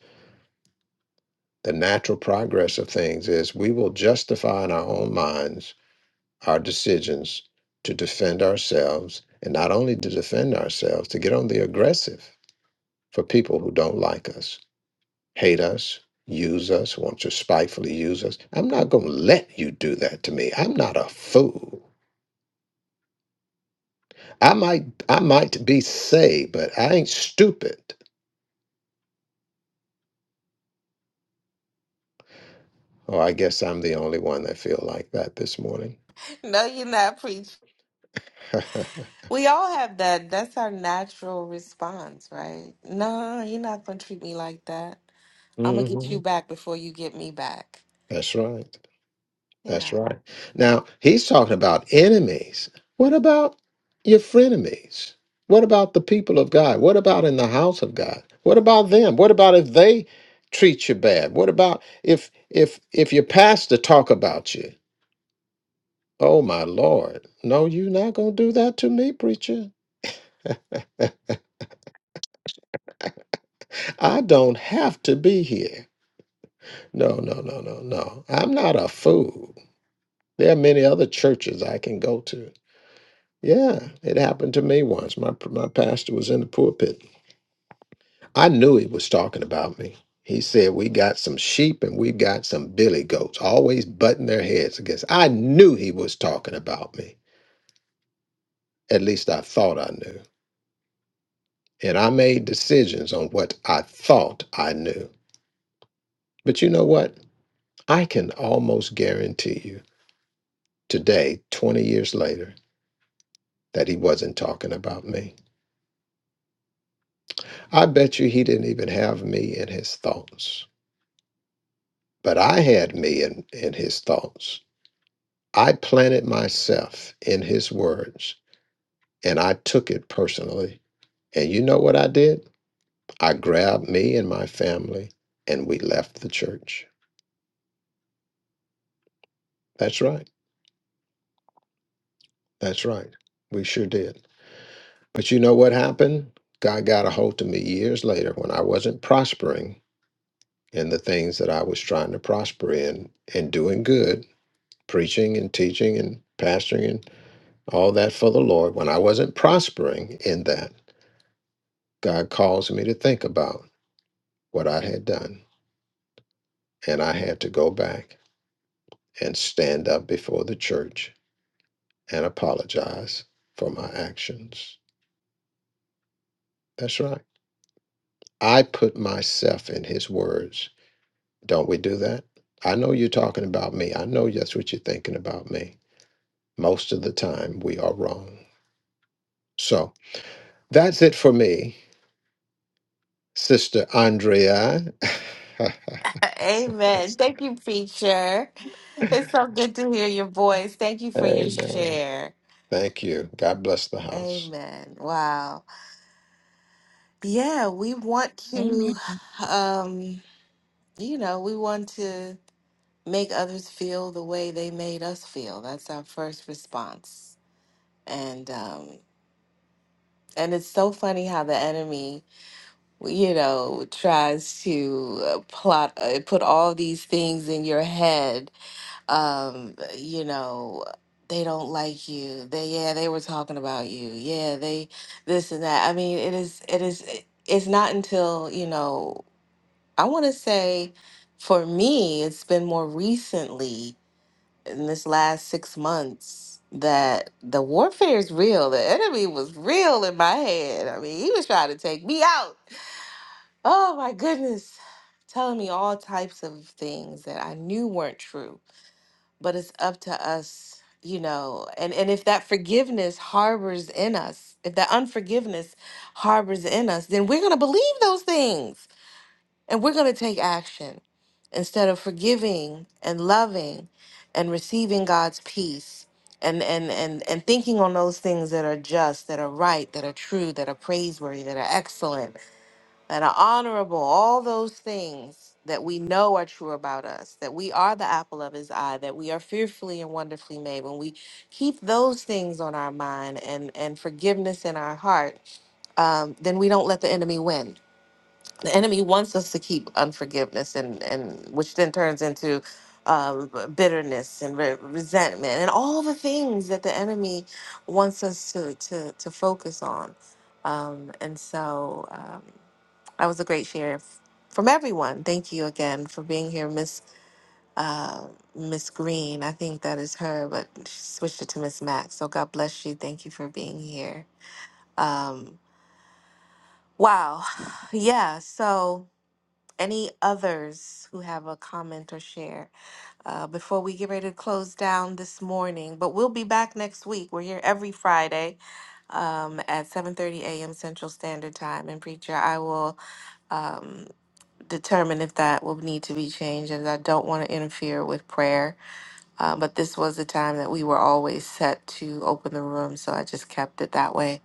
S8: the natural progress of things is we will justify in our own minds our decisions to defend ourselves, and not only to defend ourselves, to get on the aggressive for people who don't like us. hate us, use us, want to spitefully use us. I'm not going to let you do that to me. I'm not a fool. I might I might be saved, but I ain't stupid. Oh, I guess I'm the only one that feel like that this morning.
S1: No, you're not preach. We all have that. That's our natural response, right? No, you're not gonna treat me like that. I'm gonna get
S8: hmm
S1: you back before you get me back.
S8: That's right. That's
S1: Yeah.
S8: right. Now, he's talking about enemies. What about your frenemies? What about the people of God? What about in the house of God? What about them? What about if they treat you bad? What about if if if your pastor talk about you? Oh my Lord. No, you're not going to do that to me, preacher. I don't have to be here. No, no, no, no, no. I'm not a fool. There are many other churches I can go to. Yeah, it happened to me once. My my pastor was in the pulpit. I knew he was talking about me. He said, "We got some sheep and we got some billy goats, always butting their heads against." I knew he was talking about me. At least I thought I knew, and I made decisions on what I thought I knew. But you know what? I can almost guarantee you today, twenty years later, that he wasn't talking about me. I bet you he didn't even have me in his thoughts. But I had me in, in his thoughts. I planted myself in his words and I took it personally. And you know what I did? I grabbed me and my family and we left the church. That's right. That's right. We sure did. But you know what happened? God got a hold of me years later when I wasn't prospering in the things that I was trying to prosper in and doing good, preaching and teaching and pastoring and all that for the Lord. When I wasn't prospering in that, God caused me to think about what I had done, and I had to go back and stand up before the church and apologize for my actions. That's right. I put myself in his words. Don't we do that? I know you're talking about me. I know that's what you're thinking about me. Most of the time, we are wrong. So that's it for me, Sister Andrea.
S1: Amen. Thank you, preacher. It's so good to hear your voice. Thank you for your
S8: Amen.
S1: share.
S8: Thank you. God bless the house.
S1: Amen. Wow. Yeah, we want to
S5: Amen.
S1: um you know, we want to make others feel the way they made us feel. That's our first response. And um And it's so funny how the enemy, you know, tries to uh, plot, uh, put all these things in your head. Um, you know, they don't like you. They, yeah, they were talking about you. Yeah, they, this and that. I mean, it is, it is, it- it's not until, you know, I want to say for me, it's been more recently in this last six months that the warfare is real. The enemy was real in my head. I mean, he was trying to take me out. Oh my goodness. Telling me all types of things that I knew weren't true. But it's up to us, you know, and, and if that forgiveness harbors in us, if that unforgiveness harbors in us, then we're gonna believe those things and we're going to take action instead of forgiving and loving and receiving God's peace and, and, and, and thinking on those things that are just, that are right, that are true, that are praiseworthy, that are excellent, that are honorable, all those things that we know are true about us, that we are the apple of his eye, that we are fearfully and wonderfully made. When we keep those things on our mind and, and forgiveness in our heart, um, then we don't let the enemy win the enemy wants us to keep unforgiveness and and which then turns into um, bitterness and re- resentment and all the things that the enemy wants us to to to focus on um, and so um, that was a great share f- from everyone thank you again for being here miss uh, miss green i think that is her but she switched it to miss max so god bless you thank you for being here um, wow yeah so any others who have a comment or share uh, before we get ready to close down this morning? But we'll be back next week. We're here every Friday um, at 7:30 a.m. Central Standard Time. And preacher, I will um, determine if that will need to be changed, as I don't want to interfere with prayer. Uh, but this was the time that we were always set to open the room, so I just kept it that way.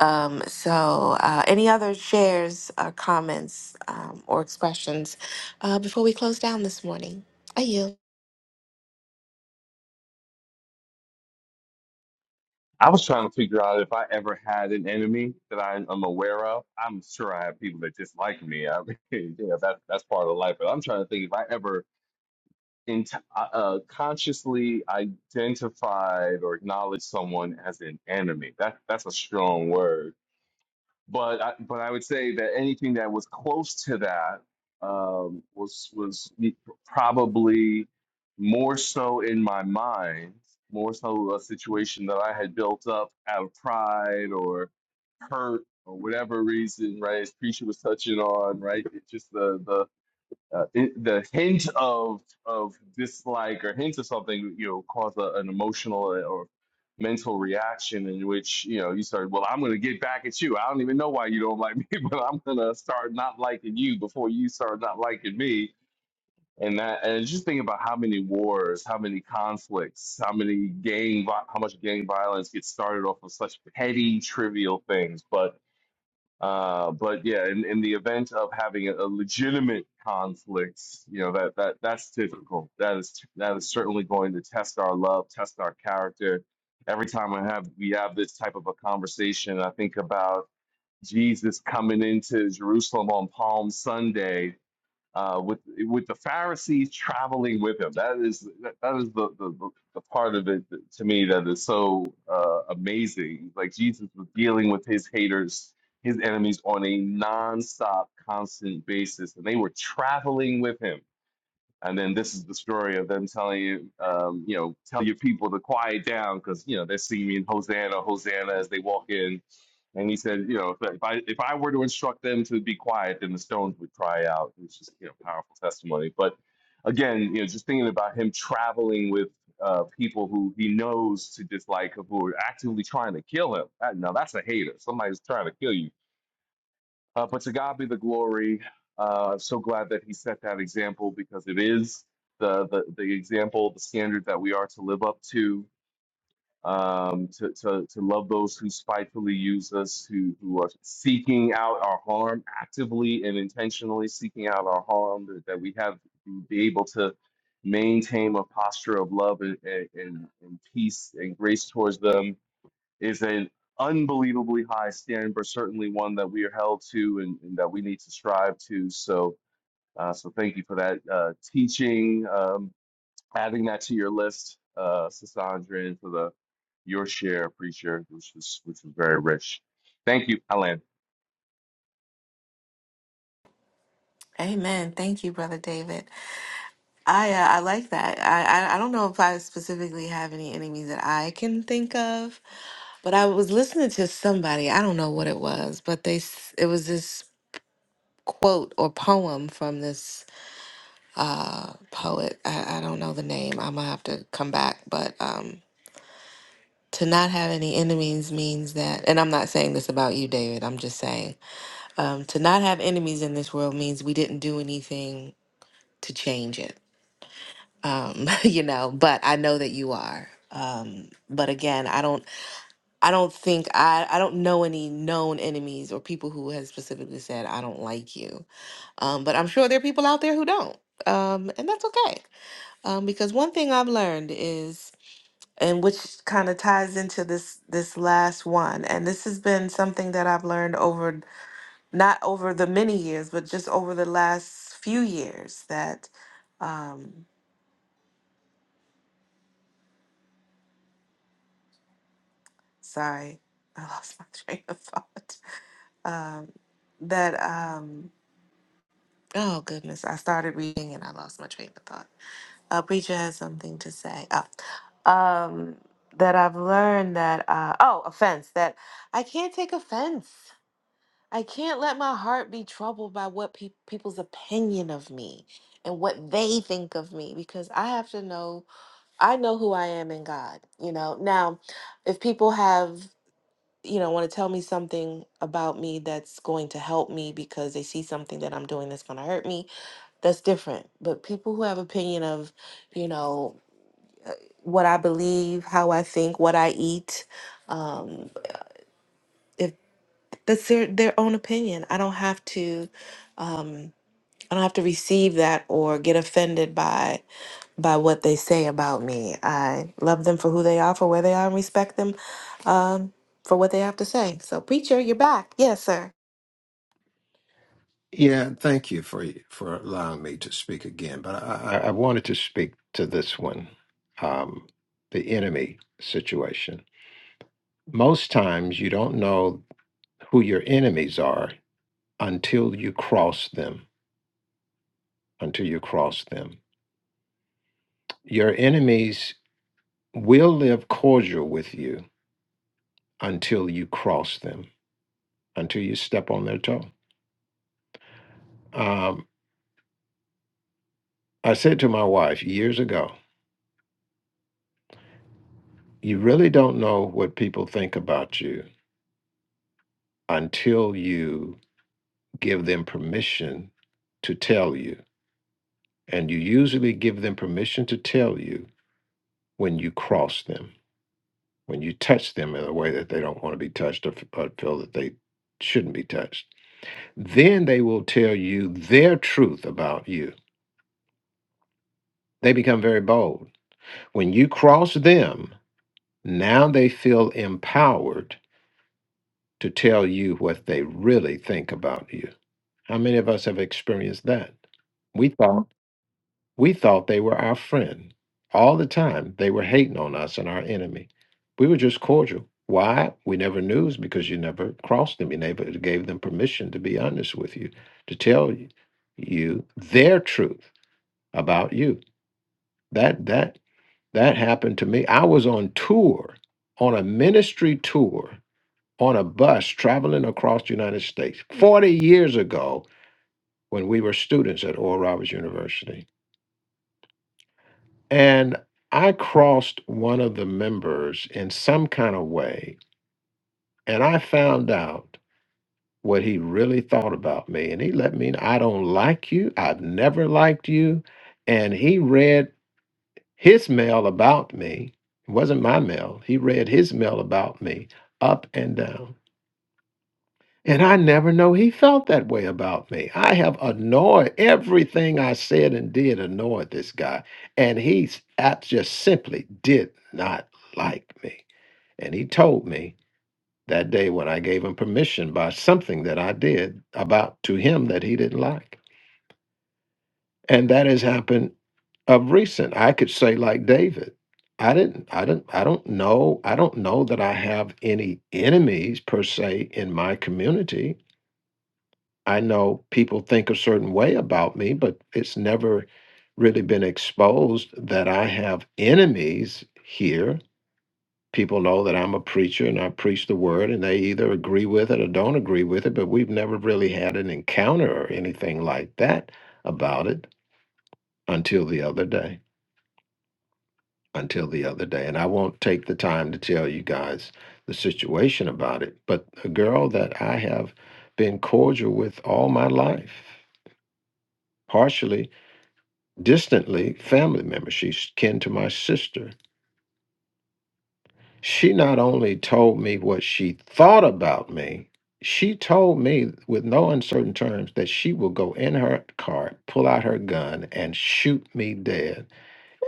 S1: Um, so, uh, any other shares, or comments, um, or expressions uh, before we close down this morning? Are you?
S4: I was trying to figure out if I ever had an enemy that I am aware of. I'm sure I have people that dislike me. I mean, yeah, that that's part of life. But I'm trying to think if I ever in uh, uh, consciously identified or acknowledged someone as an enemy. That that's a strong word but I, but I would say that anything that was close to that um, was was probably more so in my mind, more so a situation that I had built up out of pride or hurt or whatever reason, right? As preacher was touching on, right? It's just the the uh, it, the hint of of dislike or hint of something, you know, cause a, an emotional or mental reaction in which you know you start, well, I'm going to get back at you. I don't even know why you don't like me, but I'm going to start not liking you before you start not liking me. And that, and just think about how many wars, how many conflicts, how many gang, vi- how much gang violence gets started off of such petty, trivial things, but uh, but yeah, in, in the event of having a, a legitimate conflict, you know that that that's difficult. That is that is certainly going to test our love, test our character. Every time I have we have this type of a conversation, I think about Jesus coming into Jerusalem on Palm Sunday uh, with with the Pharisees traveling with him. That is that, that is the, the the the part of it that- to me that is so uh, amazing. Like Jesus was dealing with his haters, his enemies on a nonstop, constant basis, and they were traveling with him and then this is the story of them telling you, um, you know, tell your people to quiet down because you know they're singing Hosanna, Hosanna as they walk in. And he said, you know, if, if I if I were to instruct them to be quiet, then the stones would cry out. It's just you know powerful testimony. But again, you know, just thinking about him traveling with uh, people who he knows to dislike, who are actively trying to kill him. That, now that's a hater. Somebody's trying to kill you uh, but to God be the glory. Uh, so glad that He set that example because it is the, the, the example, the standard that we are to live up to, um, to, to, to love those who spitefully use us, who, who are seeking out our harm actively and intentionally seeking out our harm, that, that we have be able to maintain a posture of love and, and, and and peace and grace towards them is an unbelievably high standard, but certainly one that we are held to and, and that we need to strive to. So, uh, so thank you for that uh, teaching, um, adding that to your list, uh, Sasandra, and for the your share, appreciate which was which was very rich. Thank you, Alan.
S1: Amen. Thank you, Brother David. I uh, I like that. I, I I don't know if I specifically have any enemies that I can think of, but I was listening to somebody. I don't know what it was, but they s- it was this quote or poem from this poet. I, I don't know the name. I'm gonna have to come back, but um, to not have any enemies means that and i'm not saying this about you david i'm just saying um, to not have enemies in this world means we didn't do anything to change it um, you know but i know that you are um, but again i don't i don't think i i don't know any known enemies or people who have specifically said i don't like you um, but i'm sure there are people out there who don't um, and that's okay um, because one thing i've learned is and which kind of ties into this this last one and this has been something that i've learned over not over the many years but just over the last few years that um sorry i lost my train of thought um that um oh goodness i started reading and i lost my train of thought uh preacher has something to say oh um that i've learned that uh oh offense that i can't take offense I can't let my heart be troubled by what peop people's opinion of me and what they think of me because I have to know I know who I am in God, you know. Now, if people have, you know, want to tell me something about me that's going to help me because they see something that I'm doing that's going to hurt me, that's different. But people who have opinion of, you know, what I believe, how I think, what I eat, um, if that's their their own opinion, I don't have to. Um, I don't have to receive that or get offended by by what they say about me. I love them for who they are, for where they are, and respect them um, for what they have to say. So, preacher, you're back. Yes, sir.
S8: Yeah, and thank you for for allowing me to speak again. But I, I I wanted to speak to this one, um, the enemy situation. Most times, you don't know who your enemies are until you cross them. Until you cross them, your enemies will live cordial with you until you cross them. Until you step on their toe. Um, I said to my wife years ago, "You really don't know what people think about you." until you give them permission to tell you. And you usually give them permission to tell you when you cross them, when you touch them in a way that they don't want to be touched or, f- or feel that they shouldn't be touched. Then they will tell you their truth about you. They become very bold. When you cross them, now they feel empowered to tell you what they really think about you. How many of us have experienced that? We thought We thought they were our friend. All the time, they were hating on us and our enemy. We were just cordial. Why? We never knew is because you never crossed them. You never gave them permission to be honest with you, to tell you you their truth about you. That that that happened to me. I was on tour, on a ministry tour, on a bus traveling across the United States 40 years ago when we were students at Oral Roberts University And I crossed one of the members in some kind of way, and I found out what he really thought about me. And he let me know I don't like you. I've never liked you. And he read his mail about me. It wasn't my mail. He read his mail about me up and down. And I never know he felt that way about me. I have annoyed everything I said and did annoyed this guy. And he s- ab- just simply did not like me. And he told me that day when I gave him permission by something that I did about to him that he didn't like. And that has happened of recent. I could say like David. I didn't I didn't I don't know I don't know that I have any enemies per se in my community I know people think a certain way about me, but it's never really been exposed that I have enemies here. People know that I'm a preacher and I preach the word, and they either agree with it or don't agree with it, but we've never really had an encounter or anything like that about it until the other day. Until the other day. And I won't take the time to tell you guys the situation about it, but a girl that I have been cordial with all my life, partially distantly family member. She's kin to my sister. She not only told me what she thought about me, she told me with no uncertain terms that she will go in her car, pull out her gun, and shoot me dead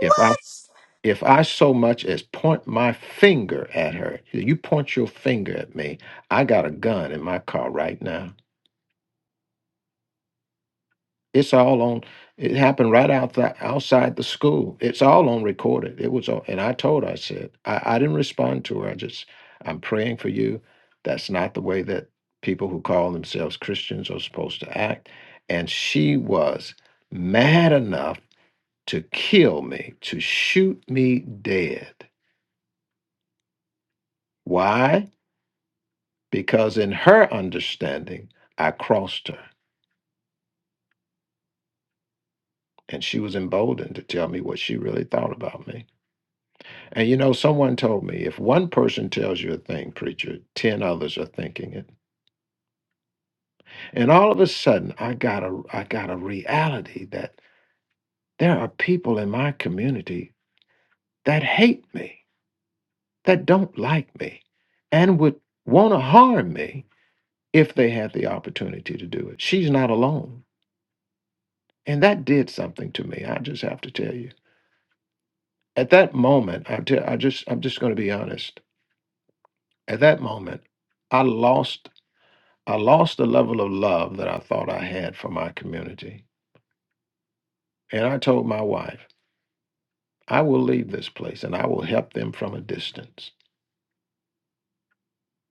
S8: if I if I so much as point my finger at her. You point your finger at me, I got a gun in my car right now. It's all on. It happened right out the, outside the school. It's all on recorded. It was on, and I told her, I said, I, I didn't respond to her. I just, I'm praying for you. That's not the way that people who call themselves Christians are supposed to act. And she was mad enough to kill me, to shoot me dead. Why? Because in her understanding, I crossed her, and she was emboldened to tell me what she really thought about me. And you know, someone told me if one person tells you a thing, preacher, ten others are thinking it. And all of a sudden, I got a I got a reality that there are people in my community that hate me, that don't like me, and would want to harm me if they had the opportunity to do it. She's not alone, and that did something to me. I just have to tell you. At that moment, I, te- I just I'm just going to be honest. At that moment, I lost. I lost the level of love that I thought I had for my community. And I told my wife, I will leave this place and I will help them from a distance.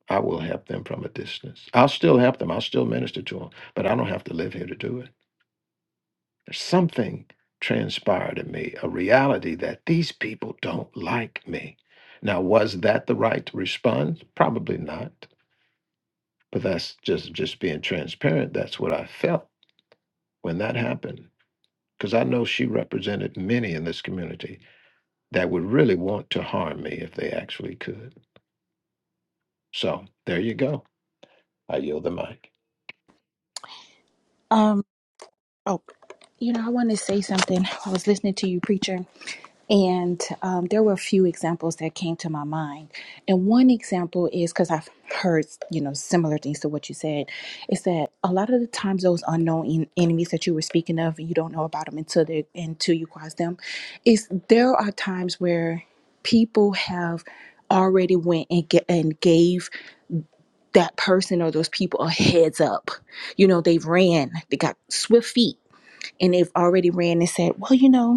S8: I will help them from a distance. I'll still help them. I'll still minister to them, but I don't have to live here to do it. There's something transpired in me, a reality that these people don't like me. Now, was that the right response? Probably not. But that's just just being transparent. That's what I felt when that happened. because I know she represented many in this community that would really want to harm me if they actually could. So there you go. I yield the mic.
S5: Um, oh, you know, I want to say something. I was listening to you, preacher, and um, there were a few examples that came to my mind. And one example is because I've heard, you know, similar things to what you said, is that a lot of the times those unknown en- enemies that you were speaking of, you don't know about them until they until you cross them. Is there are times where people have already went and get and gave that person or those people a heads up. You know, they've ran, they got swift feet and they've already ran and said, well, you know,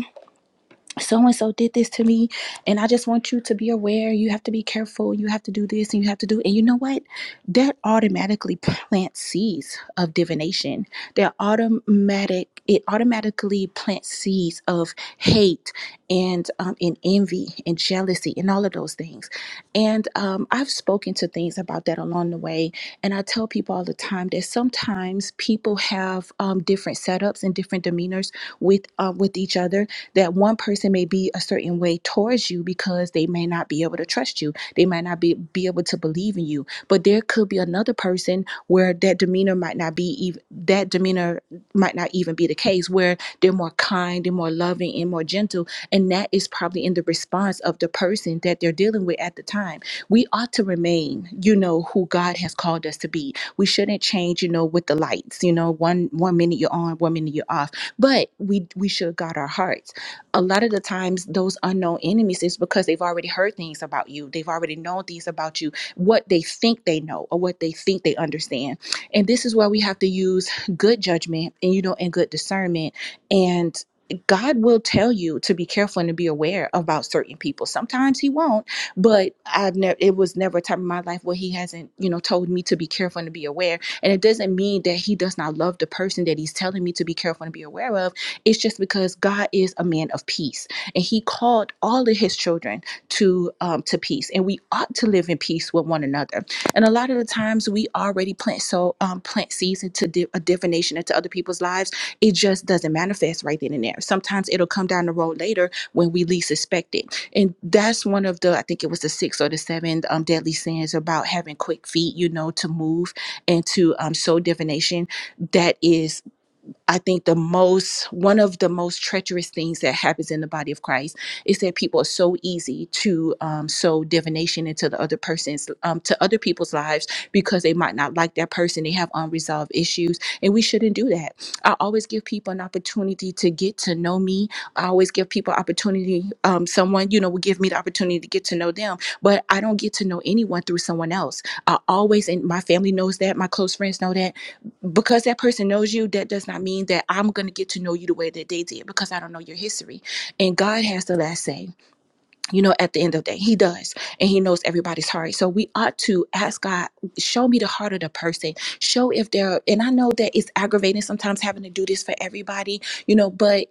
S5: so and so did this to me and i just want you to be aware you have to be careful you have to do this and you have to do and you know what that automatically plants seeds of divination that automatic it automatically plants seeds of hate and um, and envy and jealousy and all of those things and um, i've spoken to things about that along the way and i tell people all the time that sometimes people have um, different setups and different demeanors with uh, with each other that one person may be a certain way towards you because they may not be able to trust you. They might not be, be able to believe in you. But there could be another person where that demeanor might not be even that demeanor might not even be the case, where they're more kind and more loving and more gentle. And that is probably in the response of the person that they're dealing with at the time. We ought to remain, you know, who God has called us to be. We shouldn't change, you know, with the lights, you know, one one minute you're on, one minute you're off. But we we should guard our hearts a lot of the times those unknown enemies is because they've already heard things about you they've already known things about you what they think they know or what they think they understand and this is where we have to use good judgment and you know and good discernment and God will tell you to be careful and to be aware about certain people. Sometimes He won't, but I've never. It was never a time in my life where He hasn't, you know, told me to be careful and to be aware. And it doesn't mean that He does not love the person that He's telling me to be careful and be aware of it's just because God is a man of peace, and He called all of His children to um, to peace, and we ought to live in peace with one another. And a lot of the times, we already plant so um, plant seeds into di- a divination into other people's lives. It just doesn't manifest right then and there. Sometimes it'll come down the road later when we least expect it, and that's one of the I think it was the sixth or the seventh um, deadly sins about having quick feet, you know, to move and to um, sow divination that is I think the most, one of the most treacherous things that happens in the body of Christ is that people are so easy to um, sow divination into the other person's, um, to other people's lives because they might not like that person. They have unresolved issues, and we shouldn't do that. I always give people an opportunity to get to know me. I always give people opportunity. Um, someone, you know, will give me the opportunity to get to know them, but I don't get to know anyone through someone else. I always, and my family knows that, my close friends know that because that person knows you, that does not mean that I'm going to get to know you the way that they did because I don't know your history. And God has the last say you know, at the end of the day, he does, and he knows everybody's heart. So we ought to ask God, show me the heart of the person. Show if they're, and I know that it's aggravating sometimes having to do this for everybody, you know, but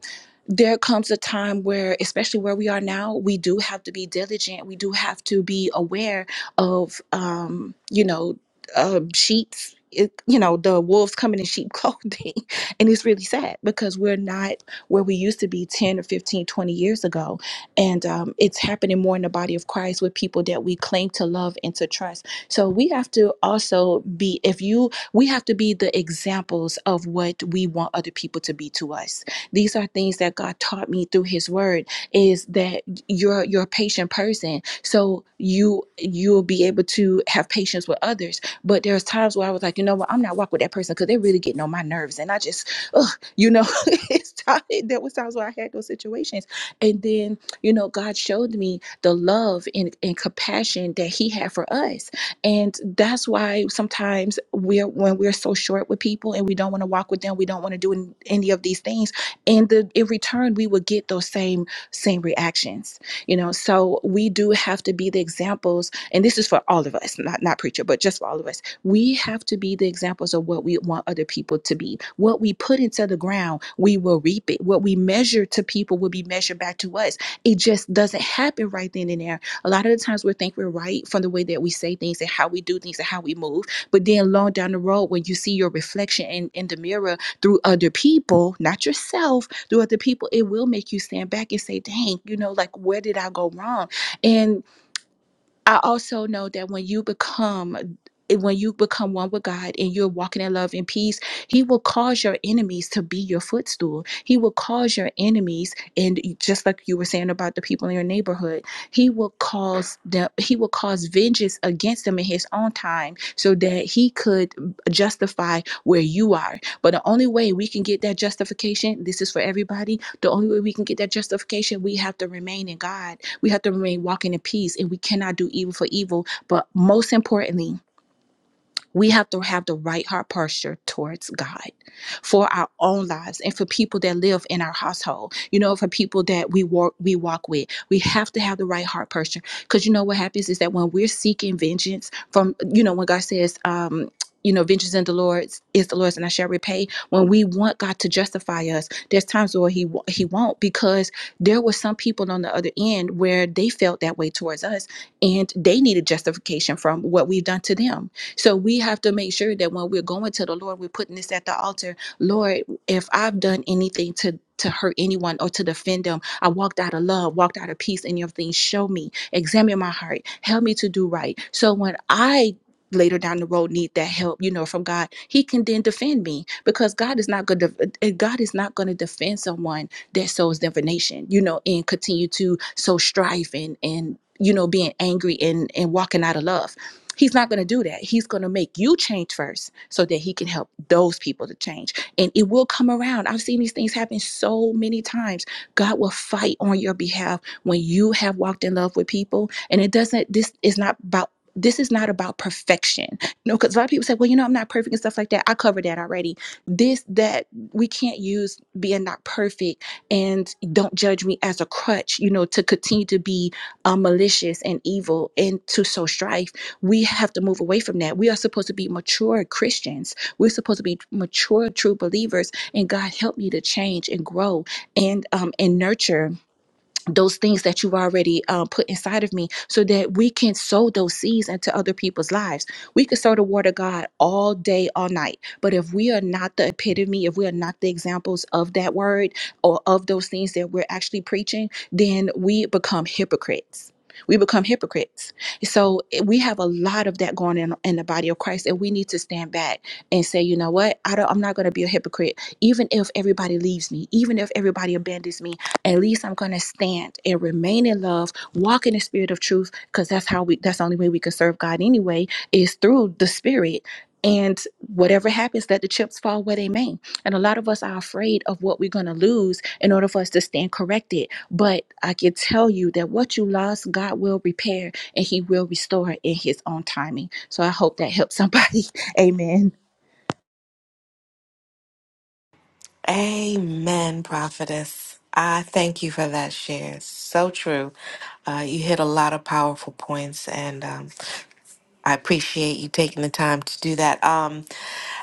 S5: there comes a time where, especially where we are now, we do have to be diligent. We do have to be aware of, um, you know, um, sheep's. It, you know the wolves coming in sheep clothing and it's really sad because we're not where we used to be 10 or 15, 20 years ago and um, it's happening more in the body of Christ with people that we claim to love and to trust. So we have to also be, if you, we have to be the examples of what we want other people to be to us. These are things that God taught me through His Word: is that you're you're a patient person, so you you'll be able to have patience with others. But there's times where I was like, you know what, I'm not walking with that person because they're really getting on my nerves, and I just, ugh, you know, it's time, there was times where I had those situations, and then you know, God showed me the love and, and compassion that He had for us. And that's why sometimes we're when we're so short with people and we don't want to walk with them, we don't want to do an- any of these things. And the in return, we will get those same same reactions. You know, so we do have to be the examples, and this is for all of us, not not preacher, but just for all of us. We have to be the examples of what we want other people to be. What we put into the ground, we will reap it. What we measure to people will be measured back to us it just doesn't happen right then and there. A lot of the times we think we're right from the way that we say things and how we do things and how we move. But then long down the road, when you see your reflection in, in the mirror through other people, not yourself, through other people, it will make you stand back and say, dang, you know, like where did I go wrong? And I also know that when you become eh, when you become one with God and you're walking in love and peace, He will cause your enemies to be your footstool. He will cause your enemies, and just like you were saying about the people in your neighborhood, He will cause them. He will cause vengeance against them in His own time, so that He could mm, justify where you are. But the only way we can get that justification, this is for everybody, the only way we can get that justification, we have to remain in God. We have to remain walking in peace, and we cannot do evil for evil. But most importantly, we have to have the right heart posture towards God for our own lives and for people that live in our household. You know, for people that we walk we walk with, we have to have the right heart posture. Because you know what happens is that when we're seeking vengeance from, you know, when God says, um, you know, vengeance in the Lord's is the Lord's, and I shall repay. When we want God to justify us, there's times where He He won't because there were some people on the other end where they felt that way towards us, and they needed justification from what we've done to them so we have to make sure that when we're going to the Lord, we're putting this at the altar. Lord, if I've done anything to to hurt anyone or to defend them, I walked out of love, walked out of peace, and your things show me, examine my heart, help me to do right. So when I later down the road need that help you know from god he can then defend me because god is not going to god is not going to defend someone that sows divination you know and continue to sow strife and and you know being angry and and walking out of love He's not going to do that. He's going to make you change first so that he can help those people to change. And it will come around. I've seen these things happen so many times. God will fight on your behalf when you have walked in love with people. And it doesn't, this is not about. This is not about perfection. You know, because a lot of people say, well, you know, I'm not perfect and stuff like that. I covered that already. This, that, we can't use being not perfect and don't judge me as a crutch, you know, to continue to be uh, malicious and evil and to sow strife we have to move away from that. We are supposed to be mature Christians. We're supposed to be mature, true believers. And God help me to change and grow and um and nurture those things that you've already uh, put inside of me so that we can sow those seeds into other people's lives. We could sow the word of God all day, all night. But if we are not the epitome, if we are not the examples of that word or of those things that we're actually preaching, then we become hypocrites. We become hypocrites. So eh, we have a lot of that going on in in the body of Christ, and we need to stand back and say, you know what? I don't, I'm not going to be a hypocrite, even if everybody leaves me, even if everybody abandons me, at least I'm gonna stand and remain in love, walk in the spirit of truth, because that's how we that's the only way we can serve God anyway, is through the spirit. And whatever happens, let the chips fall where they may. And a lot of us are afraid of what we're gonna lose in order for us to stand corrected. But I can tell you that what you lost, God will repair and He will restore in His own timing. So I hope that helps somebody. Amen.
S1: Amen, prophetess. I thank you for that share. It's So true. Uh, you hit a lot of powerful points, and um, I appreciate you taking the time to do that. Um,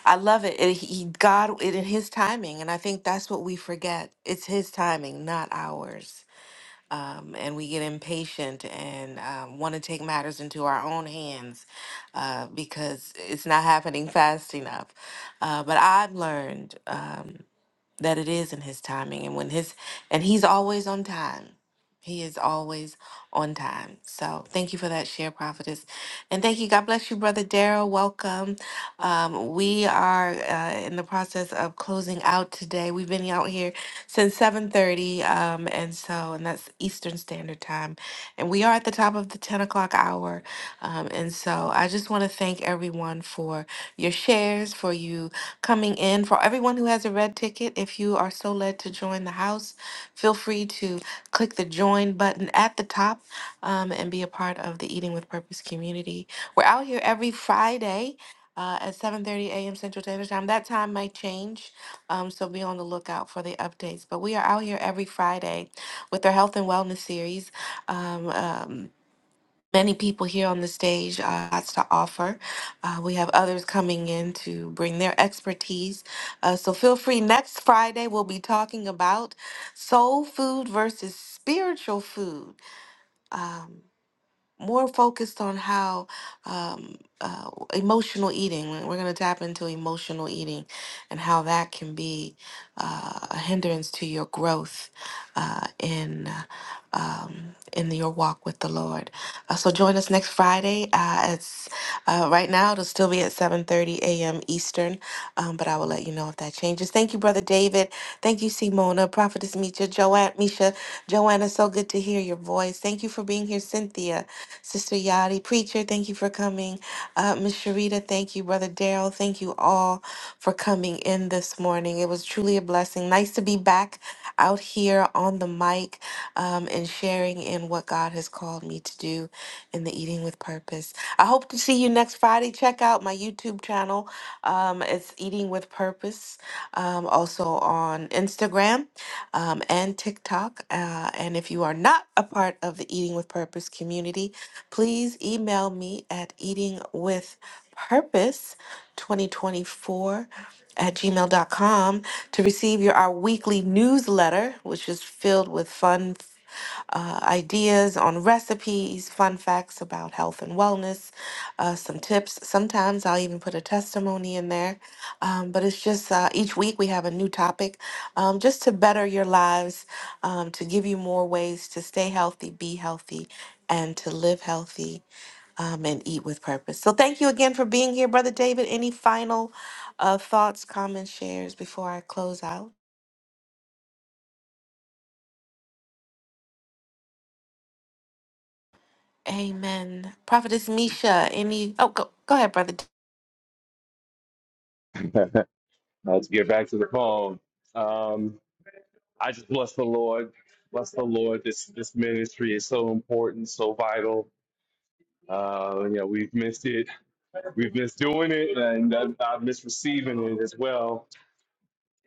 S1: I love it. And he, God, it in His timing, and I think that's what we forget. It's His timing, not ours. Um, and we get impatient and um, want to take matters into our own hands uh, because it's not happening fast enough. Uh, but I've learned. Um, that it is in his timing and when his and he's always on time he is always on time so thank you for that share prophetess and thank you god bless you brother daryl welcome um, we are uh, in the process of closing out today we've been out here since 7.30 um, and so and that's eastern standard time and we are at the top of the 10 o'clock hour um, and so i just want to thank everyone for your shares for you coming in. For everyone who has a red ticket, if you are so led to join the house, feel free to click the join button at the top um, and be a part of the Eating with Purpose community. We're out here every Friday. Uh, at 7:30 a.m. Central Standard Time. That time might change, um, so be on the lookout for the updates. But we are out here every Friday with our health and wellness series. Um, um, many people here on the stage uh, lots to offer. Uh, we have others coming in to bring their expertise. Uh, so feel free. Next Friday, we'll be talking about soul food versus spiritual food. Um, more focused on how um, uh, emotional eating, we're going to tap into emotional eating and how that can be uh, a hindrance to your growth uh, in. uh, Um, in your walk with the Lord, uh, so join us next Friday. Uh, it's uh, right now; it'll still be at 7:30 a.m. Eastern, um, but I will let you know if that changes. Thank you, Brother David. Thank you, Simona, Prophetess Misha, Joanne, Misha, Joanna. So good to hear your voice. Thank you for being here, Cynthia. Sister Yadi, Preacher, thank you for coming. Uh, Miss Sharita, thank you. Brother Daryl, thank you all for coming in this morning. It was truly a blessing. Nice to be back out here on the mic um, and sharing in what God has called me to do in the Eating with Purpose. I hope to see you next Friday. Check out my YouTube channel. Um, it's Eating with Purpose um, also on Instagram um, and TikTok. Uh, and if you are not a part of the Eating with Purpose community, please email me at Eating with Purpose 2024 at gmail dot com to receive your our weekly newsletter, which is filled with fun uh, ideas on recipes, fun facts about health and wellness, uh, some tips. Sometimes I'll even put a testimony in there. Um, but it's just uh, each week we have a new topic um, just to better your lives, um, to give you more ways to stay healthy, be healthy, and to live healthy um, and eat with purpose. So thank you again for being here, Brother David. Any final uh, thoughts, comments, shares before I close out? Amen. Prophetess Misha, any. Oh, go, go ahead, Brother David.
S4: Let's get back to the poem. Um, I just bless the Lord, bless the Lord. This this ministry is so important, so vital. Uh, you know, we've missed it We've missed doing it, and I've, I've missed receiving it as well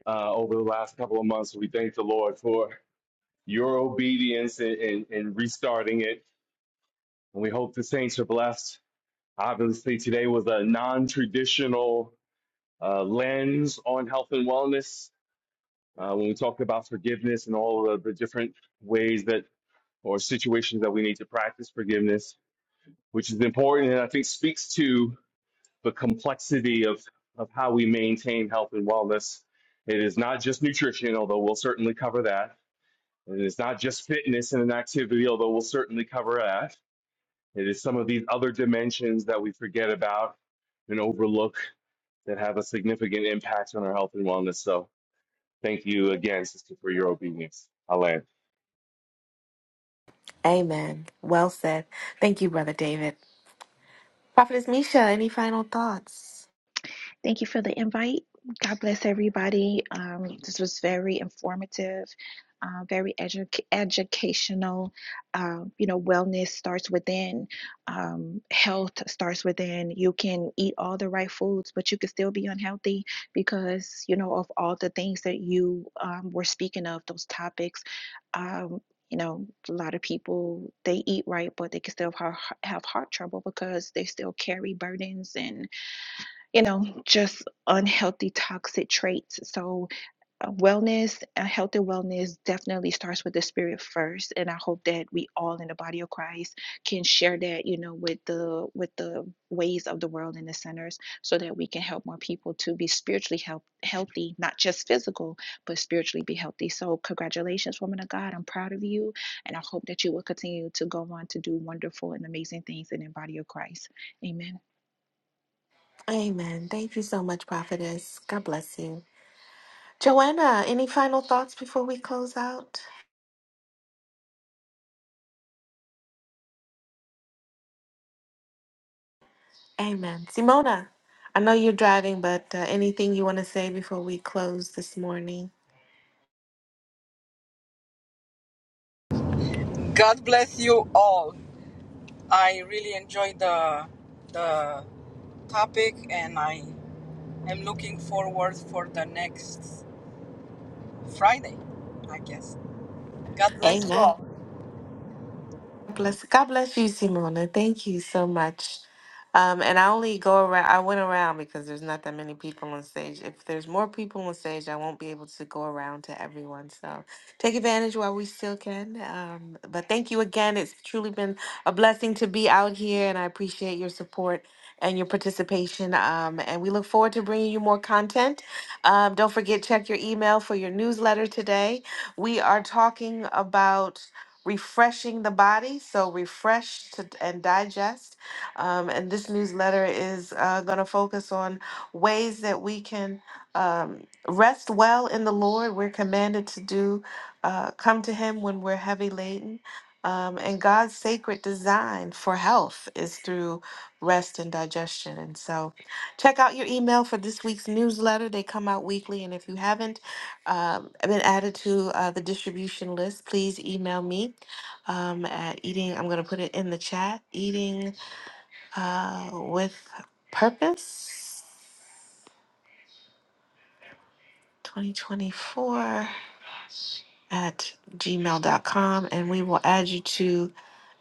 S4: uh, over the last couple of months. So We thank the Lord for your obedience in, in, in restarting it. And we hope the saints are blessed. Obviously, today was a non traditional uh, lens on health and wellness uh, when we talked about forgiveness and all of the different ways that or situations that we need to practice forgiveness, which is important and I think speaks to the complexity of, of how we maintain health and wellness. It is not just nutrition, although we'll certainly cover that. It is not just fitness and an activity, although we'll certainly cover that. It is some of these other dimensions that we forget about and overlook that have a significant impact on our health and wellness. So thank you again, sister, for your obedience. Alan.
S1: Amen. Well said. Thank you, Brother David. Prophetess Misha, any final thoughts?
S5: Thank you for the invite. God bless everybody. Um, this was very informative, uh, very edu- educational. Um, you know, wellness starts within, um, health starts within. You can eat all the right foods, but you can still be unhealthy because, you know, of all the things that you um, were speaking of, those topics. Um, you know, a lot of people they eat right, but they can still have, have heart trouble because they still carry burdens and you know, just unhealthy, toxic traits. So, uh, wellness, uh, healthy wellness definitely starts with the spirit first. And I hope that we all in the body of Christ can share that, you know, with the with the ways of the world and the centers so that we can help more people to be spiritually health, healthy, not just physical, but spiritually be healthy. So, congratulations, woman of God. I'm proud of you. And I hope that you will continue to go on to do wonderful and amazing things in the body of Christ. Amen.
S1: Amen. Thank you so much, Prophetess. God bless you. Joanna, any final thoughts before we close out? Amen. Simona, I know you're driving, but uh, anything you want to say before we close this morning?
S2: God bless you all. I really enjoyed the the topic, and I am looking forward for the next Friday. I guess. God bless you
S1: Amen.
S2: all.
S1: Bless. God bless you, Simona. Thank you so much. Um, and I only go around. I went around because there's not that many people on stage. If there's more people on stage, I won't be able to go around to everyone. So take advantage while we still can. Um, but thank you again. It's truly been a blessing to be out here, and I appreciate your support and your participation. Um, and we look forward to bringing you more content. Um, don't forget check your email for your newsletter today. We are talking about refreshing the body. So refresh to, and digest. Um, and this newsletter is uh, going to focus on ways that we can um, rest well in the Lord. We're commanded to do uh, come to Him when we're heavy laden. Um, and God's sacred design for health is through rest and digestion. And so, check out your email for this week's newsletter. They come out weekly. And if you haven't um, been added to uh, the distribution list, please email me um, at eating. I'm gonna put it in the chat. Eating uh, with purpose. 2024 at gmail.com and we will add you to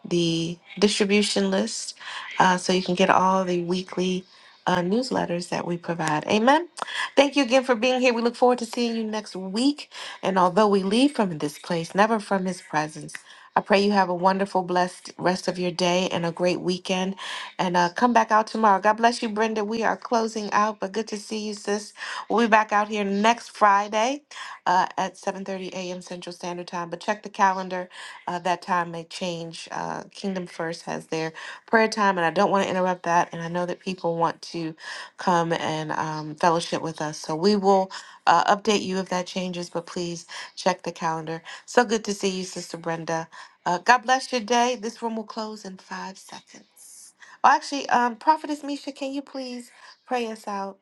S1: the distribution list uh, so you can get all the weekly uh, newsletters that we provide. Amen. Thank you again for being here. We look forward to seeing you next week. And although we leave from this place, never from his presence, I pray you have a wonderful, blessed rest of your day and a great weekend. And uh, come back out tomorrow. God bless you, Brenda. We are closing out, but good to see you, sis. We'll be back out here next Friday uh, at 7.30 a.m. Central Standard Time. But check the calendar uh, that time may change. Uh, Kingdom First has their prayer time, and I don't want to interrupt that. And I know that people want to come and um, fellowship with us, so we will uh, update you if that changes. But please check the calendar. So good to see you, Sister Brenda. Uh, God bless your day. This room will close in five seconds. Oh, actually, um, Prophetess Misha, can you please pray us out?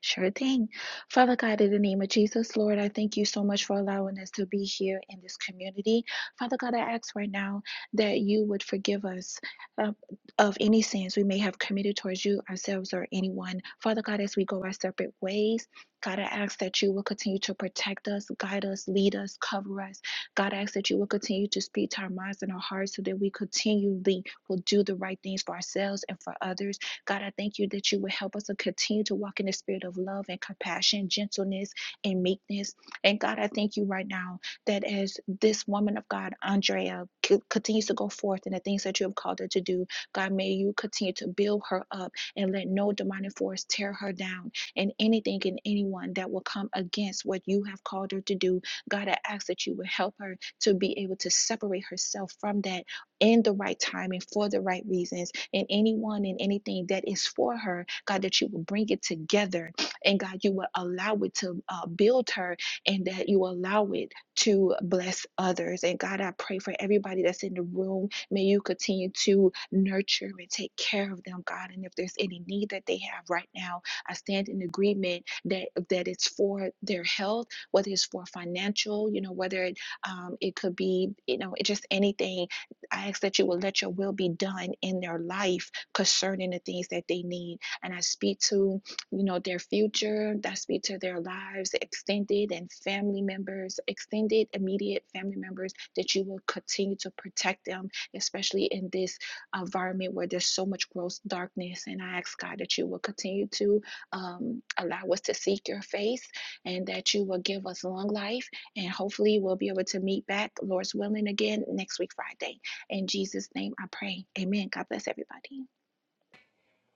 S5: Sure thing. Father God, in the name of Jesus, Lord, I thank you so much for allowing us to be here in this community. Father God, I ask right now that you would forgive us uh, of any sins we may have committed towards you, ourselves, or anyone. Father God, as we go our separate ways, God, I ask that you will continue to protect us, guide us, lead us, cover us. God, I ask that you will continue to speak to our minds and our hearts so that we continually will do the right things for ourselves and for others. God, I thank you that you would help us to continue to walk in the spirit of love and compassion, gentleness and meekness. And God, I thank you right now that as this woman of God, Andrea, c- continues to go forth in the things that you have called her to do, God, may you continue to build her up and let no demonic force tear her down and anything and anyone that will come against what you have called her to do. God, I ask that you would help her to be able to separate herself from that in the right time and for the right reasons and anyone and anything that is for her, God, that you will bring it together and God, you will allow it to uh, build her and that you will allow it to bless others. And God, I pray for everybody that's in the room. May you continue to nurture and take care of them, God. And if there's any need that they have right now, I stand in agreement that that it's for their health, whether it's for financial, you know, whether it um, it could be, you know, it just anything I ask that you will let your will be done in their life concerning the things that they need. And I speak to, you know, their future. I speak to their lives, extended and family members, extended, immediate family members, that you will continue to protect them, especially in this environment where there's so much gross darkness. And I ask God that you will continue to um, allow us to seek your face and that you will give us long life. And hopefully we'll be able to meet back, Lord's willing, again next week, Friday. In Jesus' name I pray. Amen. God bless everybody.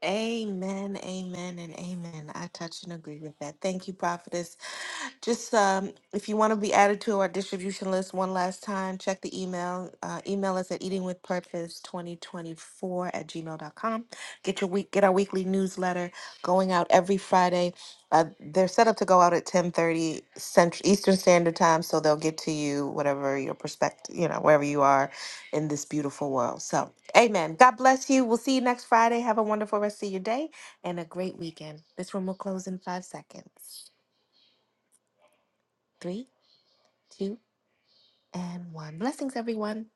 S1: Amen, amen, and amen. I touch and agree with that. Thank you, Prophetess. Just um, if you want to be added to our distribution list one last time, check the email. Uh, email us at eatingwithpurpose2024 at gmail.com. Get your week, get our weekly newsletter going out every Friday. Uh, they're set up to go out at 10:30 Central Eastern Standard Time, so they'll get to you whatever your perspective, you know, wherever you are in this beautiful world. So, amen. God bless you. We'll see you next Friday. Have a wonderful rest of your day and a great weekend. This room will close in five seconds. Three, two and one. Blessings, everyone.